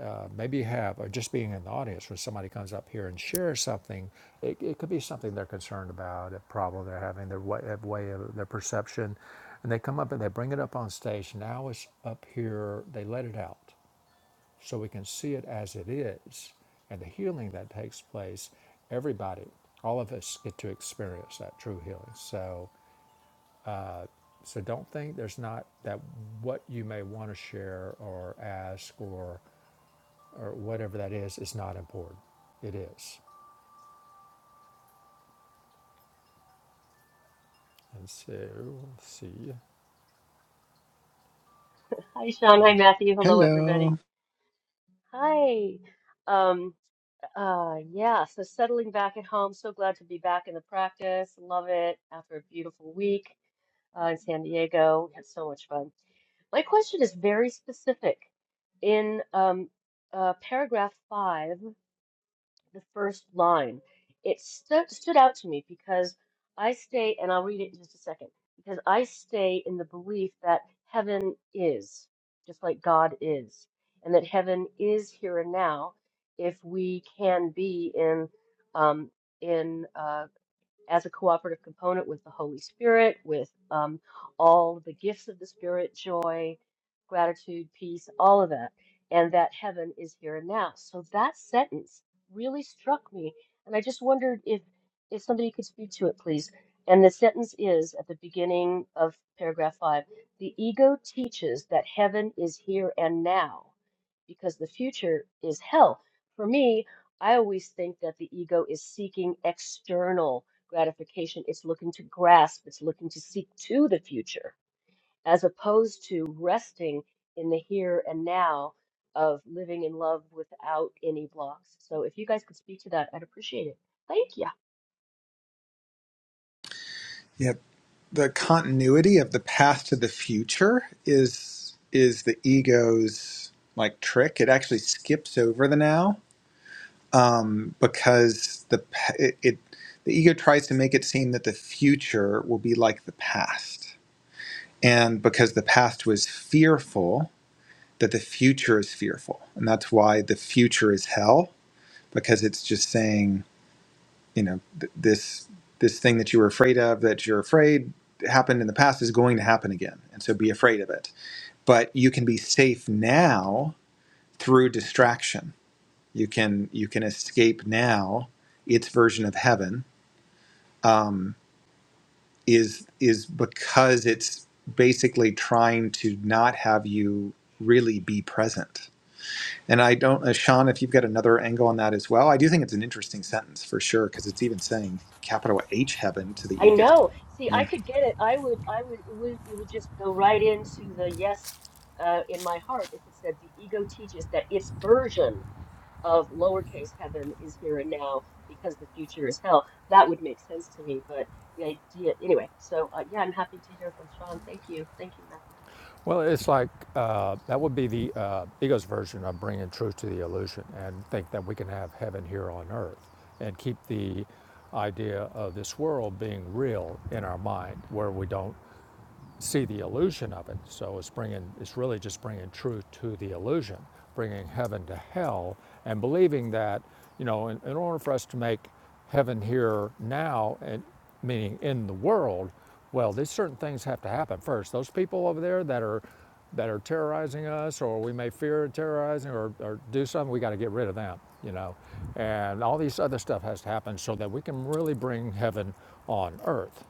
S1: uh, maybe you have, or just being in the audience when somebody comes up here and shares something, it, it could be something they're concerned about, a problem they're having, their way, their way of their perception, and they come up and they bring it up on stage. Now it's up here, they let it out, so we can see it as it is, and the healing that takes place. Everybody, all of us get to experience that true healing. So uh, So don't think there's not that what you may want to share or ask or or whatever that is is not important. It is. And so let's see.
S3: Hi, Sean. Hi, Matthew. Hello, everybody.
S2: Hello.
S3: Hi. Um, uh, yeah, so settling back at home. So glad to be back in the practice. Love it after a beautiful week uh, in San Diego. We had so much fun. My question is very specific. In um, uh, paragraph five, the first line. It stu- stood out to me because I stay, and I'll read it in just a second, because I stay in the belief that heaven is, just like God is, and that heaven is here and now if we can be in um, in uh, as a cooperative component with the Holy Spirit, with um, all the gifts of the Spirit, joy, gratitude, peace, all of that, and that heaven is here and now. So that sentence really struck me, and I just wondered if if somebody could speak to it, please. And the sentence is at the beginning of paragraph five: the ego teaches that heaven is here and now, because the future is hell. For me, I always think that the ego is seeking external gratification. It's looking to grasp, it's looking to seek to the future, as opposed to resting in the here and now of living in love without any blocks. So if you guys could speak to that, I'd appreciate it. Thank you.
S2: Yep. The continuity of the past to the future is is the ego's like trick. It actually skips over the now um, because the pa- it, it the ego tries to make it seem that the future will be like the past, and because the past was fearful, that the future is fearful, and that's why the future is hell because it's just saying you know th- this this thing that you were afraid of that you're afraid happened in the past is going to happen again, and so be afraid of it. But you can be safe now through distraction. You can you can escape now its version of heaven um, is is because it's basically trying to not have you really be present. And I don't, uh, Sean, if you've got another angle on that as well, I do think it's an interesting sentence for sure because it's even saying capital H heaven to the
S3: I
S2: ego.
S3: know. See, I
S2: Yeah,
S3: could get it. I would, I would, it would, it would just go right into the yes uh, in my heart if it said the ego teaches that its version of lowercase heaven is here and now because the future is hell. That would make sense to me, but the idea, anyway. So uh, yeah, I'm happy to hear from Sean. Thank you, thank you, Matthew.
S1: Well, it's like uh, that would be the uh, ego's version of bringing truth to the illusion and think that we can have heaven here on earth and keep the idea of this world being real in our mind where we don't see the illusion of it. So it's bringing, it's really just bringing truth to the illusion, bringing heaven to hell, and believing that, you know, in, in order for us to make heaven here now, and meaning in the world, well, these certain things have to happen first. Those people over there that are that are terrorizing us, or we may fear terrorizing, or, or do something, we got to get rid of them, you know. And all these other stuff has to happen so that we can really bring heaven on earth.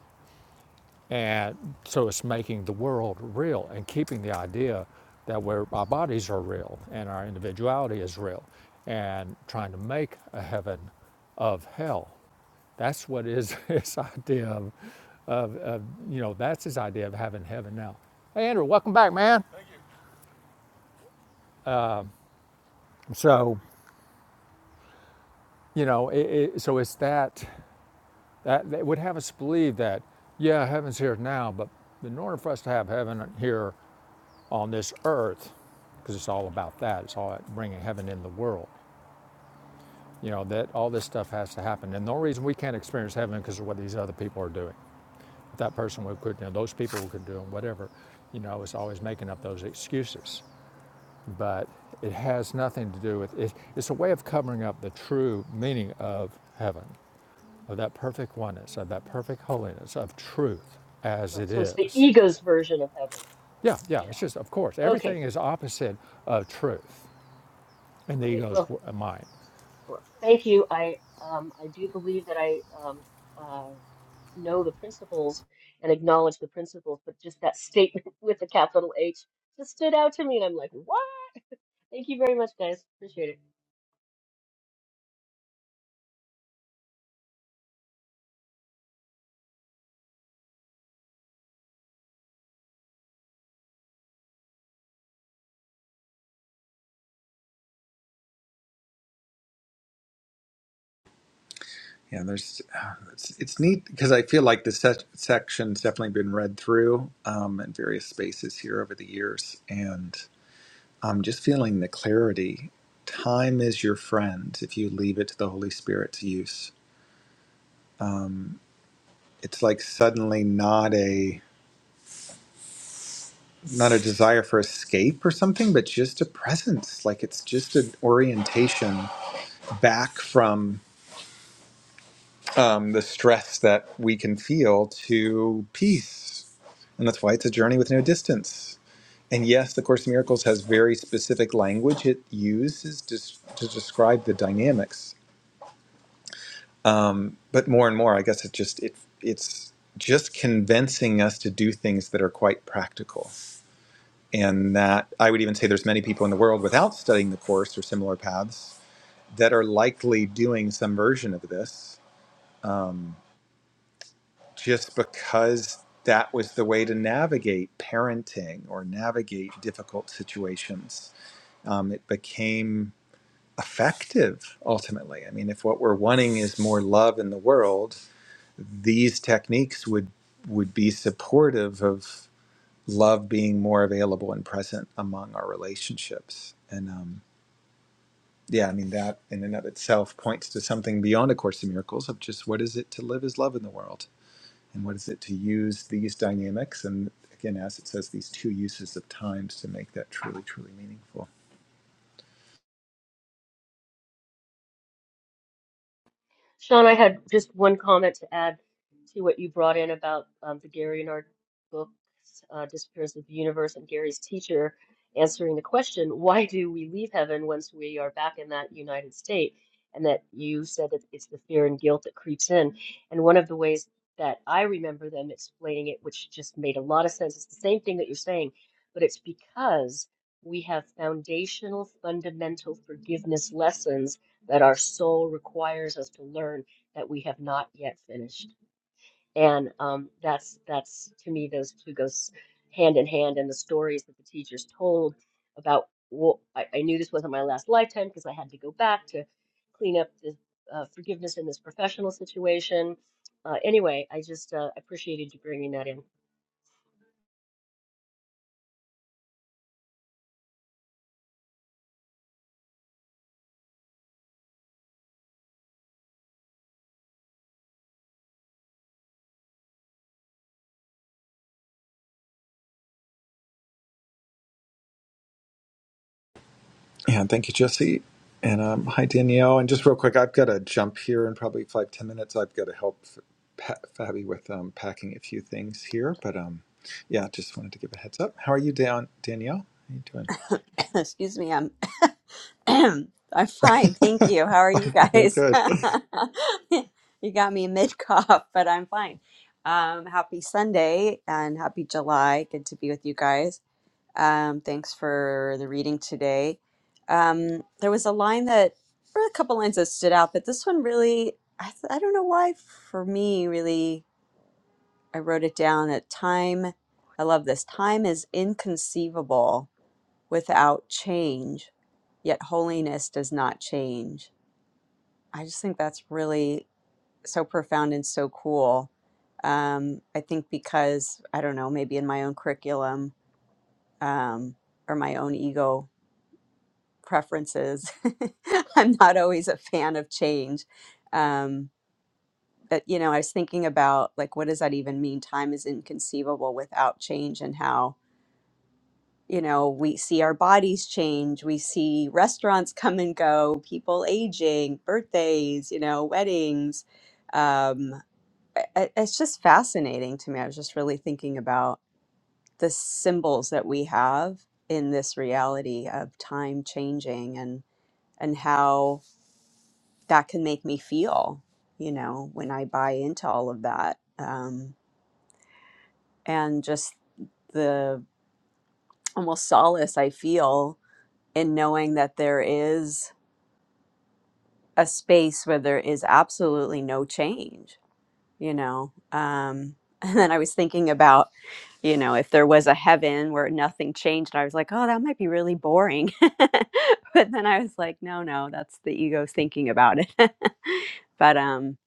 S1: And so it's making the world real and keeping the idea that we're, our bodies are real and our individuality is real and trying to make a heaven of hell. That's what is his idea of, you know, that's his idea of having heaven now. Hey, Andrew, welcome back, man. So, you know, it, it, so it's that, that that would have us believe that, yeah, heaven's here now, but in order for us to have heaven here on this earth, because it's all about that. It's all about bringing heaven in the world. You know, that all this stuff has to happen. And the only reason we can't experience heaven is because of what these other people are doing. If that person would quit, you know, those people could do whatever, you know, it's always making up those excuses. But it has nothing to do with it. It's a way of covering up the true meaning of heaven, of that perfect oneness, of that perfect holiness, of truth as
S3: Right,
S1: it
S3: so it's the
S1: is.
S3: ego's version of heaven.
S1: Yeah, yeah, it's
S3: Yeah.
S1: just, of course,
S3: Okay.
S1: everything is opposite of truth.
S3: All
S1: And the
S3: right.
S1: goes
S3: Well,
S1: wh- mine.
S3: well, thank you. I um I do believe that I um uh know the principles and acknowledge the principles, but just that statement with the capital H just stood out to me, and I'm like, what? Thank you very much, guys. Appreciate it.
S2: yeah. There's, uh, it's, it's neat because I feel like this se- section's definitely been read through um, in various spaces here over the years, and I'm just feeling the clarity. Time is your friend if you leave it to the Holy Spirit's use it's like suddenly not a not a desire for escape or something but just a presence like it's just an orientation back from um, the stress that we can feel to peace and that's why it's a journey with no distance and yes the course in miracles has very specific language it uses to, to describe the dynamics um, but more and more i guess it just it it's just convincing us to do things that are quite practical and that I would even say there's many people in the world without studying the course or similar paths that are likely doing some version of this, um, just because that was the way to navigate parenting or navigate difficult situations. Um, it became effective ultimately. I mean, if what we're wanting is more love in the world, these techniques would would be supportive of love being more available and present among our relationships. And um, yeah, I mean, that in and of itself points to something beyond A Course in Miracles of just what is it to live as love in the world? And what is it to use these dynamics? And again, as it says, these two uses of times to make that truly, truly meaningful.
S3: Sean, I had just one comment to add to what you brought in about um, the Gary Renard book, uh, Disappearance of the Universe, and Gary's teacher answering the question, why do we leave heaven once we are back in that United State? And that you said that it's the fear and guilt that creeps in. And one of the ways that I remember them explaining it, which just made a lot of sense, it's the same thing that you're saying, but it's because we have foundational, fundamental forgiveness lessons that our soul requires us to learn that we have not yet finished. And um, that's that's to me those two goes hand in hand. And the stories that the teachers told about well, I, I knew this wasn't my last lifetime because I had to go back to clean up the uh, forgiveness in this professional situation. Uh, anyway, I just uh, appreciated you bringing that in.
S2: Yeah, And thank you, Jesse. And um, hi, Danielle. And just real quick, I've got to jump here in probably five, ten minutes. I've got to help pa- Fabi with um, packing a few things here. But um, yeah, just wanted to give a heads up. How are you, Dan- Danielle? How are you
S4: Excuse me, I'm I'm fine,
S2: doing?
S4: thank you. How are you
S2: Very
S4: guys?
S2: good.
S4: You got me mid cough, but I'm fine. Um, happy Sunday and happy July. Good to be with you guys. Um, thanks for the reading today. Um, there was a line that, or a couple lines that stood out, but this one really, I, th- I don't know why, for me, really, I wrote it down at time. I love this. Time is inconceivable without change, yet holiness does not change. I just think that's really so profound and so cool. Um, I think because, I don't know, maybe in my own curriculum um, or my own ego preferences, I'm not always a fan of change. Um, but, you know, I was thinking about like, what does that even mean? Time is inconceivable without change and how you know, we see our bodies change, we see restaurants come and go, people aging, birthdays, you know, weddings. Um, I- I- it's just fascinating to me. I was just really thinking about the symbols that we have in this reality of time changing and and how that can make me feel, you know, when I buy into all of that. Um, and just the almost solace I feel in knowing that there is a space where there is absolutely no change, you know. Um, and then I was thinking about, you know, if there was a heaven where nothing changed, and I was like, oh, that might be really boring. but then I was like, no, no, that's the ego thinking about it. but um,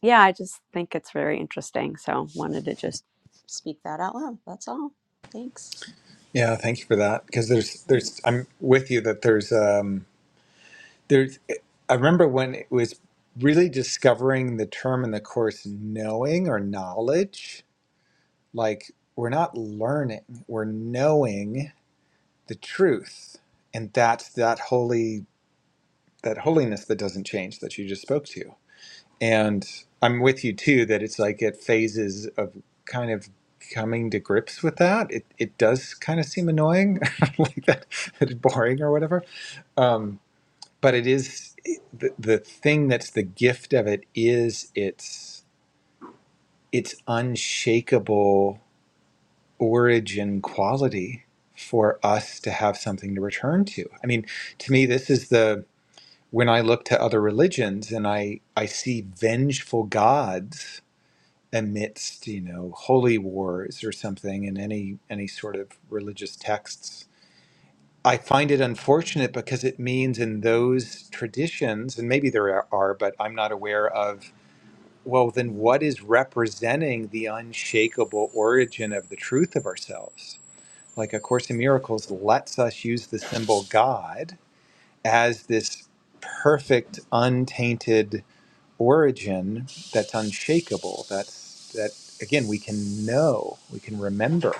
S4: yeah, I just think it's very interesting. So wanted to just speak that out loud. That's all. Thanks.
S2: Yeah, thank you for that. Because there's, there's, I'm with you that there's, um, there's. I remember when it was really discovering the term in the course, knowing or knowledge. Like we're not learning, we're knowing the truth, and that's that holy, that holiness that doesn't change that you just spoke to. And I'm with you too that it's like at phases of kind of coming to grips with that. It it does kind of seem annoying, like that, it's boring or whatever Um, but it is the, the thing that's the gift of it is its its unshakable origin quality for us to have something to return to. I mean, to me, this is the when I look to other religions and I I see vengeful gods amidst you know holy wars or something in any any sort of religious texts I find it unfortunate because it means in those traditions, and maybe there are, but I'm not aware of, well, then what is representing the unshakable origin of the truth of ourselves? Like A Course in Miracles lets us use the symbol God as this perfect, untainted origin that's unshakable. That's that again we can know, we can remember,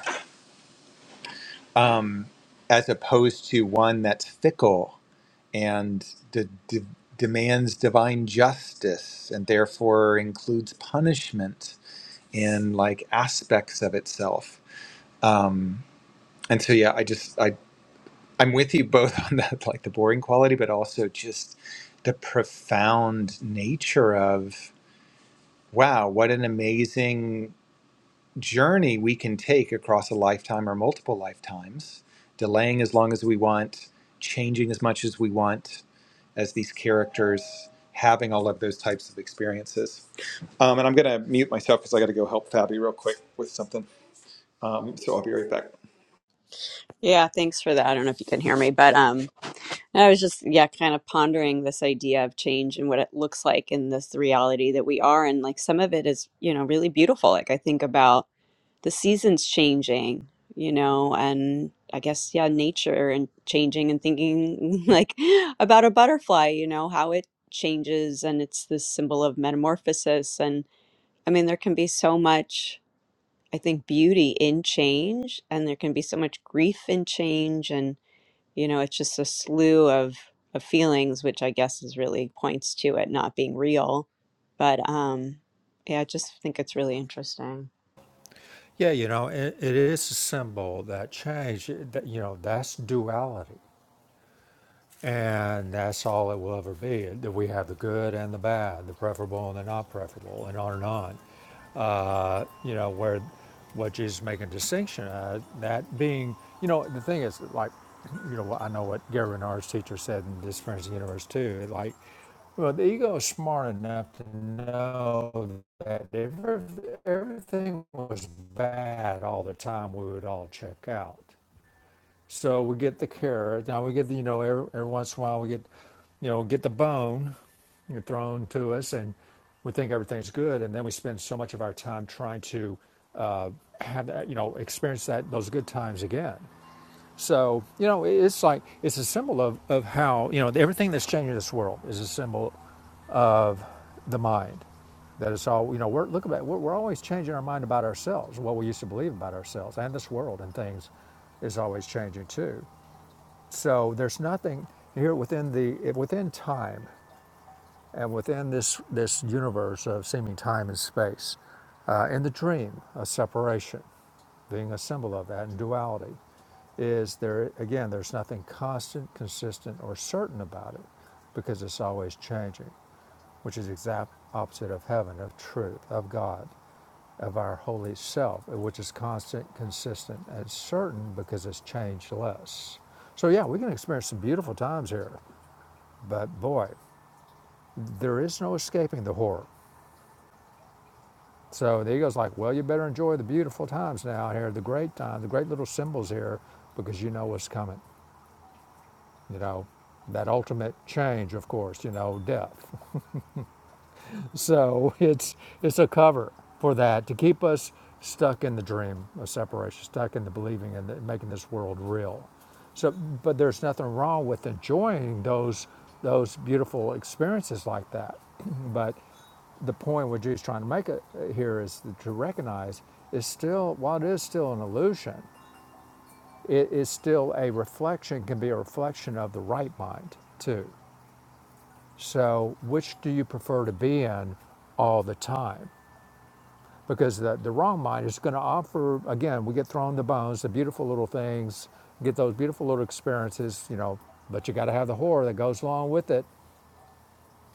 S2: um, as opposed to one that's fickle and de- de- demands divine justice and therefore includes punishment in like aspects of itself um, and so yeah i just i i'm with you both on that like the boring quality but also just the profound nature of wow what an amazing journey we can take across a lifetime or multiple lifetimes delaying as long as we want changing as much as we want as these characters having all of those types of experiences. Um, and I'm going to mute myself because I got to go help Fabi real quick with something. Um, so I'll be right back.
S4: Yeah, thanks for that. I don't know if you can hear me, but um, I was just, yeah, kind of pondering this idea of change and what it looks like in this reality that we are. And like some of it is, you know, really beautiful. Like I think about the seasons changing, you know, and I guess, yeah, nature and changing and thinking like about a butterfly, you know, how it changes and it's this symbol of metamorphosis. And I mean, there can be so much, I think, beauty in change and there can be so much grief in change. and you know it's just a slew of of feelings which i guess is really points to it not being real but um yeah i just think it's really interesting
S1: Yeah, you know, it, it is a symbol that change, that, you know, that's duality. And that's all it will ever be. That we have the good and the bad, the preferable and the not preferable, and on and on. Uh, you know, where what Jesus is making a distinction uh, that being, you know, the thing is, like, you know, I know what Gary Renard's teacher said in this Friends of the Universe too. Like, well, the ego is smart enough to know that if everything was bad all the time, we would all check out so we get the carrot. Now we get the, you know, every, every once in a while we get, you know, get the bone you know, thrown to us and we think everything's good. And then we spend so much of our time trying to uh, have that, you know, experience that, those good times again. So, you know, it's like, it's a symbol of, of how, you know, everything that's changing this world is a symbol, the mind. That it's all, you know, we're, look about, we're, we're always changing our mind about ourselves, what we used to believe about ourselves and this world and things is always changing too. So there's nothing here within the within time and within this this universe of seeming time and space, uh, in the dream of separation, being a symbol of that and duality, is there again? There's nothing constant, consistent, or certain about it, because it's always changing, which is exact opposite of heaven, of truth, of God of our holy self, which is constant, consistent, and certain because it's changeless. So, yeah, we can experience some beautiful times here, but boy, there is no escaping the horror. So the ego's like, well, you better enjoy the beautiful times now here, the great time, the great little symbols here, because you know what's coming. You know, that ultimate change, of course, you know, death. So it's it's a cover for that to keep us stuck in the dream of separation, stuck in the believing and the, making this world real. So, but there's nothing wrong with enjoying those those beautiful experiences like that. but the point what Jesus is trying to make it uh, here is to recognize is still while it is still an illusion, it is still a reflection can be a reflection of the right mind too. So, which do you prefer to be in all the time? because the, the wrong mind is going to offer again we get thrown the bones the beautiful little things get those beautiful little experiences you know but you got to have the horror that goes along with it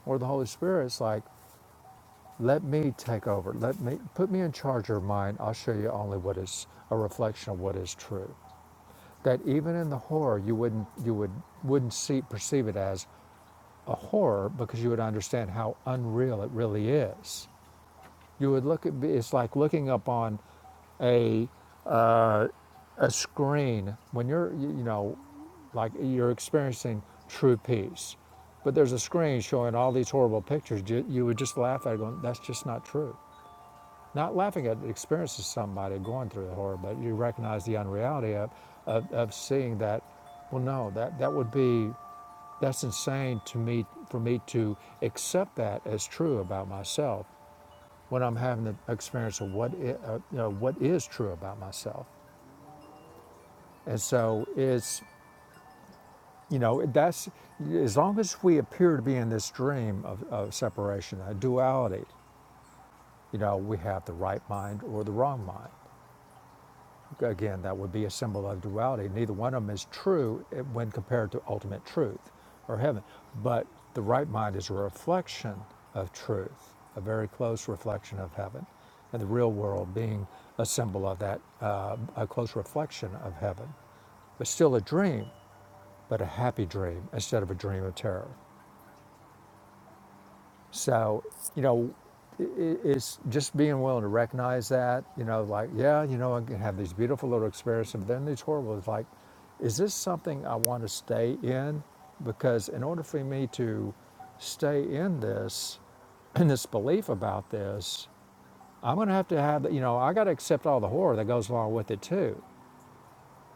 S1: or the holy spirit's like let me take over let me put me in charge of mine i'll show you only what is a reflection of what is true that even in the horror you wouldn't you would wouldn't see perceive it as a horror because you would understand how unreal it really is you would look at it's like looking up on a a screen when you're you know like you're experiencing true peace but there's a screen showing all these horrible pictures you, you would just laugh at it going that's just not true not laughing at the experience of somebody going through the horror but you recognize the unreality of, of, of seeing that well no that, that would be that's insane to me for me to accept that as true about myself when i'm having the experience of what, i- uh, you know, what is true about myself and so it's You know, that's as long as we appear to be in this dream of, of separation, a duality, you know, we have the right mind or the wrong mind. Again, that would be a symbol of duality. Neither one of them is true eh, when compared to ultimate truth or heaven. But the right mind is a reflection of truth, a very close reflection of heaven, and the real world being a symbol of that, uh, a close reflection of heaven but still a dream, but a happy dream instead of a dream of terror. So, you know, i- i- it's just being willing to recognize that, you know, like, yeah, you know, I can have these beautiful little experiences, but then these horrible, it's like, is this something I want to stay in? Because in order for me to stay in this, in this belief about this, I'm going to have to have, you know, I got to accept all the horror that goes along with it too.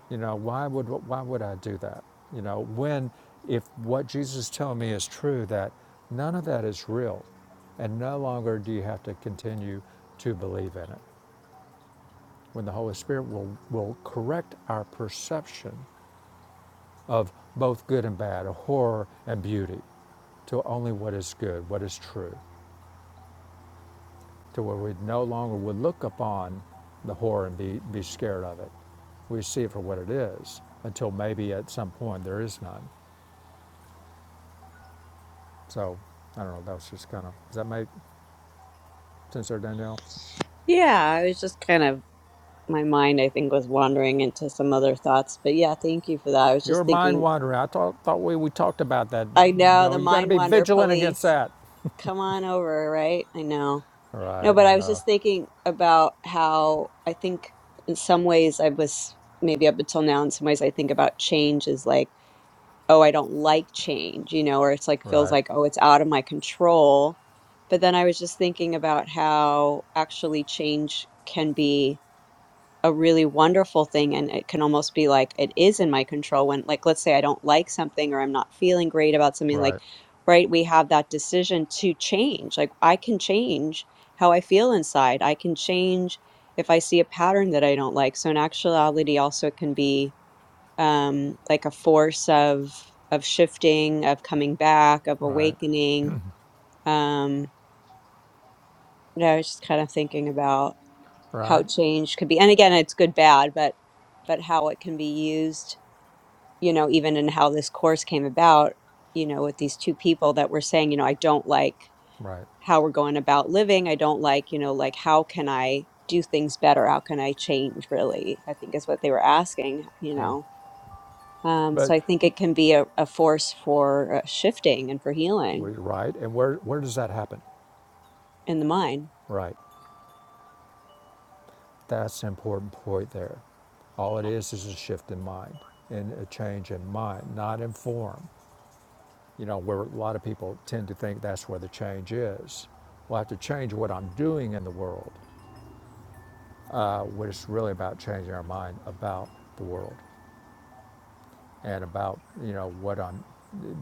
S1: You know, why would why would I do that? You know, when if what Jesus is telling me is true that none of that is real and no longer do you have to continue to believe in it. When the Holy Spirit will will correct our perception of both good and bad, of horror and beauty, to only what is good, what is true, to where we no longer would look upon the horror and be, be scared of it. We see it for what it is until maybe at some point there is none. So I don't know. That was just kind of does that make sense there, Danielle?
S4: yeah i was just kind of my mind i think was wandering into some other thoughts but yeah thank you for that i was
S1: You're
S4: just
S1: mind
S4: thinking
S1: wandering. I thought thought we we talked about that.
S4: i know
S1: No,
S4: the
S1: you got to
S4: mind
S1: be
S4: wander
S1: vigilant against
S4: police
S1: that.
S4: come on over right i know no
S1: Right.
S4: but
S1: I
S4: i was
S1: know.
S4: just thinking about how i think in some ways i was maybe up until now in some ways i think about change is like oh, I don't like change, you know, or it's like feels
S1: Right.
S4: like, oh, it's out of my control. But then I was just thinking about how actually change can be a really wonderful thing. And it can almost be like it is in my control when, like, let's say I don't like something or I'm not feeling great about something, like,
S1: Right.
S4: right, we have that decision to change. Like, I can change how I feel inside, I can change if I see a pattern that I don't like. So, in actuality, also it can be um, like a force of of shifting, of coming back, of
S1: Right.
S4: awakening. Um, yeah, I was just kind of thinking about how
S1: Right.
S4: change could be, and again, it's good, bad, but but how it can be used, you know, even in how this course came about, you know, with these two people that were saying, you know, I don't like
S1: Right.
S4: how we're going about living. I don't like, you know, like how can I do things better? How can I change? Really, I think is what they were asking, you
S1: Yeah.
S4: know Um,
S1: But
S4: so I think it can be a, a force for uh, shifting and for healing
S1: we right. And where where does that happen?
S4: in the mind.
S1: Right. That's an important point there. All it is is a shift in mind and a change in mind, not in form. you know, where a lot of people tend to think that's where the change is. Well, I have to change what I'm doing in the world, uh, what it's really about changing our mind about the world and about, you know, what I'm,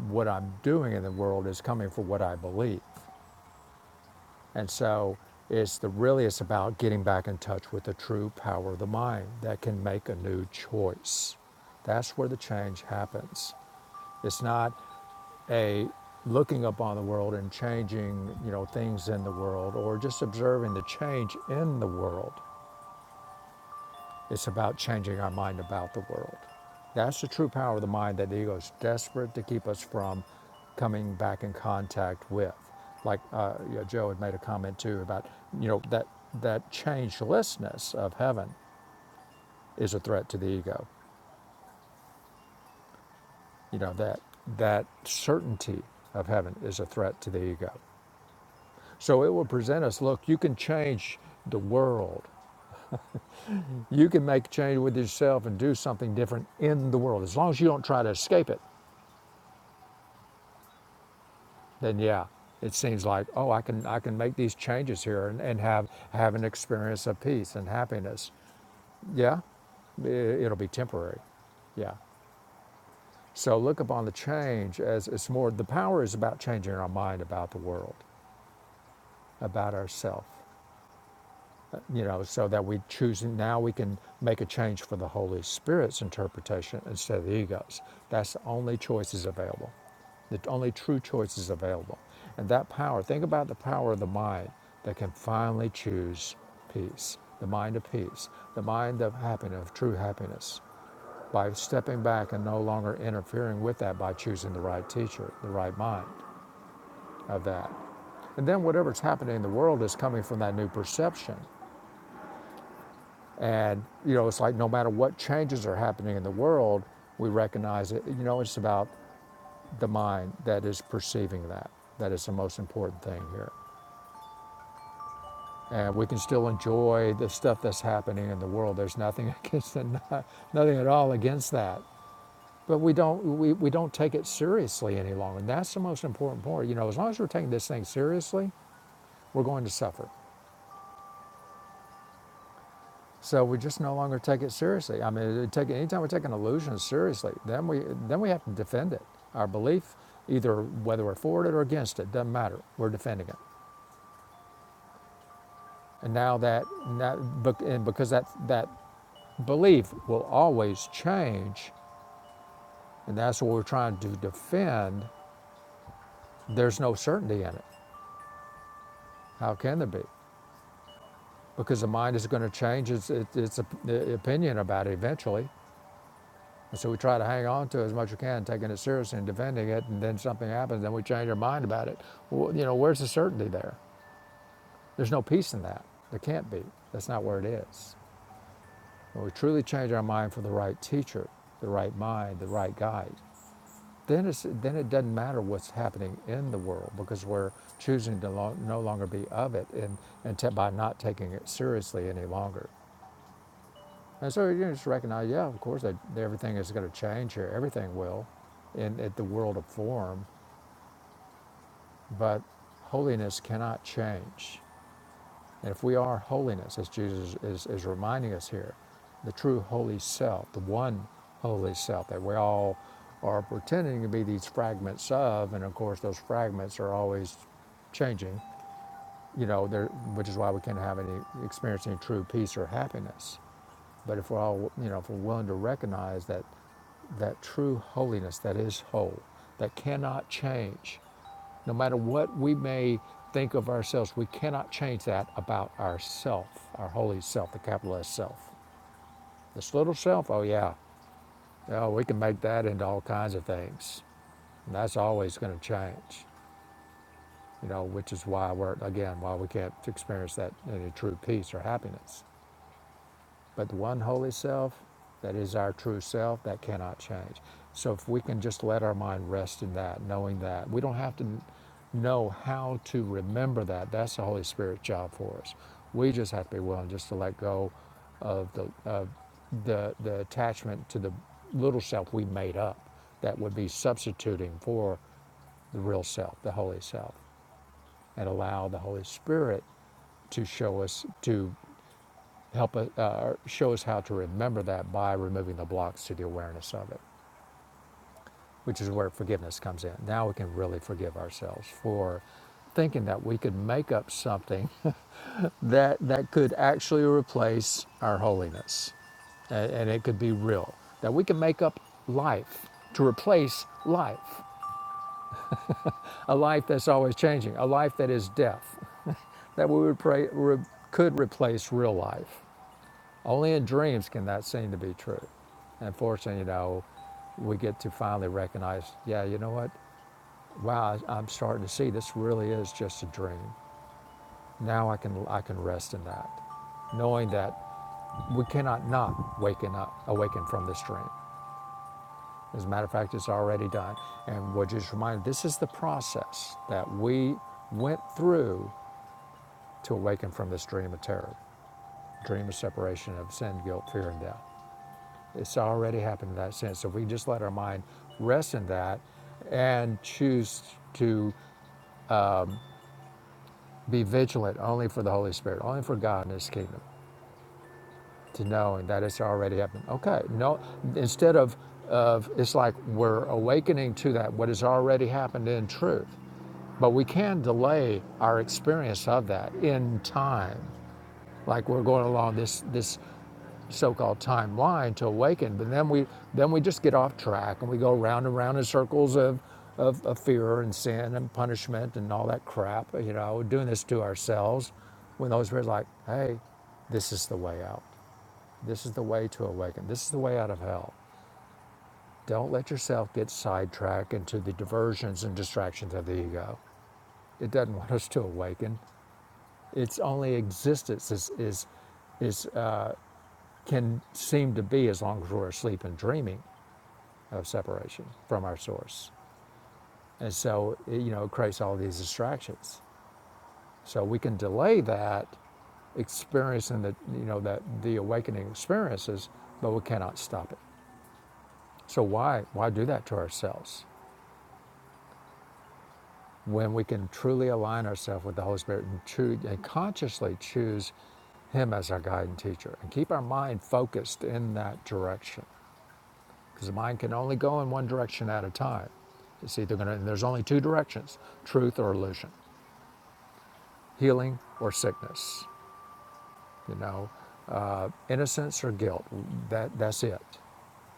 S1: what I'm doing in the world is coming from what I believe. And so it's the, really, it's about getting back in touch with the true power of the mind that can make a new choice. That's where the change happens. It's not a looking up on the world and changing, you know, things in the world or just observing the change in the world. It's about changing our mind about the world. That's the true power of the mind that the ego is desperate to keep us from coming back in contact with. Like uh, you know, Joe had made a comment too about, you know, that that changelessness of heaven is a threat to the ego. You know that that certainty of heaven is a threat to the ego So it will present us look, you can change the world. You can make change with yourself and do something different in the world. As long as you don't try to escape it, then yeah, it seems like, oh, I can I can make these changes here and, and have have an experience of peace and happiness. Yeah, it'll be temporary. Yeah. So look upon the change as it's more the power is about changing our mind about the world, about ourself. you know, so that we choose now we can make a change for the Holy Spirit's interpretation instead of the ego's. That's the only choices available, the only true choices available. And that power, think about the power of the mind that can finally choose peace, the mind of peace, the mind of happiness, of true happiness, by stepping back and no longer interfering with that by choosing the right teacher, the right mind of that. And then whatever's happening in the world is coming from that new perception and, you know, it's like no matter what changes are happening in the world, we recognize it. You know, it's about the mind that is perceiving that. That is the most important thing here. And we can still enjoy the stuff that's happening in the world. There's nothing against it, nothing at all against that. But we don't we, we don't take it seriously any longer. And that's the most important part. You know, as long as we're taking this thing seriously, we're going to suffer. So we just no longer take it seriously. I mean, take, anytime we take an illusion seriously, then we then we have to defend it. Our belief, either whether we're for it or against it, doesn't matter. We're defending it. And now that, and because that that belief will always change, and that's what we're trying to defend. There's no certainty in it. How can there be? Because the mind is going to change its, its, its opinion about it eventually. And so we try to hang on to it as much as we can, taking it seriously and defending it, and then something happens, then we change our mind about it. Well, you know, where's the certainty there? There's no peace in that. There can't be. That's not where it is. When we truly change our mind for the right teacher, the right mind, the right guide, then, it's, then it doesn't matter what's happening in the world because we're choosing to lo- no longer be of it and, and ta- by not taking it seriously any longer. And so you just recognize, yeah, of course, that everything is going to change here. Everything will in, in the world of form, but holiness cannot change. And if we are holiness, as Jesus is, is reminding us here, the true holy self, the one holy self that we all are pretending to be these fragments of, and of course, those fragments are always changing, you know, there, which is why we can't have any experience any true peace or happiness. But if we're all, you know, if we're willing to recognize that that true holiness that is whole, that cannot change, no matter what we may think of ourselves, we cannot change that about ourself, our holy self, the capital S self. This little self, oh yeah, yeah, we can make that into all kinds of things. And that's always going to change, you know, which is why we're, again, why we can't experience that any true peace or happiness But the one holy self, that is our true self, that cannot change. So if we can just let our mind rest in that, knowing that, we don't have to know how to remember that. That's the Holy Spirit's job for us. We just have to be willing just to let go of the of the the attachment to the little self we made up that would be substituting for the real self, the holy self, and allow the Holy Spirit to show us to help us, uh, show us how to remember that by removing the blocks to the awareness of it, which is where forgiveness comes in. Now we can really forgive ourselves for thinking that we could make up something that, that could actually replace our holiness and, and it could be real. That we can make up life to replace life, a life that's always changing, a life that is death, that we would pray, re, could replace real life. Only in dreams can that seem to be true. And fortunately, you know, we get to finally recognize, yeah, you know what? Wow, I- am starting to see this really is just a dream. Now I can I can rest in that, knowing that we cannot not waken up, awaken from this dream. As a matter of fact, it's already done. And we're just reminded this is the process that we went through to awaken from this dream of terror, dream of separation of sin, guilt, fear, and death. It's already happened in that sense. So If we just let our mind rest in that and choose to be vigilant only for the Holy Spirit, only for God and His kingdom, to knowing that it's already happened. Okay, no, instead of, of it's like we're awakening to that, what has already happened in truth. But we can delay our experience of that in time. Like we're going along this, this so-called timeline to awaken. But then we then we just get off track and we go round and round in circles of of, of fear and sin and punishment and all that crap. You know, doing this to ourselves. When those were like, hey, this is the way out. This is the way to awaken. This is the way out of hell. Don't let yourself get sidetracked into the diversions and distractions of the ego. It doesn't want us to awaken. Its only existence is is is uh, can seem to be as long as we're asleep and dreaming. of separation from our source. And so, it, you know, it creates all these distractions. So we can delay that experience and the, you know, that the awakening experiences, but we cannot stop it. So why, why do that to ourselves when we can truly align ourselves with the Holy Spirit and, choo- and consciously choose Him as our guide and teacher and keep our mind focused in that direction? Because the mind can only go in one direction at a time. It's either going to, and there's only two directions truth or illusion. healing or sickness, you know, uh, innocence or guilt. That that's it.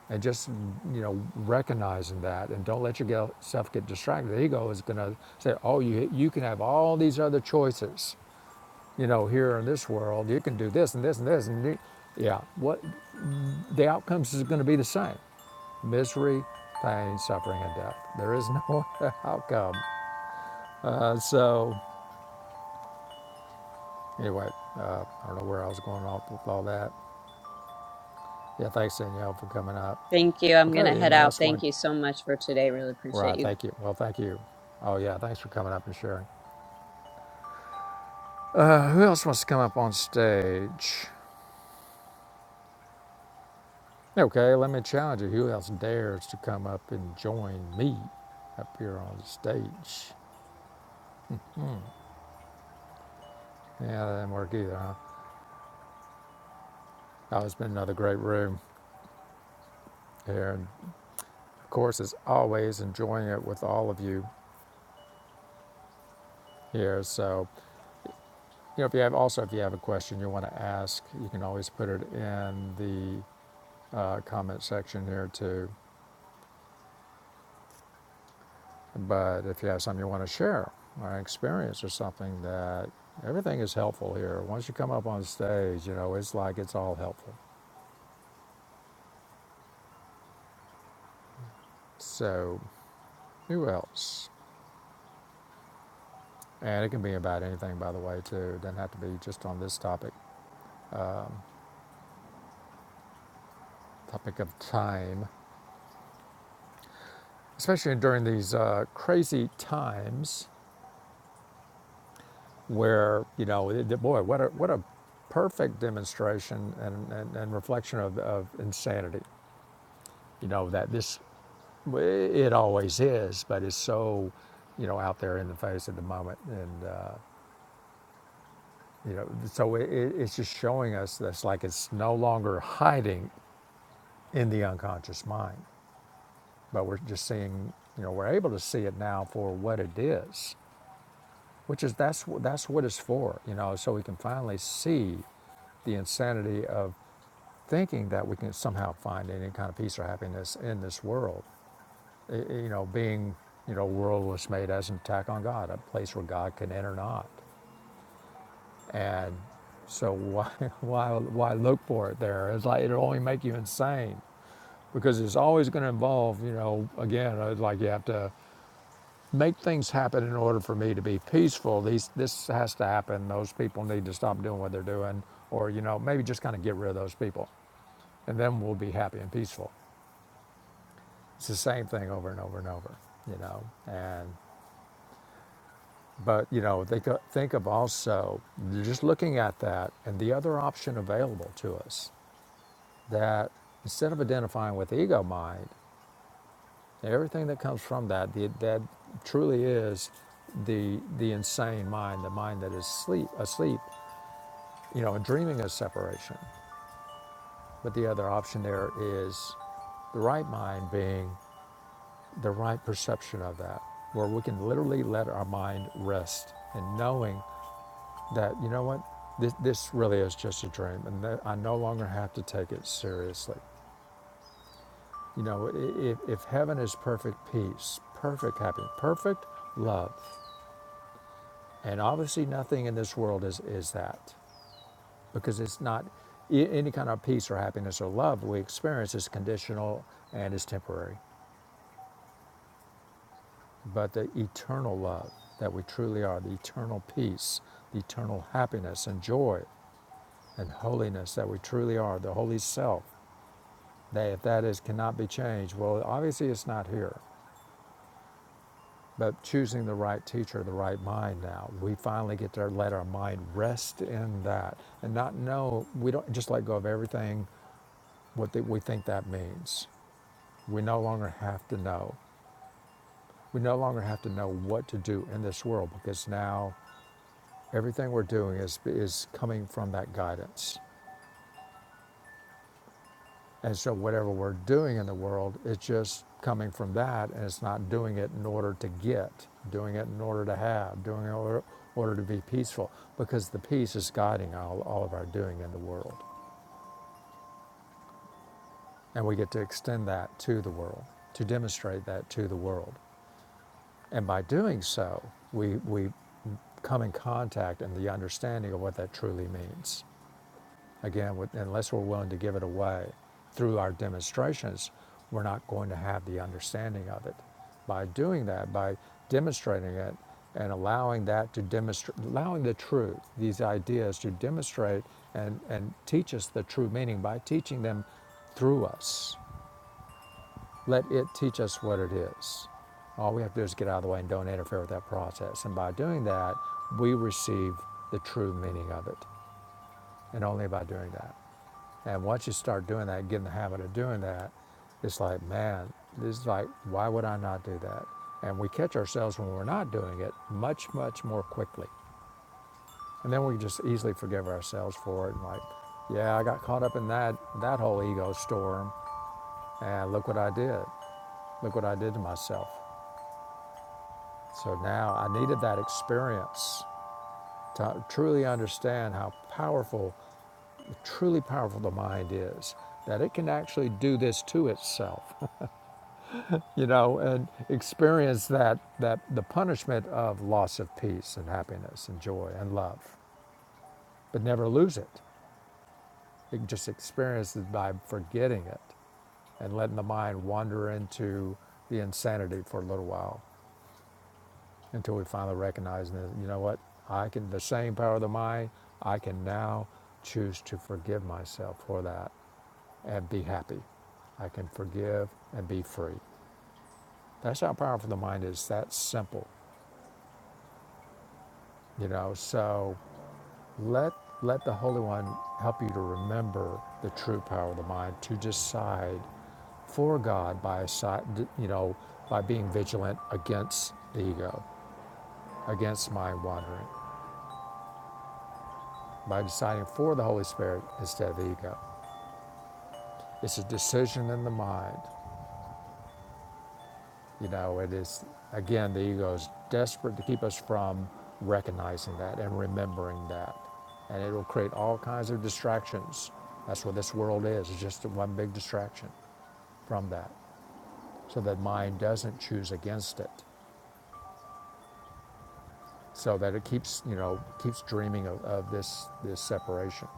S1: And just you know recognizing that, and don't let yourself get distracted. The ego is going to say, "Oh, you you can have all these other choices, you know, here in this world. You can do this and this and this and yeah. What the outcomes is going to be the same: misery, pain, suffering, and death. There is no outcome. Uh, so anyway, uh, I don't know where I was going off with all that. Yeah, thanks, Danielle, for coming up.
S4: Thank you. I'm going to
S1: Okay,
S4: head
S1: anybody
S4: out.
S1: else want
S4: Thank you
S1: to?
S4: so much for today. Really appreciate
S1: Right,
S4: you. guys.
S1: thank you. Well, thank you. Oh, yeah, thanks for coming up and sharing. Uh, who else wants to come up on stage? Okay, let me challenge you. Who else dares to come up and join me up here on the stage? Yeah, that didn't work either, huh? Oh, it's been another great room here. And of course, as always, enjoying it with all of you here. So, you know, if you have also, if you have a question you want to ask, you can always put it in the uh, comment section here too. But if you have something you want to share, or an experience or something that everything is helpful here. Once you come up on stage, you know, it's like it's all helpful. So, who else? And it can be about anything, by the way, too. It doesn't have to be just on this topic, topic of time, especially during these uh, crazy times where, you know, it, boy, what a, what a perfect demonstration and, and, and reflection of, of insanity you know that this it always is but it's so you know out there in the face at the moment and uh, you know so it, it's just showing us that's like it's no longer hiding in the unconscious mind but we're just seeing you know we're able to see it now for what it is which is that's that's what it's for you know so we can finally see the insanity of thinking that we can somehow find any kind of peace or happiness in this world Eh, eh, You know, being, you know, world was made as an attack on God, a place where God can enter not. And so why, why, why look for it there? It's like it'll only make you insane because it's always going to involve, you know, again, uh, like you have to make things happen in order for me to be peaceful. These, this has to happen. Those people need to stop doing what they're doing, or you know, maybe just kind of get rid of those people, and then we'll be happy and peaceful. It's the same thing over and over and over, you know, and But you know, think think of also just looking at that and the other option available to us. That instead of identifying with ego mind, everything that comes from that, the, that truly is the the insane mind, the mind that is sleep asleep, you know, and dreaming of separation. But the other option there is the right mind being the right perception of that, where we can literally let our mind rest and knowing that you know what this this really is just a dream and that i no longer have to take it seriously you know if, if heaven is perfect peace perfect happiness perfect love and obviously nothing in this world is is that because it's not a- any kind of peace or happiness or love we experience is conditional and is temporary but the eternal love that we truly are the eternal peace the eternal happiness and joy and holiness that we truly are the holy self They, if that is cannot be changed, well, obviously it's not here. But choosing the right teacher, the right mind. Now we finally get to let our mind rest in that and not know. We don't just let go of everything what that we think that means. We no longer have to know. We no longer have to know what to do in this world because now everything we're doing is is coming from that guidance. And so, whatever we're doing in the world, it's just coming from that, and it's not doing it in order to get, doing it in order to have, doing it in order, order to be peaceful, because the peace is guiding all, all of our doing in the world. And we get to extend that to the world, to demonstrate that to the world. And by doing so, we, we come in contact and the understanding of what that truly means. Again, with- unless we're willing to give it away through our demonstrations, we're not going to have the understanding of it. By doing that, by demonstrating it and allowing that to demonstrate, allowing the truth, these ideas to demonstrate and, and teach us the true meaning by teaching them through us. Let it teach us what it is. All we have to do is get out of the way and don't interfere with that process. And by doing that, we receive the true meaning of it. And only by doing that. And once you start doing that, get in the habit of doing that, it's like, man, this is like, why would I not do that? And we catch ourselves when we're not doing it much, much more quickly. And then we just easily forgive ourselves for it and like, yeah, I got caught up in that that whole ego storm and look what I did. Look what I did to myself. So now I needed that experience to truly understand how powerful, truly powerful the mind is, that it can actually do this to itself. you know, and experience that, that the punishment of loss of peace and happiness and joy and love, but never lose it. It just experience it by forgetting it and letting the mind wander into the insanity for a little while until we finally recognize that, you know what, I can, the same power of the mind, I can now choose to forgive myself for that and be happy. I can forgive and be free. That's how powerful the mind is. That simple, you know. So Let let the Holy One help you to remember the true power of the mind to decide for God by side, you know, by being vigilant against the ego, against mind wandering, by deciding for the Holy Spirit instead of the ego. It's a decision in the mind, you know. It is again the ego is desperate to keep us from recognizing that and remembering that, and it will create all kinds of distractions. That's what this world is. It's just one big distraction. from that so that mind doesn't choose against it so that it keeps you know keeps dreaming of, of this this separation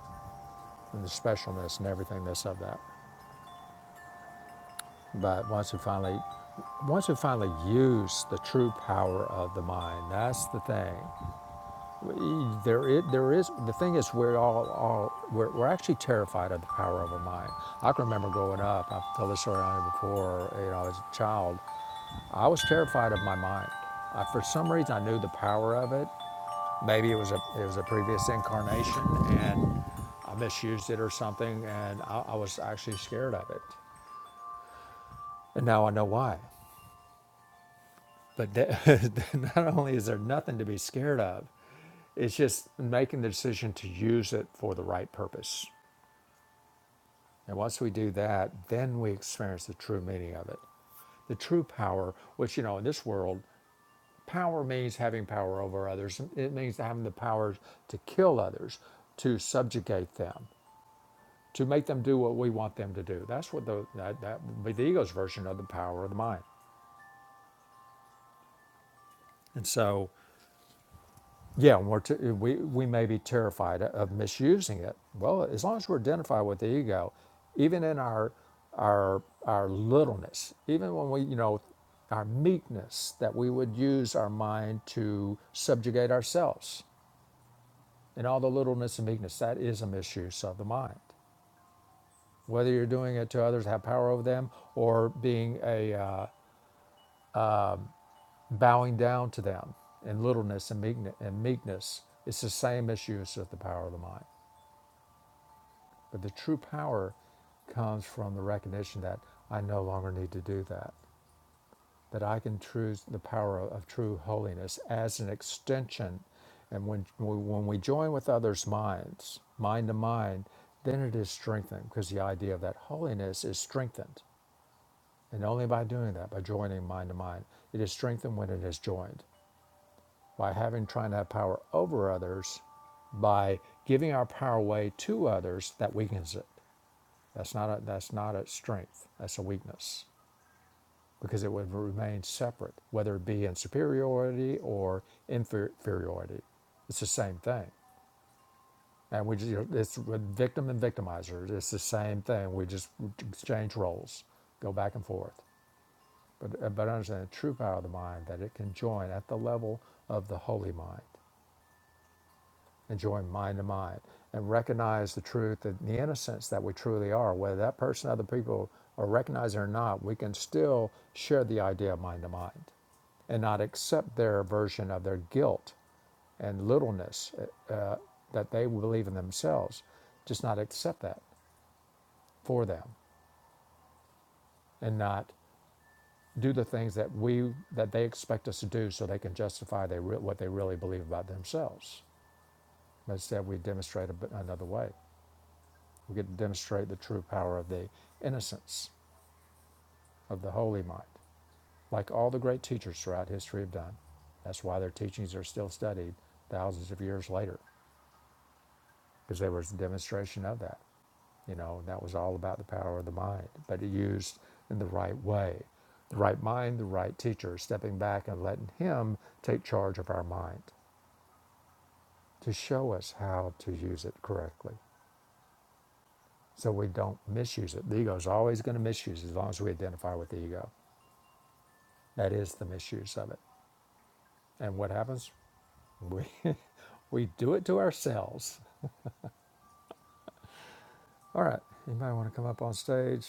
S1: and the specialness and everything that's of that but once we finally once we finally use the true power of the mind that's the thing E- There is, there is the thing is we're all, all we're, we're actually terrified of the power of a mind. I can remember growing up. I've told this story on here before. You know, as a child, I was terrified of my mind. I, for some reason, I knew the power of it. Maybe it was a it was a previous incarnation, and I misused it or something, and I, I was actually scared of it. And now I know why. But that, not only is there nothing to be scared of, It's just making the decision to use it for the right purpose. And once we do that, then we experience the true meaning of it. The true power, which, you know, in this world, power means having power over others. It means having the power to kill others, to subjugate them, to make them do what we want them to do. That's what the, that, that would be the ego's version of the power of the mind. And so Yeah, and we're t- we, we may be terrified of misusing it. Well, as long as we're identified with the ego, even in our our our littleness, even when we you know our meekness, that we would use our mind to subjugate ourselves. In all the littleness and meekness, that is a misuse of the mind. Whether you're doing it to others, have power over them, or being a uh, bowing down to them in littleness and, meekne- and meekness, it's the same misuse of the power of the mind. But the true power comes from the recognition that I no longer need to do that, that I can choose the power of, of true holiness as an extension. And when, when we join with others' minds, mind to mind, then it is strengthened because the idea of that holiness is strengthened. And only by doing that, by joining mind to mind, it is strengthened when it is joined. By having, trying to have power over others, by giving our power away to others that weakens it. That's not a, that's not a strength. That's a weakness because it would remain separate, whether it be in superiority or inferiority. It's the same thing. And we just, you know, it's with victim and victimizer. It's the same thing. We just exchange roles, go back and forth. But, but understand the true power of the mind that it can join at the level of the holy mind. and join mind to mind and recognize the truth and the innocence that we truly are. Whether that person, other people are recognizing it or not, we can still share the idea of mind to mind and not accept their version of their guilt and littleness uh, uh, that they believe in themselves. Just not accept that for them and not do the things that we that they expect us to do so they can justify they re- what they really believe about themselves. But Instead, we demonstrate a, another way. We get to demonstrate the true power of the innocence of the Holy Mind, like all the great teachers throughout history have done. That's why their teachings are still studied thousands of years later, because there was a demonstration of that. You know, that was all about the power of the mind, but it used in the right way. The right mind, the right teacher, stepping back and letting him take charge of our mind to show us how to use it correctly so we don't misuse it. The ego is always going to misuse it as long as we identify with the ego. That is the misuse of it. And what happens? We we do it to ourselves. All right. Anybody want to come up on stage?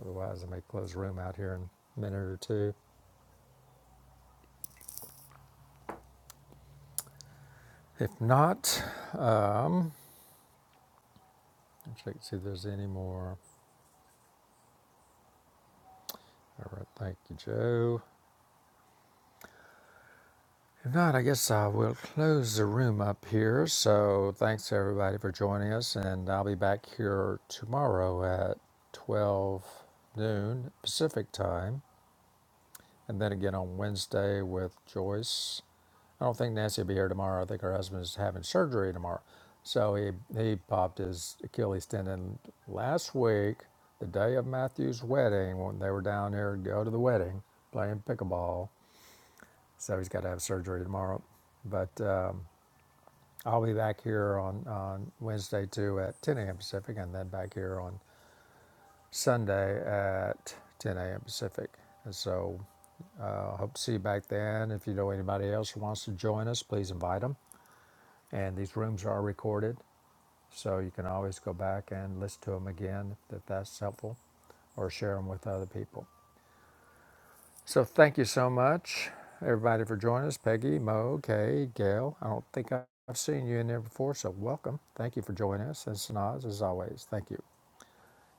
S1: Otherwise, I may close the room out here in a minute or two. If not, um, check to see if there's any more. All right. Thank you, Joe. If not, I guess I will close the room up here. So thanks everybody for joining us, and I'll be back here tomorrow at 12 noon Pacific time. and then again on Wednesday with Joyce. I don't think Nancy will be here tomorrow. I think her husband's having surgery tomorrow. So he, he popped his Achilles tendon last week, the day of Matthew's wedding, when they were down here to go to the wedding playing pickleball. So he's got to have surgery tomorrow. But um, I'll be back here on, on Wednesday too at 10 a.m. Pacific and then back here on Sunday at 10 a.m. Pacific. And so I uh, hope to see you back then. If you know anybody else who wants to join us, please invite them. And these rooms are recorded, so you can always go back and listen to them again if that's helpful or share them with other people. So thank you so much, everybody, for joining us. Peggy, Mo, Kay, Gail. I don't think I've seen you in there before, so welcome. Thank you for joining us. And Sanaz, as always, thank you.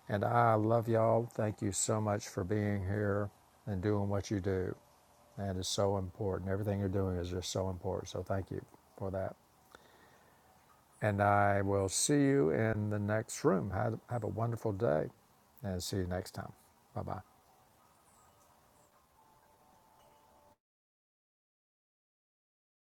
S1: And I love y'all. Thank you so much for being here and doing what you do. That is so important. Everything you're doing is just so important. So thank you for that. And I will see you in the next room. Have, have a wonderful day and see you next time. Bye bye.